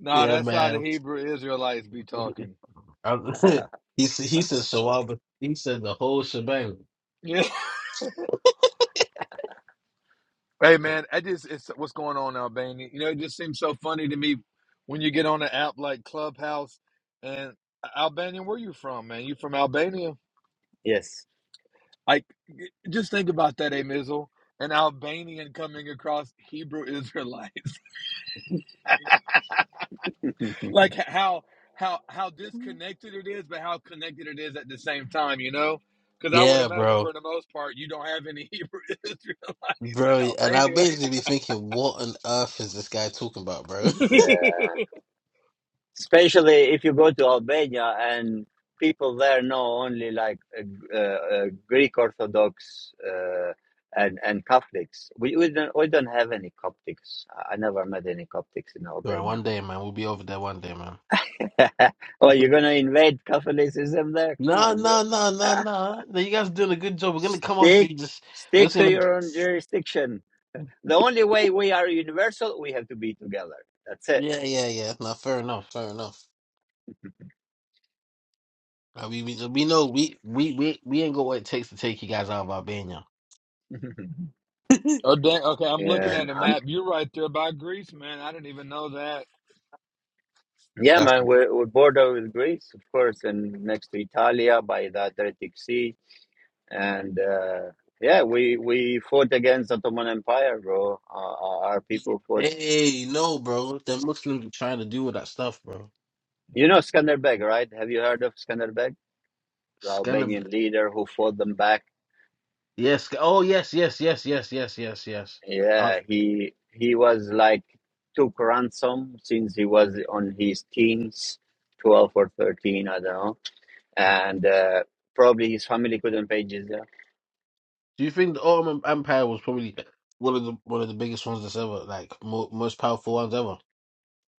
Speaker 5: Nah,
Speaker 4: Yeah,
Speaker 5: that's how the
Speaker 4: man.
Speaker 5: Hebrew Israelites be talking.
Speaker 4: I'm- he s- he said so. I was- he said the whole shebang.
Speaker 5: Yeah. Hey, man, I just, it's what's going on, Albania. You know, it just seems so funny to me when you get on an app like Clubhouse and Albanian, where you from, man? You from Albania?
Speaker 1: Yes.
Speaker 5: Like, y- just think about that, A Mizzle, an Albanian coming across Hebrew Israelite. like how how how disconnected it is, but how connected it is at the same time, you know? Because I would
Speaker 4: Yeah,
Speaker 5: imagine
Speaker 4: bro,
Speaker 5: for the most part, you don't have any Hebrew Israelites in
Speaker 4: bro. And I'll
Speaker 5: Albania.
Speaker 4: basically be thinking, what on earth is this guy talking about, bro?
Speaker 1: yeah. especially if you go to Albania and people there know only like uh, uh, uh, Greek Orthodox uh, and and Catholics. We we don't we don't have any Coptics. I I never met any Coptics in
Speaker 4: Right, one
Speaker 1: Albania.
Speaker 4: day, man. We'll be over there one day, man.
Speaker 1: oh, you're gonna invade Catholicism there? Come
Speaker 4: Nah,
Speaker 1: on,
Speaker 4: nah,
Speaker 1: bro.
Speaker 4: nah, nah,
Speaker 1: Ah,
Speaker 4: nah. No, you guys are doing a good job. We're gonna come over to
Speaker 1: stick
Speaker 4: you. Just we're
Speaker 1: stick
Speaker 4: just
Speaker 1: to
Speaker 4: gonna. g-
Speaker 1: your own jurisdiction. The only way we are universal, we have to be together. That's it.
Speaker 4: Yeah, yeah, yeah. Nah, fair enough. Fair enough. Uh, we, we we know we we we we ain't got what it takes to take you guys out of Albania.
Speaker 5: oh dang! Okay, I'm looking
Speaker 1: yeah,
Speaker 5: at a
Speaker 1: I'm
Speaker 5: map. You're right there by Greece, man. I didn't even know that.
Speaker 1: Yeah,
Speaker 4: That's
Speaker 1: man, we're, we're border with Greece, of course, and next to Italia by the Adriatic Sea. And uh, yeah, we we fought against Ottoman Empire, bro. Uh, our our people fought.
Speaker 4: hey no, bro. The Muslims are trying to do with that stuff, bro.
Speaker 1: You know Skanderbeg, right? Have you heard of Skanderbeg, the
Speaker 4: It's gonna be
Speaker 1: Albanian leader who fought them back?
Speaker 4: yes. Oh yes, yes, yes, yes, yes, yes, yes. I,
Speaker 1: Yeah, he he was like took ransom since he was on his teens, twelve or thirteen, I don't know, and uh, probably his family couldn't pay jizya
Speaker 4: do you think the Ottoman Empire was probably one of the one of the biggest ones that's ever like mo most powerful ones ever?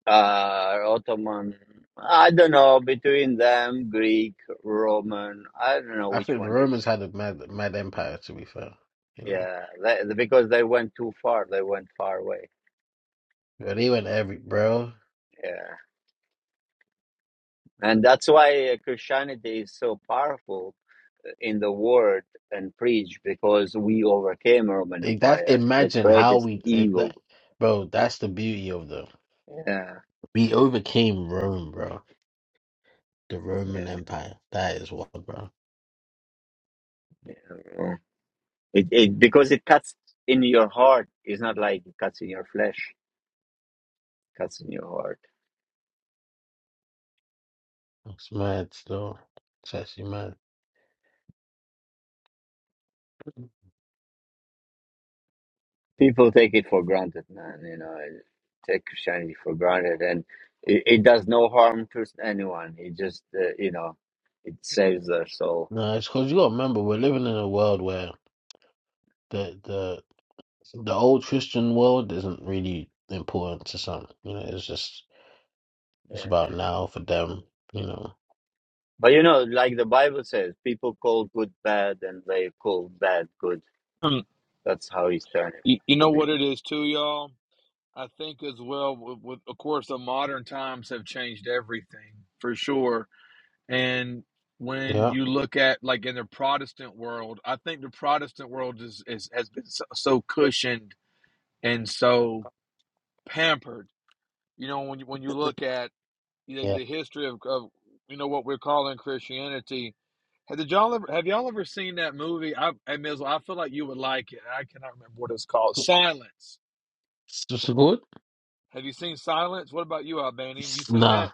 Speaker 1: uh, Ottoman. I don't know between them, Greek, Roman. I don't know
Speaker 4: I
Speaker 1: which
Speaker 4: think the
Speaker 1: one
Speaker 4: Romans
Speaker 1: is.
Speaker 4: had a mad, mad empire. To be fair, you know,
Speaker 1: Yeah, they, because they went too far. They went far away.
Speaker 4: bro, they went every bro.
Speaker 1: Yeah, and that's why uh, Christianity is so powerful in the word and preach because we overcame Roman
Speaker 4: Like, That
Speaker 1: Empire, the
Speaker 4: imagine how
Speaker 1: greatest
Speaker 4: we, if
Speaker 1: evil.
Speaker 4: that, bro. That's the beauty of the
Speaker 1: Yeah,
Speaker 4: we overcame Rome, bro. The
Speaker 1: yeah.
Speaker 4: Roman Empire. That is what, bro.
Speaker 1: yeah. It, it because it cuts in your heart. It's not like it cuts in your flesh. It cuts in your heart.
Speaker 4: It's mad still. It's actually mad.
Speaker 1: people take it for granted, man. You know, take Christianity for granted, and it, it does no harm to anyone. It just, uh, you know, it saves their soul.
Speaker 4: No, it's because you got to remember we're living in a world where the the the old Christian world isn't really important to some. You know, it's just it's
Speaker 1: Yeah.
Speaker 4: about now for them. You know.
Speaker 1: But you know, like the Bible says, people call good bad, and they call bad good.
Speaker 5: Hmm,
Speaker 1: That's how he's turned
Speaker 5: You, you
Speaker 1: it to
Speaker 5: know
Speaker 1: be.
Speaker 5: what it is too, y'all. I think as well. With, with of course, the modern times have changed everything for sure And when
Speaker 4: Yeah.
Speaker 5: you look at like in the Protestant world, I think the Protestant world is, is has been so, so cushioned and so pampered. You know, when you, when you look at you know,
Speaker 4: Yeah.
Speaker 5: the history of, of you know what we're calling Christianity. Have did y'all ever have y'all ever seen that movie? I, hey, Mizzle, I feel like you would like it. I cannot remember what it's called. Silence.
Speaker 4: S- Support?
Speaker 5: Have you seen Silence? What about you, Albanian? You seen
Speaker 4: Nah.
Speaker 5: that?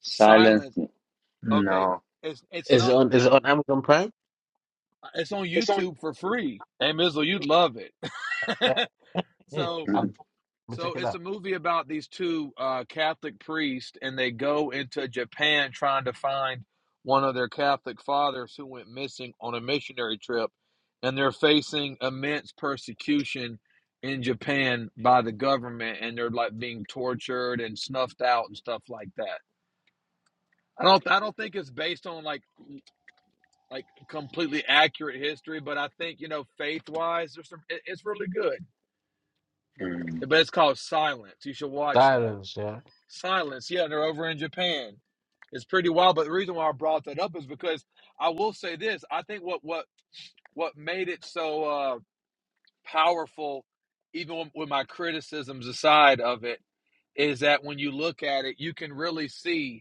Speaker 1: Silence?
Speaker 5: Silence. Okay,
Speaker 1: No.
Speaker 5: it's it's
Speaker 4: Is
Speaker 5: not.
Speaker 4: it on is it on Amazon Prime?
Speaker 5: It's on
Speaker 4: It's on.
Speaker 5: YouTube for free. Hey, Mizzle, you'd love it
Speaker 4: Yeah. Yeah.
Speaker 5: so
Speaker 4: I'm, let me
Speaker 5: so
Speaker 4: check it
Speaker 5: it's a
Speaker 4: out.
Speaker 5: movie about these two uh, Catholic priests, and they go into Japan trying to find one of their Catholic fathers who went missing on a missionary trip, and they're facing immense persecution in Japan by the government, and they're like being tortured and snuffed out and stuff like that. I don't I don't think it's based on like like completely accurate history, but I think you know faith wise, there's some it, it's really good.
Speaker 1: Mm-mm.
Speaker 5: But it's called Silence. You should watch that.
Speaker 4: Silence, yeah.
Speaker 5: Silence. Yeah, they're over in Japan. It's pretty wild. But the reason why I brought that up is because I will say this. I think what what what made it so uh, powerful, even with with my criticisms aside of it, is that when you look at it, you can really see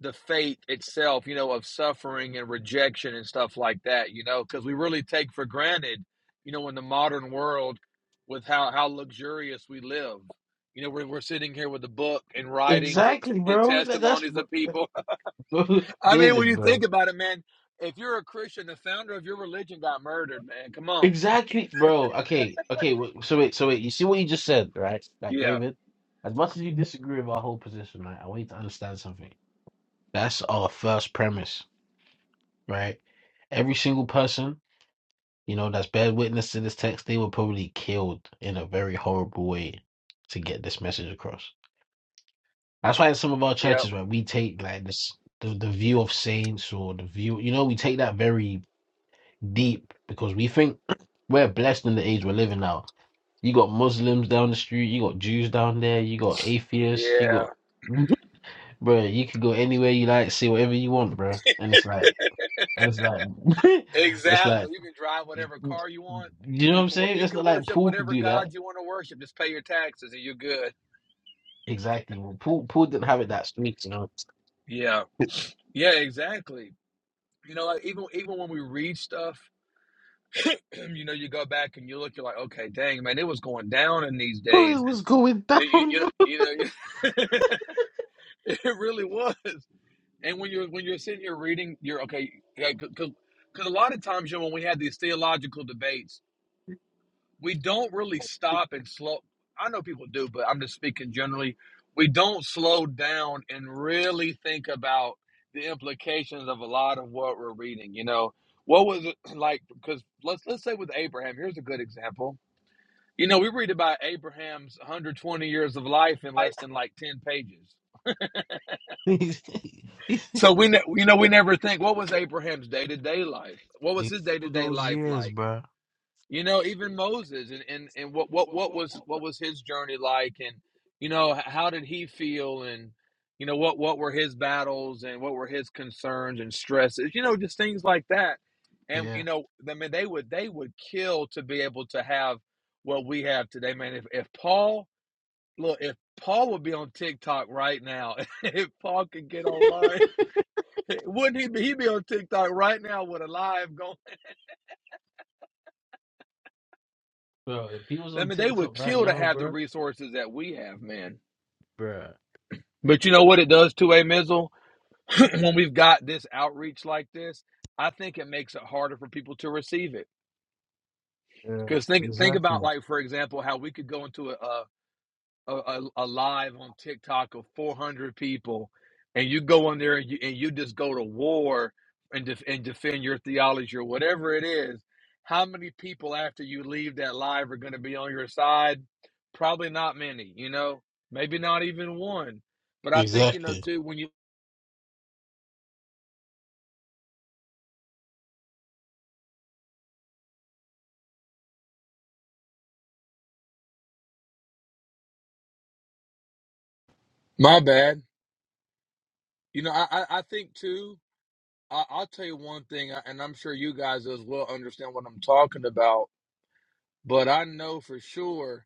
Speaker 5: the faith itself, you know, of suffering and rejection and stuff like that, you know, because we really take for granted, you know, in the modern world with how, how luxurious we live. You know, we're, we're sitting here with a book and writings and, t-
Speaker 4: Exactly,
Speaker 5: and
Speaker 4: bro. That, that's
Speaker 5: testimonies
Speaker 4: bro,
Speaker 5: of people. I mean, when
Speaker 4: David,
Speaker 5: you think
Speaker 4: bro.
Speaker 5: about it, man, if you're a Christian, the founder of your religion got murdered, man. Come on.
Speaker 4: Exactly, bro. Okay, okay. wait, So wait, so wait. You see what you just said, right? Like
Speaker 5: Yeah.
Speaker 4: David, as much as you disagree with our whole position, right? I want you to understand something. That's our first premise, right? Every single person, you know, that's bear witness to this text, they were probably killed in a very horrible way to get this message across. That's why in some of our
Speaker 5: Yep.
Speaker 4: churches, right, we take like this the, the view of saints or the view, you know, we take that very deep because we think we're blessed in the age we're living now. You got Muslims down the street, you got Jews down there, you got atheists, you
Speaker 5: Yeah.
Speaker 4: got bro, you could go anywhere you like, say whatever you want, bro. And it's like and it's like it's
Speaker 5: Exactly.
Speaker 4: like
Speaker 5: You can drive whatever car
Speaker 4: you
Speaker 5: you want.
Speaker 4: know what
Speaker 5: You
Speaker 4: I'm
Speaker 5: can wor-
Speaker 4: saying?
Speaker 5: you
Speaker 4: It's
Speaker 5: can
Speaker 4: not like
Speaker 5: worship
Speaker 4: Paul could
Speaker 5: whatever
Speaker 4: do
Speaker 5: God
Speaker 4: that.
Speaker 5: you want to worship. Just pay your taxes and you're good.
Speaker 4: Exactly. Well, Paul Paul didn't have it that sweet, you know.
Speaker 5: Yeah, yeah, exactly. You know, like even even when we read stuff, you know, you go back and you look, you're like, okay, dang, man, it was going down in these
Speaker 4: Bro, it
Speaker 5: days, and
Speaker 4: was going
Speaker 5: you
Speaker 4: down.
Speaker 5: know, you you know, you know, it really was. And when you're when you're sitting here reading, you're okay, yeah, because because a lot of times, you know, when we had these theological debates. we don't really stop and slow i know people do but i'm just speaking generally we don't slow down and really think about the implications of a lot of what we're reading you know what was it like because let's let's say with abraham here's a good example you know we read about abraham's 120 years of life in less
Speaker 4: Like,
Speaker 5: than like 10 pages so we ne- you know we never think what was abraham's day-to-day life what was his
Speaker 4: through
Speaker 5: day-to-day
Speaker 4: those
Speaker 5: life
Speaker 4: years,
Speaker 5: like
Speaker 4: bruh.
Speaker 5: you know even moses and, and and what what
Speaker 4: What,
Speaker 5: what
Speaker 4: what,
Speaker 5: was
Speaker 4: what?
Speaker 5: what was his journey like and you know how did he feel and you know what what were his battles and what were his concerns and stresses you know just things like that and you
Speaker 4: Yeah,
Speaker 5: know i mean they would they would kill to be able to have what we have today man if, if paul look if paul would be on tiktok right now if paul could get online wouldn't he be he'd be on tiktok right now with a live going
Speaker 4: bro. If he was
Speaker 5: I
Speaker 4: on
Speaker 5: mean, they would
Speaker 4: TikTok right
Speaker 5: kill to
Speaker 4: now,
Speaker 5: have the
Speaker 4: bro,
Speaker 5: resources that we have, man.
Speaker 4: bruh.
Speaker 5: But you know what it does to a mizzle when we've got this outreach like this. I think it makes it harder for people to receive it.
Speaker 4: Yeah,
Speaker 5: Because think think about
Speaker 4: exactly.
Speaker 5: like for example how we could go into a, a a, a, a live on TikTok of 400 people, and you go on there and you, and you just go to war and def, and defend your theology or whatever it is, how many people after you leave that live are going to be on your side? Probably not many, you know, maybe not even one. But I think you know
Speaker 4: Exactly.
Speaker 5: too when you my bad, you know, I I, I think too. I, I'll tell you one thing, and I'm sure you guys as well understand what I'm talking about. But I know for sure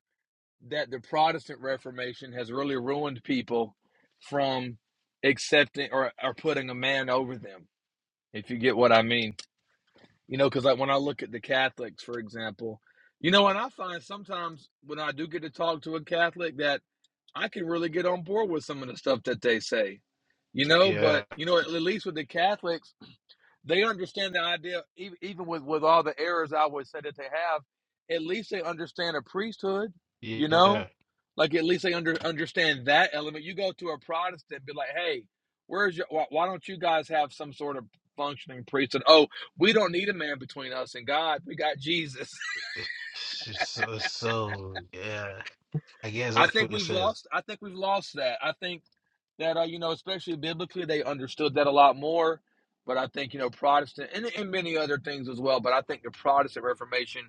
Speaker 5: that the Protestant Reformation has really ruined people from accepting or, or putting a man over them, if you get what I mean. You know, because like when I look at the Catholics, for example, you know, and I find sometimes when I do get to talk to a Catholic that I can really get on board with some of the stuff that they say, you know,
Speaker 4: Yeah,
Speaker 5: but you know, at least with the Catholics, they understand the idea even, even with with all the errors i would say that they have at least they understand a priesthood you know
Speaker 4: yeah.
Speaker 5: like at least they under, understand that element you go to a protestant be like hey where's your why, why don't you guys have some sort of functioning priesthood oh we don't need a man between us and god we got jesus
Speaker 4: It's just So, so, yeah, I get
Speaker 5: I
Speaker 4: exactly
Speaker 5: think
Speaker 4: what you
Speaker 5: we've
Speaker 4: said.
Speaker 5: lost. I think we've lost that. I think that uh, you know, especially biblically, they understood that a lot more. But I think you know, Protestant and, and many other things as well. But I think the Protestant Reformation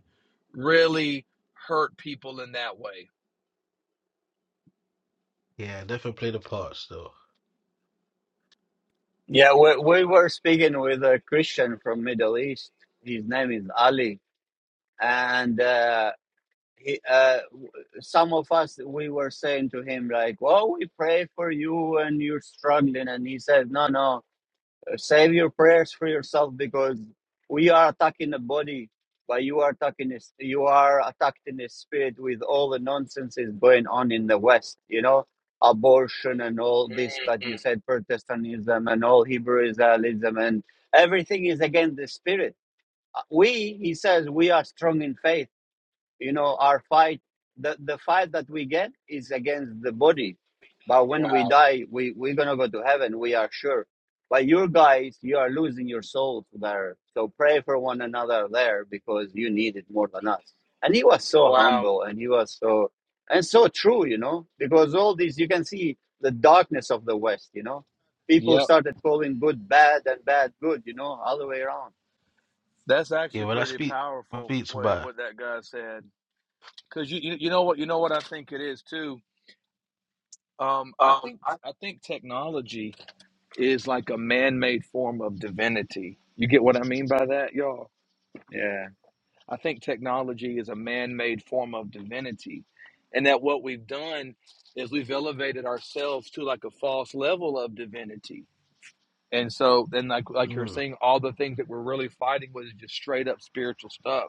Speaker 5: really hurt people in that way.
Speaker 4: Yeah, definitely play the parts though.
Speaker 1: Yeah, we we were speaking with a Christian from Middle East. His name is Ali, and uh, he uh, some of us we were saying to him like well we pray for you and you're struggling and he said no no uh, save your prayers for yourself because we are attacking the body but you are attacking this you are attacking the spirit with all the nonsense is going on in the west you know abortion and all this that you
Speaker 5: Mm,
Speaker 1: said protestantism and all hebrew israelism and everything is against the spirit Uh, we he says we are strong in faith you know our fight the, the fight that we get is against the body but when we
Speaker 5: wow.
Speaker 1: die we we're gonna go to heaven we are sure but your guys you are losing your souls there so pray for one another there because you need it more than us and he was so
Speaker 5: Wow.
Speaker 1: humble and he was so and so true you know because all these you can see the darkness of the west you know people
Speaker 5: Yep,
Speaker 1: started calling good bad and bad good you know all the way around
Speaker 5: that's
Speaker 4: Yeah,
Speaker 5: actually
Speaker 4: when I
Speaker 5: pretty
Speaker 4: speak, when I
Speaker 5: powerful.
Speaker 4: speak to
Speaker 5: What
Speaker 4: Bai,
Speaker 5: what that guy said, because you, you you know what you know what I think it is too. Um, I
Speaker 4: Um,
Speaker 5: think
Speaker 4: I,
Speaker 5: I think technology. is like a man-made form of divinity. You get what I mean by that, y'all?
Speaker 1: yeah
Speaker 5: I think technology is a man-made form of divinity. And that what we've done is we've elevated ourselves to like a false level of divinity. And so then like like you're
Speaker 4: mm,
Speaker 5: saying, all the things that we're really fighting with is just straight up spiritual stuff.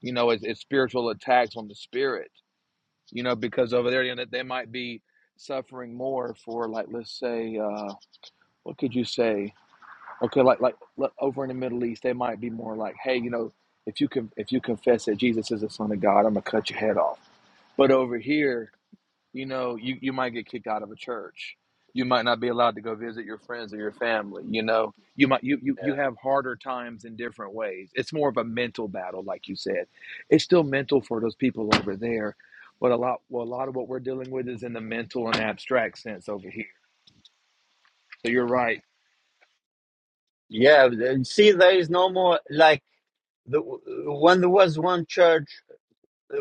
Speaker 5: You know, it's, it's spiritual attacks on the spirit. You know, because over there, you know, they might be suffering more for like let's say, uh, what could you say? Okay, like like look, over in the Middle East, they might be more like, hey, you know, if you can if you confess that Jesus is the Son of God, I'm gonna cut your head off. But over here, you know, you you might get kicked out of a church. You might not be allowed to go visit your friends or your family. You know, you might you you you
Speaker 1: yeah
Speaker 5: have harder times in different ways. It's more of a mental battle, like you said. It's still mental for those people over there, but a lot well a lot of what we're dealing with is in the mental and abstract sense over here. So you're right
Speaker 1: yeah, th- see, there is no more like The, when there was one church,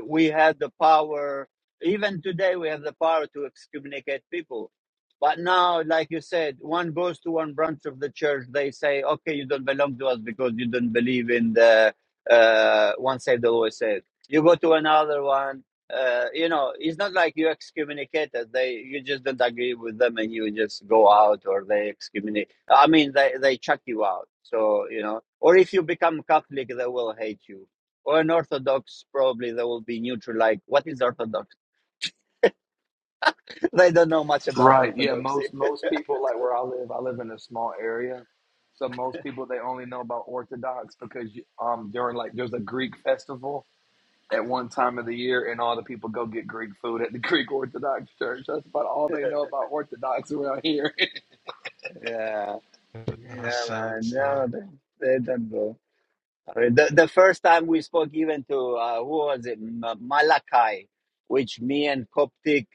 Speaker 1: we had the power even today we have the power to excommunicate people but now like you said one goes to one branch of the church they say okay you don't belong to us because you don't believe in the uh, one saved always saved you go to another one uh, you know it's not like you excommunicated they you just don't agree with them and you just go out or they excommunicate i mean they, they chuck you out so you know or if you become catholic they will hate you or an Orthodox, probably they will be neutral. Like, what is Orthodox? they don't know much about
Speaker 5: Right. Yeah.
Speaker 1: Orthodoxy.
Speaker 5: Most most people like where I live. I live in a small area, so most people they only know about Orthodox because you- um during like there's a Greek festival at one time of the year, and all the people go get Greek food at the Greek Orthodox Church. That's about all they know about Orthodox around here.
Speaker 1: yeah,
Speaker 4: that's
Speaker 1: yeah,
Speaker 4: sad
Speaker 1: man.
Speaker 4: so
Speaker 1: No, they, they don't know. I mean, the, the first time we spoke even to, uh, who was it? M- Malachi, which me and Coptic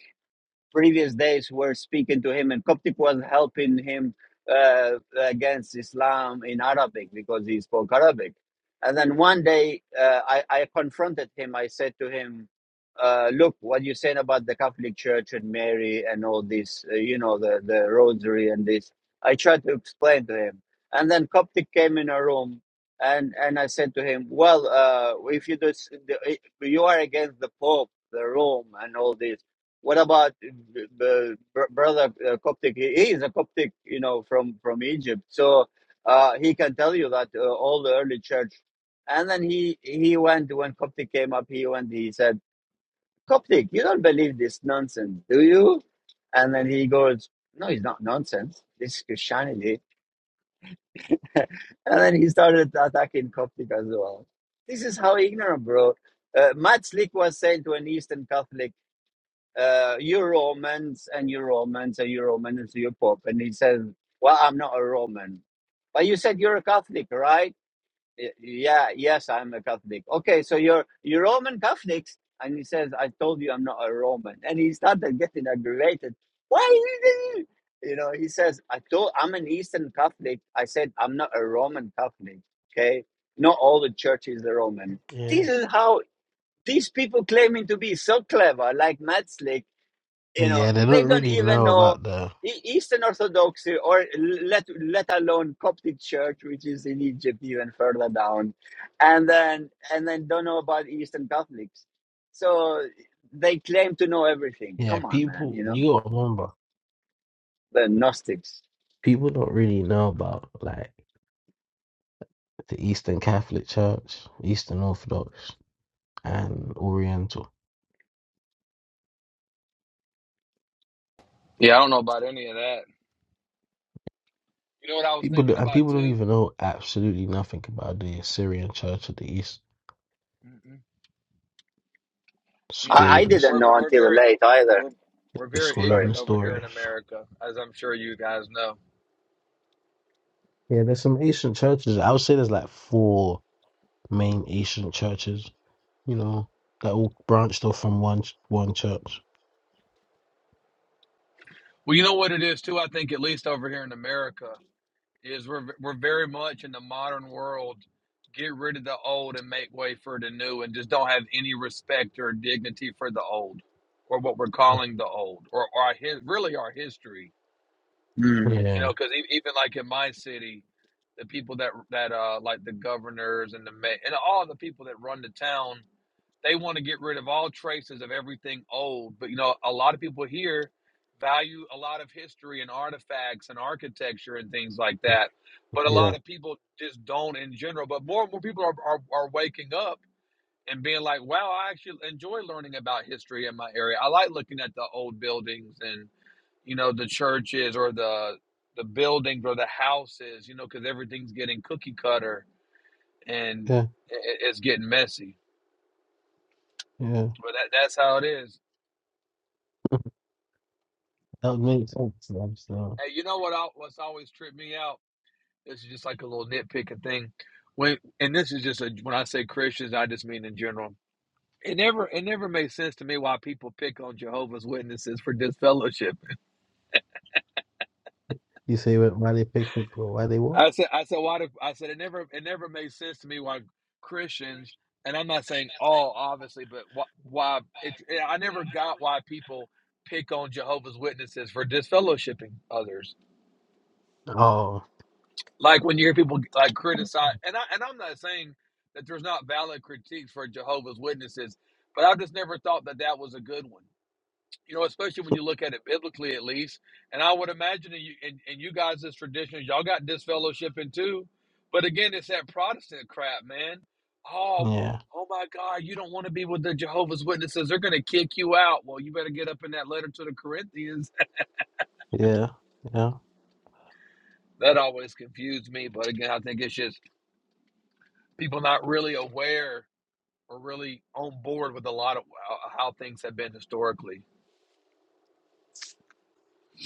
Speaker 1: previous days were speaking to him, and Coptic was helping him uh, against Islam in Arabic because he spoke Arabic. And then one day uh, I, I confronted him. I said to him, uh, Look, what you're saying about the Catholic Church and Mary and all this, uh, you know, the, the rosary and this. I tried to explain to him. And then Coptic came in a room. And, and I said to him, well, uh, if you do, you are against the Pope, the Rome, and all this what about the, brother uh, Coptic? He he is a Coptic, you know, from from Egypt, so uh, he can tell you that uh, all the early church. And then he he went when Coptic came up. He went. He said, "Coptic, you don't believe this nonsense, do you?" And then he goes, "No, it's not nonsense. This is Christianity." And then he started attacking Coptic as well. This is how ignorant, bro. Uh, Matt Slick was sent to an Eastern Catholic uh, you're Romans and you're Romans and you're Roman and so you're Pope. And he says, Well, I'm not a Roman. But you said you're a Catholic, right? "Y- Yeah, yes, I'm a Catholic. Okay, so you're you're Roman Catholics. And he says, I told you I'm not a Roman. And he started getting aggravated. Why did you? You know, he says, I told I'm an Eastern Catholic. I said I'm not a Roman Catholic. Okay. Not all the churches are Roman.
Speaker 4: Yeah,
Speaker 1: This is how these people claiming to be so clever, like Metzlik you know
Speaker 4: yeah, they
Speaker 1: they
Speaker 4: don't
Speaker 1: don't
Speaker 4: really
Speaker 1: even
Speaker 4: know
Speaker 1: know
Speaker 4: about the.
Speaker 1: E- eastern orthodoxy or let let alone coptic church which is in egypt even further down and then and then don't know about eastern catholics so they claim to know everything
Speaker 4: Yeah,
Speaker 1: come on man
Speaker 4: people.
Speaker 1: you know
Speaker 4: You gotta remember.
Speaker 1: the gnostics
Speaker 4: people don't really know about like the Eastern Catholic Church, Eastern Orthodox, and Oriental.
Speaker 5: yeah, I don't know about any of that. You know what I was
Speaker 4: People do,
Speaker 5: thinking
Speaker 4: and
Speaker 5: about
Speaker 4: people don't
Speaker 5: too?
Speaker 4: even know absolutely nothing about the Assyrian Church of the East
Speaker 5: Mm-mm. You know, we're
Speaker 1: i,
Speaker 4: School
Speaker 1: I
Speaker 5: just
Speaker 4: of Nes-
Speaker 1: didn't
Speaker 5: we're
Speaker 1: know
Speaker 5: we're
Speaker 1: until
Speaker 5: very
Speaker 1: late
Speaker 5: we're,
Speaker 1: either
Speaker 5: we're we're
Speaker 4: the
Speaker 5: very
Speaker 4: School of
Speaker 1: sorry
Speaker 5: ignorant over here in
Speaker 4: Nestorius.
Speaker 5: America, as I'm sure you guys know.
Speaker 4: Yeah, there's some ancient churches. I would say there's like four main ancient churches. You know, that all branched off from one ch- one church.
Speaker 5: Well, you know what it is too. I think at least over here in America is we're we're very much in the modern world get rid of the old and make way for the new and just don't have any respect or dignity for the old or what we're calling the old or, or our really our history
Speaker 1: Mm.
Speaker 5: you
Speaker 4: Yeah,
Speaker 5: know, because even like in my city, the people that that uh like the governors and the ma- and all the people that run the town, they want to get rid of all traces of everything old. But you know, a lot of people here value a lot of history and artifacts and architecture and things like that. But a
Speaker 4: yeah,
Speaker 5: lot of people just don't in general. But more and more people are are, are waking up and being like, wow, I actually enjoy learning about history in my area. I like looking at the old buildings and you know the churches or the the buildings or the houses you know because everything's getting cookie cutter and
Speaker 4: yeah,
Speaker 5: i- it's getting messy
Speaker 4: yeah.
Speaker 5: but that, that's how it is
Speaker 4: That would make sense. i so-
Speaker 5: hey you know what I, what's always tripped me out this is just like a little nitpicking thing when and this is just a when i say christians i just mean in general it never it never made sense to me why people pick on jehovah's witnesses for disfellowship
Speaker 4: You say why they picked it, why they what?
Speaker 5: I said, I said, why? Do, I said it never, it never made sense to me why Christians, and I'm not saying all, obviously, but why, why it, I never got why people pick on Jehovah's Witnesses for disfellowshipping others.
Speaker 4: Oh,
Speaker 5: Like when you hear people like criticize, and I and I'm not saying that there's not valid critiques for Jehovah's Witnesses, but I just never thought that that was a good one you know, especially when you look at it biblically at least. And I would imagine that you and, and you guys as traditionalists, y'all got this fellowship too. But again, it's that Protestant crap, man. Oh,
Speaker 4: yeah,
Speaker 5: oh my God, you don't want to be with the Jehovah's Witnesses. They're gonna kick you out. Well, you better get up in that letter to the Corinthians.
Speaker 4: yeah, yeah.
Speaker 5: That always confused me. But again, I think it's just people not really aware or really on board with a lot of how how things have been historically.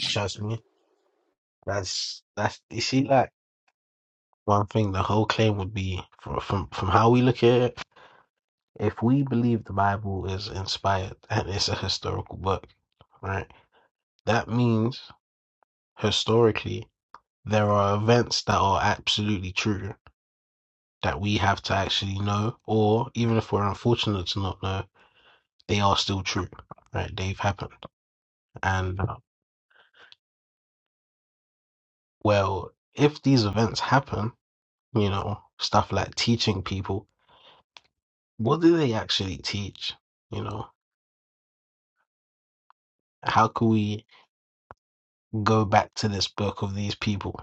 Speaker 4: Trust me. That's that's you see, like one thing the whole claim would be from from from how we look at it. If we believe the Bible is inspired and it's a historical book, right? That means historically there are events that are absolutely true that we have to actually know, or even if we're unfortunate to not know, they are still true, right? They've happened, and uh, well, if these events happen you know, stuff like teaching people. What do they actually teach? You know, how can we go back to this book of these people?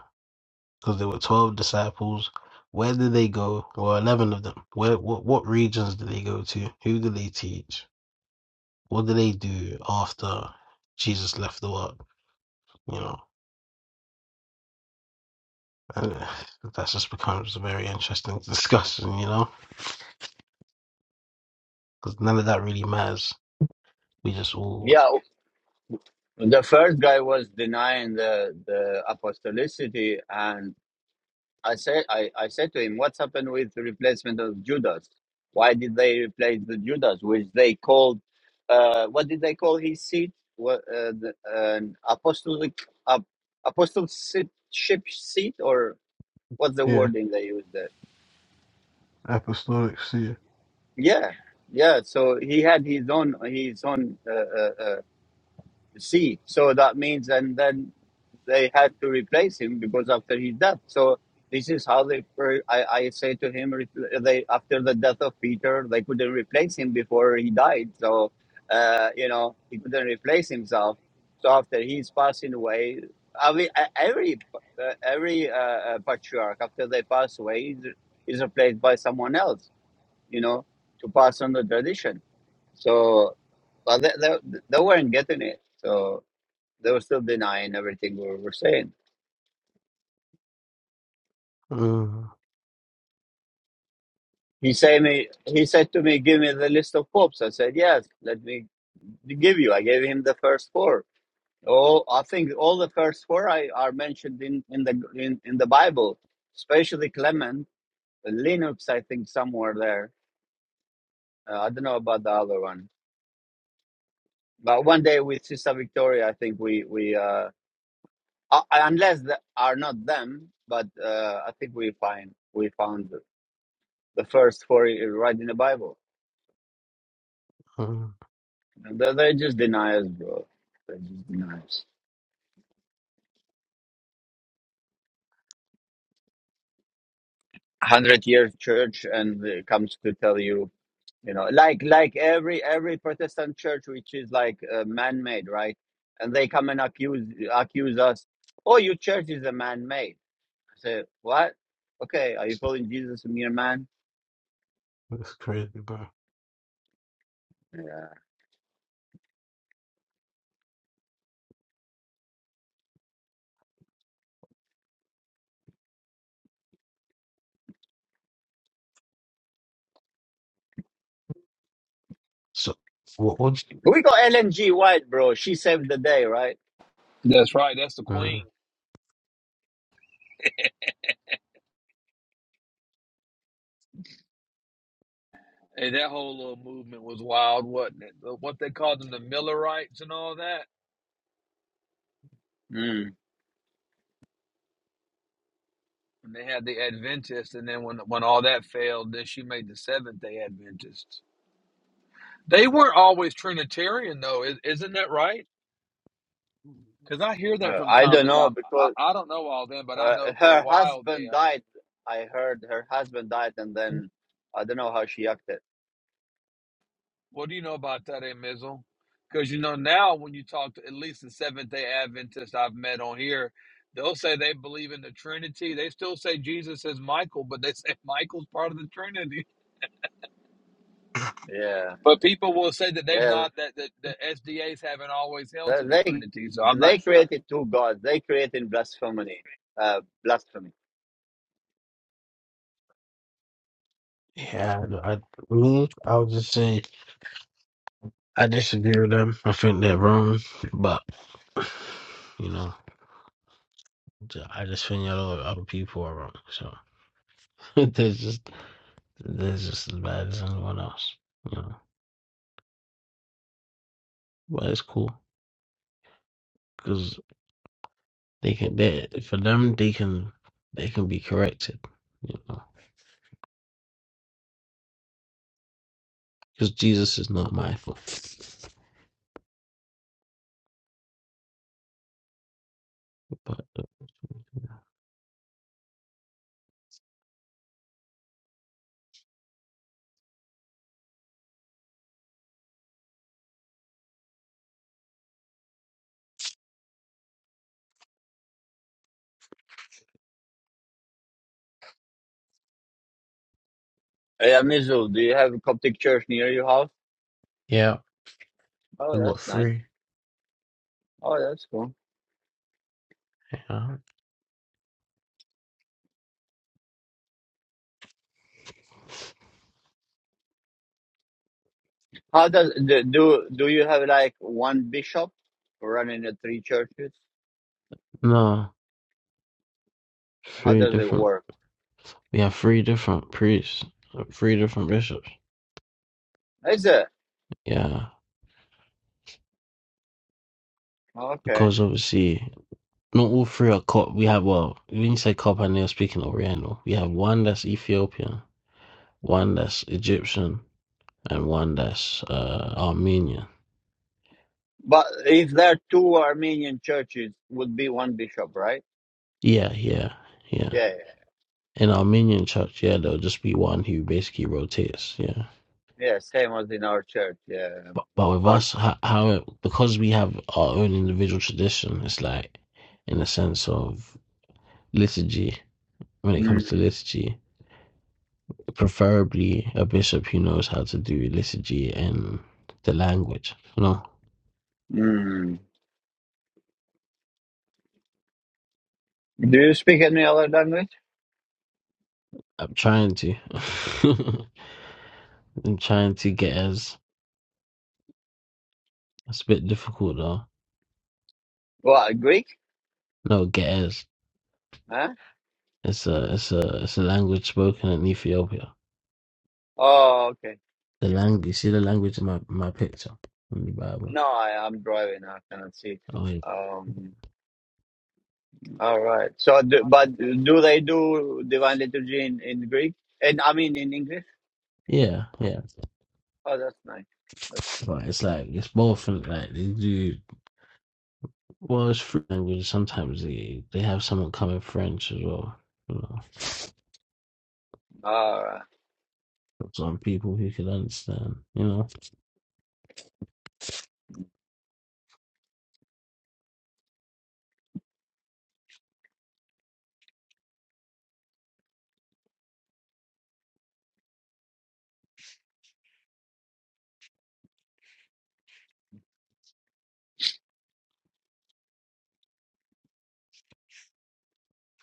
Speaker 4: Because there were 12 disciples. Where did they go? Well, 11 of them. Where, what, what regions did they go to? Who did they teach? What did they do after Jesus left the world? You know, and uh, that just becomes a very interesting discussion, you know, because none of that really matters. We just all,
Speaker 1: yeah the first guy was denying the the apostolicity I said I, I said to him, What's happened with the replacement of Judas? Why did they replace the Judas, which they called uh, what did they call his seat? What uh, the, an apostolic ap- apostleship seat or what's the
Speaker 4: yeah,
Speaker 1: wording they used there?
Speaker 4: apostolic see
Speaker 1: Yeah, yeah. So he had his own his own. Uh, uh, uh, See, so that means, and then they had to replace him because after his death. So this is how they. I, I say to him, they after the death of Peter, they couldn't replace him before he died. So uh, you know he couldn't replace himself. So after he's passing away, I mean, e- every uh, every uh, uh, patriarch after they pass away is, is replaced by someone else. You know to pass on the tradition. So, but they, they, they weren't getting it. So. They were still denying everything we were saying.
Speaker 4: it.
Speaker 1: He said me. He said to me, "Give me the list of popes." I said, "Yes, let me give you." I gave him the first four. Oh, I think all the first four I, are mentioned in in the in, in the Bible, especially Clement, Linux. I think somewhere there. Uh, I don't know about the other one, but one day with Sister Victoria, I think we we uh, uh, unless the, are not them, but uh, I think we find we found the first four right in the Bible. They- They're just deniers, bro. They're just deniers. Hundred year church and it comes to tell you, you know, like like every every Protestant church which is like uh, man made, right? And they come and accuse accuse us. Oh, your church is a man made. I say what? Okay, are you calling Jesus a mere man?
Speaker 4: That's crazy, bro.
Speaker 1: Yeah.
Speaker 4: So what was
Speaker 1: We got Ellen G. White, bro. She saved the day, right?
Speaker 5: That's right. That's the queen.
Speaker 4: uh,
Speaker 5: Hey, that whole little movement was wild, wasn't it? The- What they called them, the Millerites and all that.
Speaker 1: Mm.
Speaker 5: And they had the Adventists, and then when when all that failed, then she made the Seventh Day Adventists. They weren't always Trinitarian, though, is, isn't that right? Because I hear that
Speaker 1: Uh,
Speaker 5: from
Speaker 1: I
Speaker 5: time
Speaker 1: don't
Speaker 5: to
Speaker 1: know
Speaker 5: time. I,
Speaker 1: because
Speaker 5: I don't know all them, but I
Speaker 1: Uh,
Speaker 5: know for a
Speaker 1: her
Speaker 5: while they
Speaker 1: husband
Speaker 5: uh,
Speaker 1: died. I heard her husband died, and then I don't know how she acted.
Speaker 5: What do you know about that, eh, Mizzle? Because you know now, when you talk to at least the Seventh Day Adventists I've met on here, they'll say they believe in the Trinity. They still say Jesus is Michael, but they say Michael's part of the Trinity.
Speaker 1: Yeah,
Speaker 5: But people will say that they've
Speaker 1: yeah.
Speaker 5: not that that the SDAs haven't always held
Speaker 1: They
Speaker 5: to the
Speaker 1: they
Speaker 5: Trinity. So I'm not
Speaker 1: they
Speaker 5: sure.
Speaker 1: created two gods. They created blasphemy. Uh, blasphemy.
Speaker 4: yeah, I, I I was just saying I disagree with them. I think they're wrong. But you know, ju- I just think a lot of other people are wrong. So they're just they're just as bad as anyone else. You know. But it's cool. Because they can they for them they can they can be corrected, you know. Because Jesus is not my fault. But
Speaker 1: Yeah, Mizu, do you have a Coptic church near your house?
Speaker 4: yeah, I
Speaker 1: Oh,
Speaker 4: got
Speaker 1: that's nice.
Speaker 4: three.
Speaker 1: Oh, that's cool.
Speaker 4: Yeah.
Speaker 1: How does do do do you have like one bishop running the three churches?
Speaker 4: No,
Speaker 1: How
Speaker 4: three
Speaker 1: does it
Speaker 4: different
Speaker 1: work?
Speaker 4: we have three different priests, uh, three different bishops.
Speaker 1: Is it
Speaker 4: Yeah,
Speaker 1: okay?
Speaker 4: because obviously not all three are cop. We have well, when you say cop, and they're speaking Oriental. We have one that's Ethiopian, one that's Egyptian, and one that's uh, Armenian.
Speaker 1: But if there are two Armenian churches, would be one bishop, right?
Speaker 4: Yeah, yeah, yeah.
Speaker 1: Yeah. yeah.
Speaker 4: In Armenian church, yeah, there'll just be one who basically rotates. Yeah.
Speaker 1: Yeah, same as in our church. Yeah,
Speaker 4: But, but
Speaker 1: one.
Speaker 4: with
Speaker 1: one.
Speaker 4: us, how, how it, because we have our own individual tradition, it's like in the sense of liturgy when it
Speaker 1: Mm,
Speaker 4: comes to liturgy. preferably a bishop who knows how to do liturgy and the language. No,
Speaker 1: mm. Do you speak any other language?
Speaker 4: I'm trying to. I'm trying to get as. It's a bit difficult though.
Speaker 1: What Greek?
Speaker 4: No, get as.
Speaker 1: Huh?
Speaker 4: It's a it's a it's a language spoken in Ethiopia.
Speaker 1: Oh, okay.
Speaker 4: The language. You see the language in my my picture in the Bible.
Speaker 1: No, I, I'm driving. I cannot see.
Speaker 4: Oh, yeah,
Speaker 1: Um. All right. So, do, but do they do divine liturgy in, in Greek? And I mean in English?
Speaker 4: yeah. yeah.
Speaker 1: Oh, that's nice. That's good.
Speaker 4: But it's like it's both and like they do. Well, it's free language. Sometimes they they have someone come in French as well. You know.
Speaker 1: All right.
Speaker 4: Some people who could understand, you know.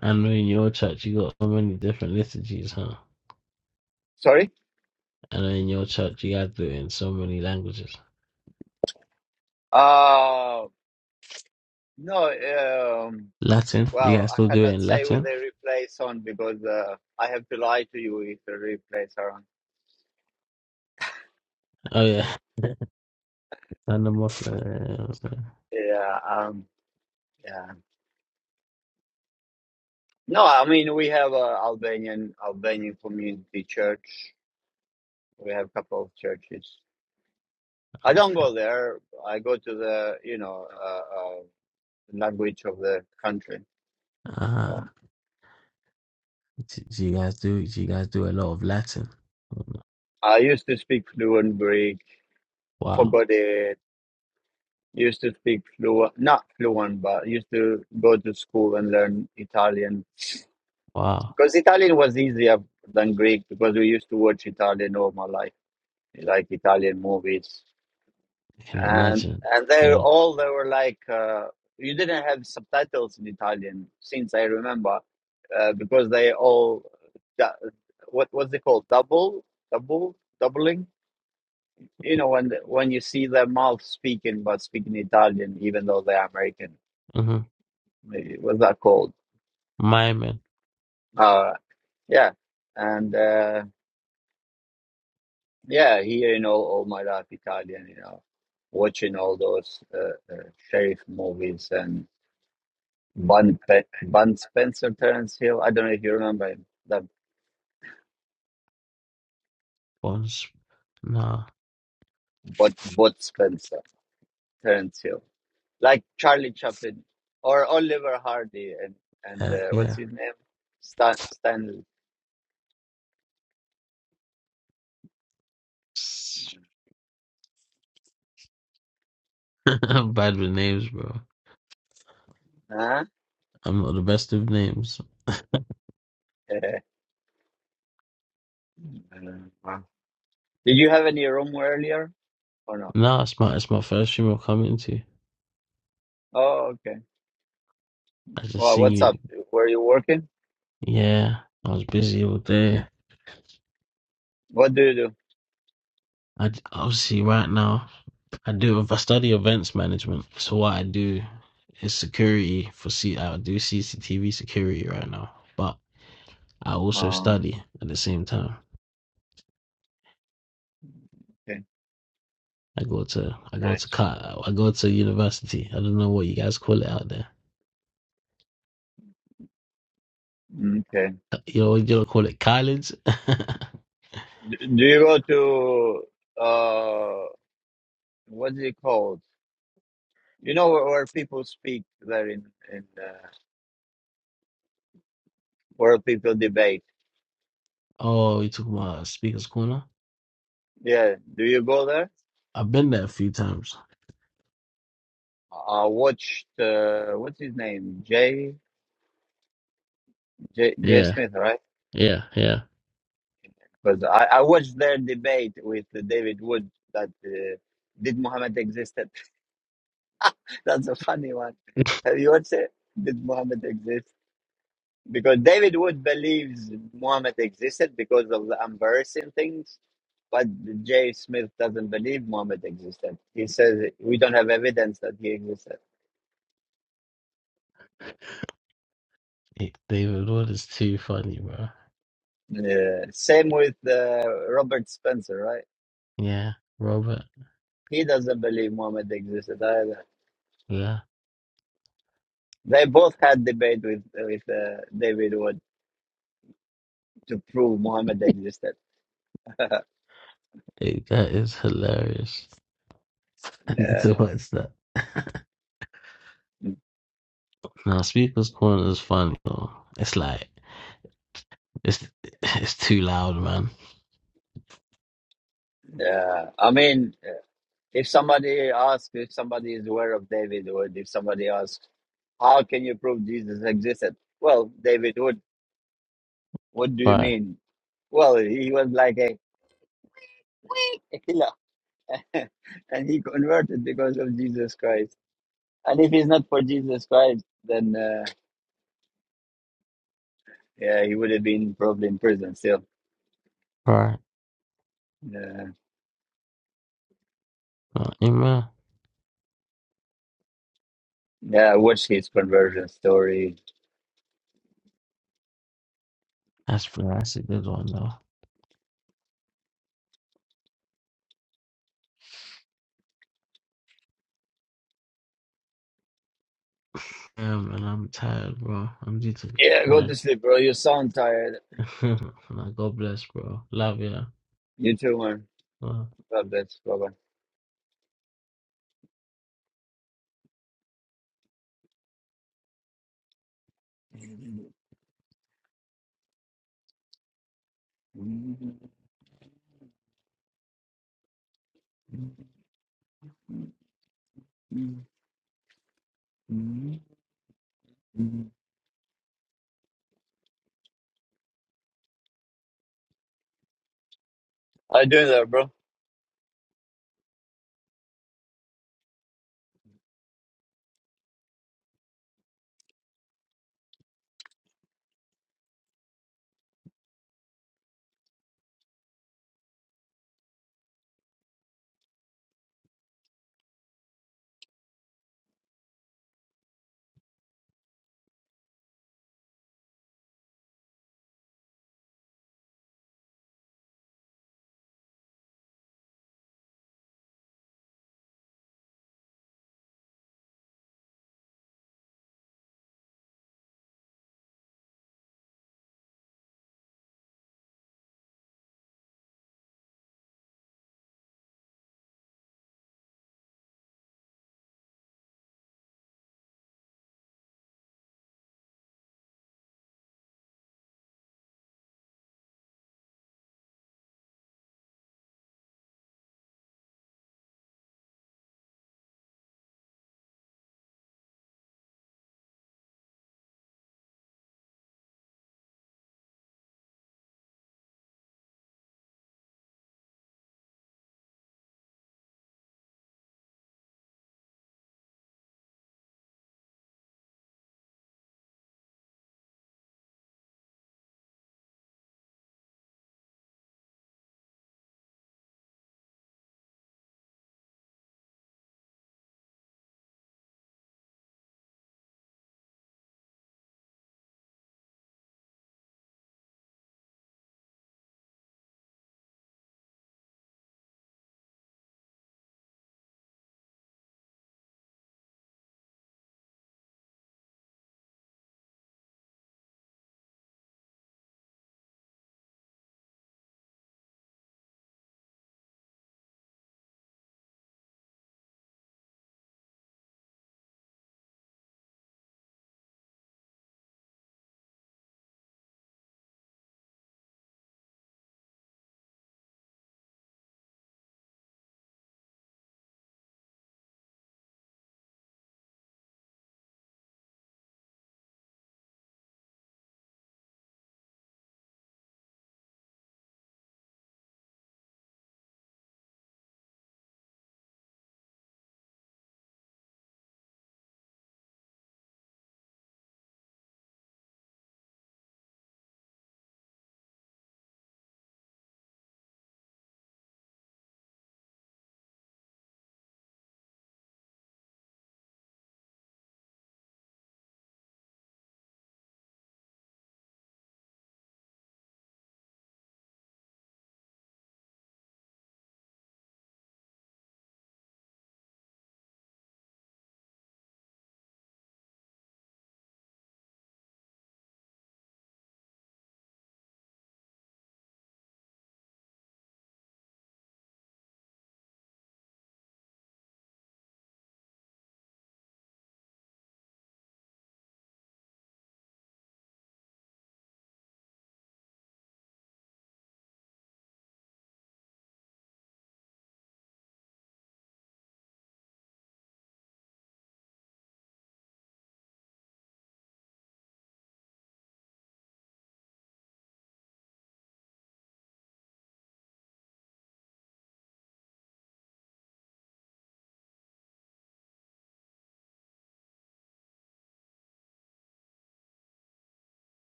Speaker 4: I know in your church you got so many different liturgies, huh?
Speaker 1: Sorry.
Speaker 4: I know in your church you guys do it in so many languages.
Speaker 1: Uh, no. Um.
Speaker 4: Latin, you
Speaker 1: Well,
Speaker 4: guys
Speaker 1: I
Speaker 4: still do it
Speaker 1: cannot
Speaker 4: in
Speaker 1: say with
Speaker 4: Latin?
Speaker 1: the replays on because uh, I have to lie to you if the replays are on.
Speaker 4: Oh yeah, and the Muslim. yeah,
Speaker 1: Yeah, um, yeah. No, I mean we have a Albanian Albanian community church. We have a couple of churches. I
Speaker 4: Oh
Speaker 1: don't
Speaker 4: shit.
Speaker 1: go there. I go to the you know uh, uh, language of the country.
Speaker 4: Ah,
Speaker 1: Um,
Speaker 4: do do you guys do? Do you guys do a lot of Latin?
Speaker 1: I used to speak fluent Greek.
Speaker 4: Wow,
Speaker 1: Forgot it. Used to speak fluent, not fluent, but used to go to school and learn Italian
Speaker 4: wow,
Speaker 1: because Italian was easier than Greek because we used to watch Italian all my life, like Italian movies
Speaker 4: I can
Speaker 1: and
Speaker 4: imagine.
Speaker 1: and they
Speaker 4: Yeah.
Speaker 1: all they were like uh, you didn't have subtitles in Italian since I remember uh, because they all du- what what's it called double double doubling you know when the- when you see their mouth speaking but speaking Italian even though they're American
Speaker 4: Mm-hmm.
Speaker 1: maybe what's that called
Speaker 4: Miming.
Speaker 1: uh yeah and uh, yeah hearing all all my life Italian you know watching all those uh, uh, sheriff movies and. Bun, Pe- Bun Spencer, Terrence Hill. I don't know if you remember him. The
Speaker 4: Once. Nah.
Speaker 1: Bud, Bud Spencer, Terrence Hill, like Charlie Chaplin or Oliver Hardy, and and
Speaker 4: Yeah.
Speaker 1: uh, what's
Speaker 4: Yeah.
Speaker 1: his name? Stan Stanley.
Speaker 4: I'm bad with names, bro.
Speaker 1: Huh?
Speaker 4: I'm not the best with names.
Speaker 1: Eh, uh, Did you have any room earlier or no?
Speaker 4: No, it's my it's my first stream i am coming to.
Speaker 1: Oh, okay.
Speaker 4: I just
Speaker 1: Well, what's up?
Speaker 4: see,
Speaker 1: Where you working?
Speaker 4: yeah, I was busy all day.
Speaker 1: What do you do?
Speaker 4: I d- obviously right now I do. I study events management, so what I do is security for C. I do CCTV security right now, but I also
Speaker 1: Oh,
Speaker 4: study at the same time.
Speaker 1: okay.
Speaker 4: I go to I go to
Speaker 1: Nice.
Speaker 4: co- I go to university. I don't know what you guys call it out there.
Speaker 1: Okay.
Speaker 4: You know, you don't call it college.
Speaker 1: D- do you go to uh, what's it called? You know where, where people speak there in in uh, where people debate.
Speaker 4: Oh, you took my Speaker's Corner?
Speaker 1: Yeah, do you go there?
Speaker 4: I've been there a few times.
Speaker 1: I watched uh, what's his name, Jay Jay, Jay
Speaker 4: Yeah,
Speaker 1: Smith, right?
Speaker 4: yeah, yeah.
Speaker 1: Because I, I watched their debate with David Wood that uh, did Muhammad existed. That's a funny one. Have you watched it? Did Muhammad exist? because David Wood believes Muhammad existed because of the embarrassing things, but J. Smith doesn't believe Muhammad existed. He says we don't have evidence that he existed.
Speaker 4: Hey, David Wood is too funny, bro.
Speaker 1: Uh, same with uh, Robert Spencer, right?
Speaker 4: Yeah, Robert.
Speaker 1: He doesn't believe Muhammad existed either.
Speaker 4: Yeah,
Speaker 1: They both had debate with with uh, David Wood to prove Muhammad existed.
Speaker 4: Hey, that is hilarious. I need
Speaker 1: yeah.
Speaker 4: to watch that. Now, Speaker's Corner is funny. Though. It's like it's it's too loud, man.
Speaker 1: yeah, I mean, if somebody asks if somebody is aware of David Wood, if somebody asks How can you prove Jesus existed? Well, David, what what do you
Speaker 4: Right,
Speaker 1: mean? Well, he was like a killer, and he converted because of Jesus Christ. And if it's not for Jesus Christ, then uh, yeah, he would have been probably in prison still.
Speaker 4: right.
Speaker 1: Yeah,
Speaker 4: Uh, hey, man,
Speaker 1: yeah. Watch his conversion story.
Speaker 4: that's that's a good one though. Yeah, man, I'm tired, bro. I'm due to
Speaker 1: Yeah, go
Speaker 4: yeah.
Speaker 1: to sleep, bro. You sound tired.
Speaker 4: nah, God bless, bro. Love ya.
Speaker 1: You too, man.
Speaker 4: Uh,
Speaker 1: God bless. Bye bye. How you doing there, bro?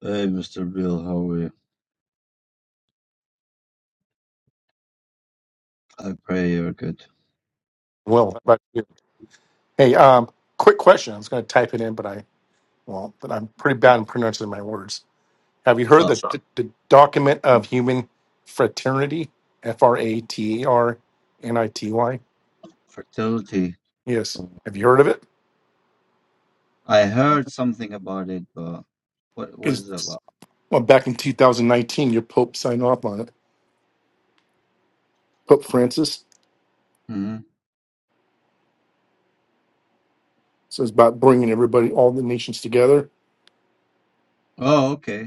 Speaker 1: Hey, Mr. Bill, how are you? I pray you're good.
Speaker 6: Will, but hey, um, quick question. I was going to type it in, but I won't. But I'm pretty bad in pronouncing my words. Have you heard the
Speaker 1: So,
Speaker 6: Sure. the, the document of human fraternity? F R A T E R N I T Y.
Speaker 1: fertility.
Speaker 6: Yes. Have you heard of it?
Speaker 1: I heard something about it, but what what
Speaker 6: Is
Speaker 1: is it about?
Speaker 6: well, back in 2019, your Pope signed off on it. Pope Francis.
Speaker 1: hmm
Speaker 6: So it's about bringing everybody, all the nations together.
Speaker 1: Oh, okay.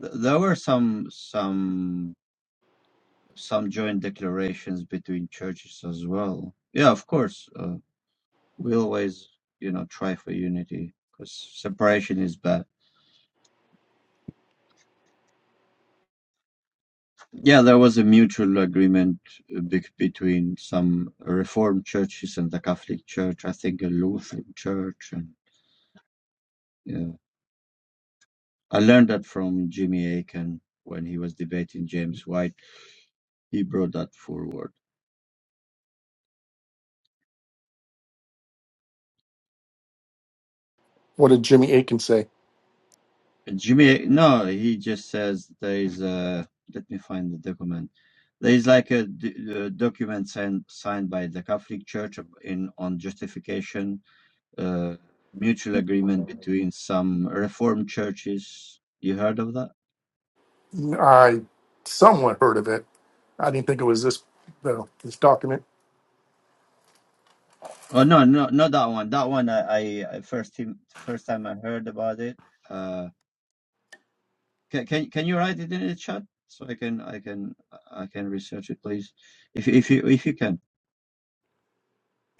Speaker 1: Th- there were some some some joint declarations between churches as well. Yeah, of course. Uh, we always, you know, try for unity because separation is bad. Yeah, there was a mutual agreement uh, bec- between some Reformed churches and the Catholic Church. I think a Lutheran church and yeah. I learned that from Jimmy Akin when he was debating James White. He brought that forward.
Speaker 6: What did Jimmy Aiken say?
Speaker 1: Jimmy, no, he just says there is a. Let me find the document. There is like a, d- a document signed, signed by the Catholic Church in on justification, uh, mutual agreement between some Reformed churches. You heard of that?
Speaker 6: I somewhat heard of it. I didn't think it was this, though, this document.
Speaker 1: Oh no, no, not that one. That one I, I, I first time, first time I heard about it. Uh, Can can can you write it in the chat so I can I can I can research it, please? If if you if you can,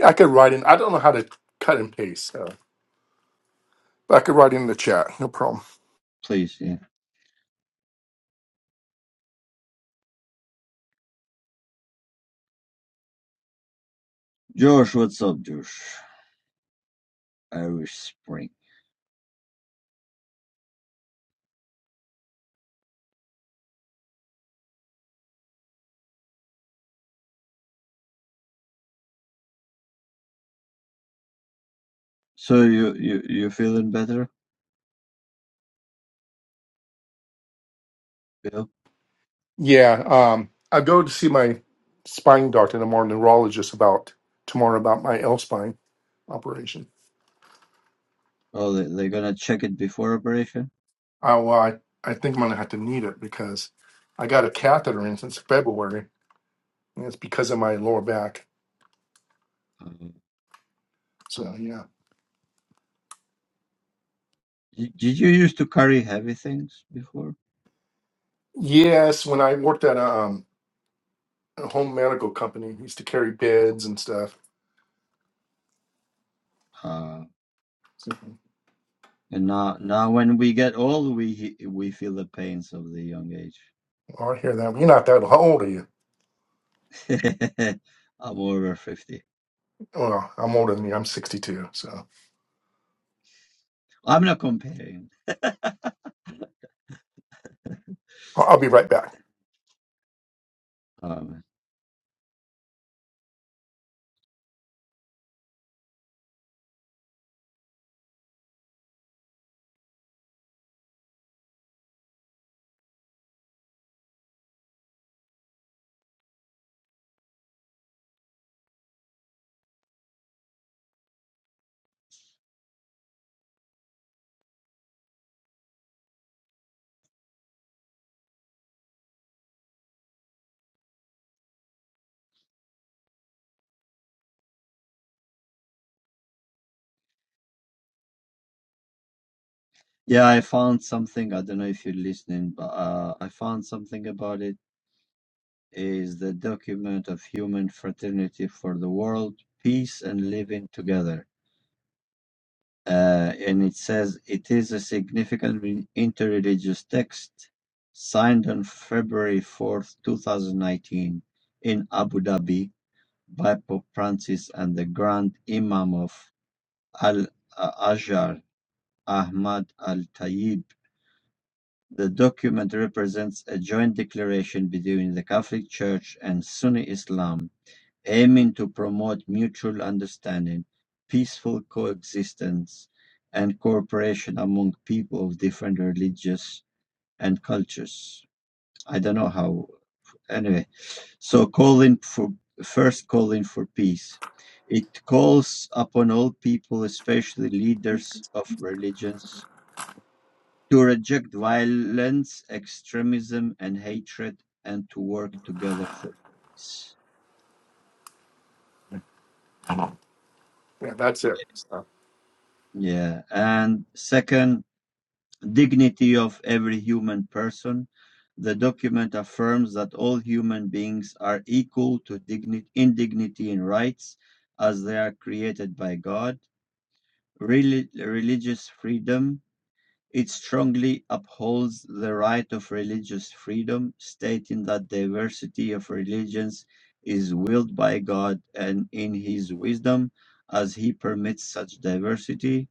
Speaker 6: I could write in. I don't know how to cut and paste, so but I could write in the chat. No problem.
Speaker 1: please. Yeah. Josh, what's up, Josh? Irish Spring. So you you you feeling better? Yeah.
Speaker 6: Yeah, um, I go to see my spine doctor and more neurologist about tomorrow about my L spine operation.
Speaker 1: Oh, they they're gonna check it before operation.
Speaker 6: I, well, I I think I'm gonna have to need it because I got a catheter in since February, and it's because of my lower back.
Speaker 1: Uh,
Speaker 6: So yeah.
Speaker 1: y- did you used to carry heavy things before?
Speaker 6: Yes, when I worked at a, um, a home medical company, we used to carry beds and stuff.
Speaker 1: Uh,
Speaker 6: So,
Speaker 1: and now now when we get old, we he- we feel the pains of the young age.
Speaker 6: oh, I hear that. You're not that old, are you?
Speaker 1: I'm over fifty.
Speaker 6: Well, I'm older than you. I'm 62. So.
Speaker 1: I'm not comparing.
Speaker 6: I'll I'll be right back.
Speaker 1: Um, Yeah, I found something. I don't know if you're listening, but uh, I found something about it. Is the document of human fraternity for the world, peace, and living together. Uh, and it says it is a significant re- interreligious text signed on February 4th, 2019, in Abu Dhabi by Pope Francis and the Grand Imam of Al Azhar, Ahmad Al Tayyib. The document represents a joint declaration between the Catholic Church and Sunni Islam, aiming to promote mutual understanding, peaceful coexistence, and cooperation among people of different religious and cultures. I don't know how. Anyway, so calling for first calling for peace. It calls upon all people, especially leaders of religions, to reject violence, extremism, and hatred, and to work together for peace.
Speaker 6: Yeah, that's it. So,
Speaker 1: Yeah. And second, dignity of every human person. The document affirms that all human beings are equal to dignity, in dignity and rights as they are created by God. Reli- religious freedom It strongly upholds the right of religious freedom, stating that diversity of religions is willed by God and in His wisdom as He permits such diversity.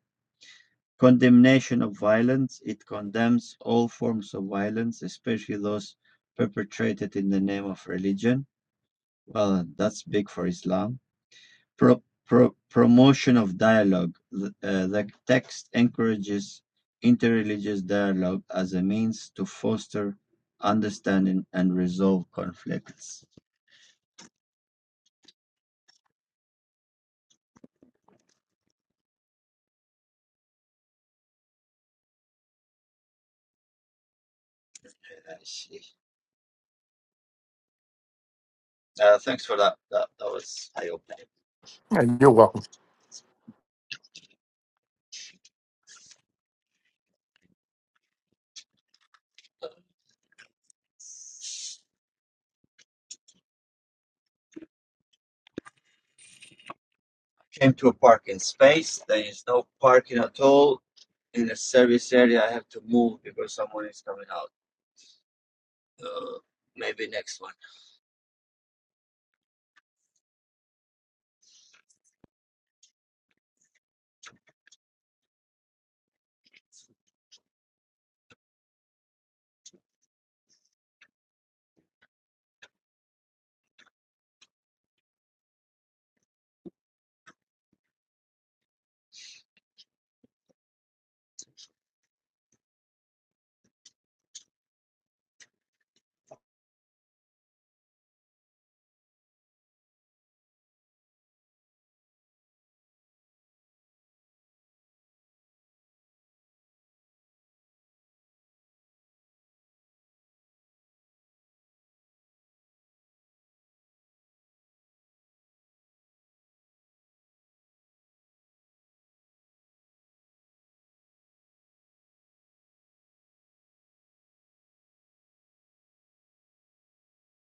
Speaker 1: Condemnation of violence. It condemns all forms of violence, especially those perpetrated in the name of religion. Well, that's big for Islam. Pro, pro, Promotion of dialogue: The uh, the text encourages interreligious dialogue as a means to foster understanding and resolve conflicts. I see. Uh, thanks for that. That, that was eye opening.
Speaker 6: And you're welcome.
Speaker 1: Came to a parking space. There is no parking at all in the service area. I have to move because someone is coming out. Uh, maybe next one.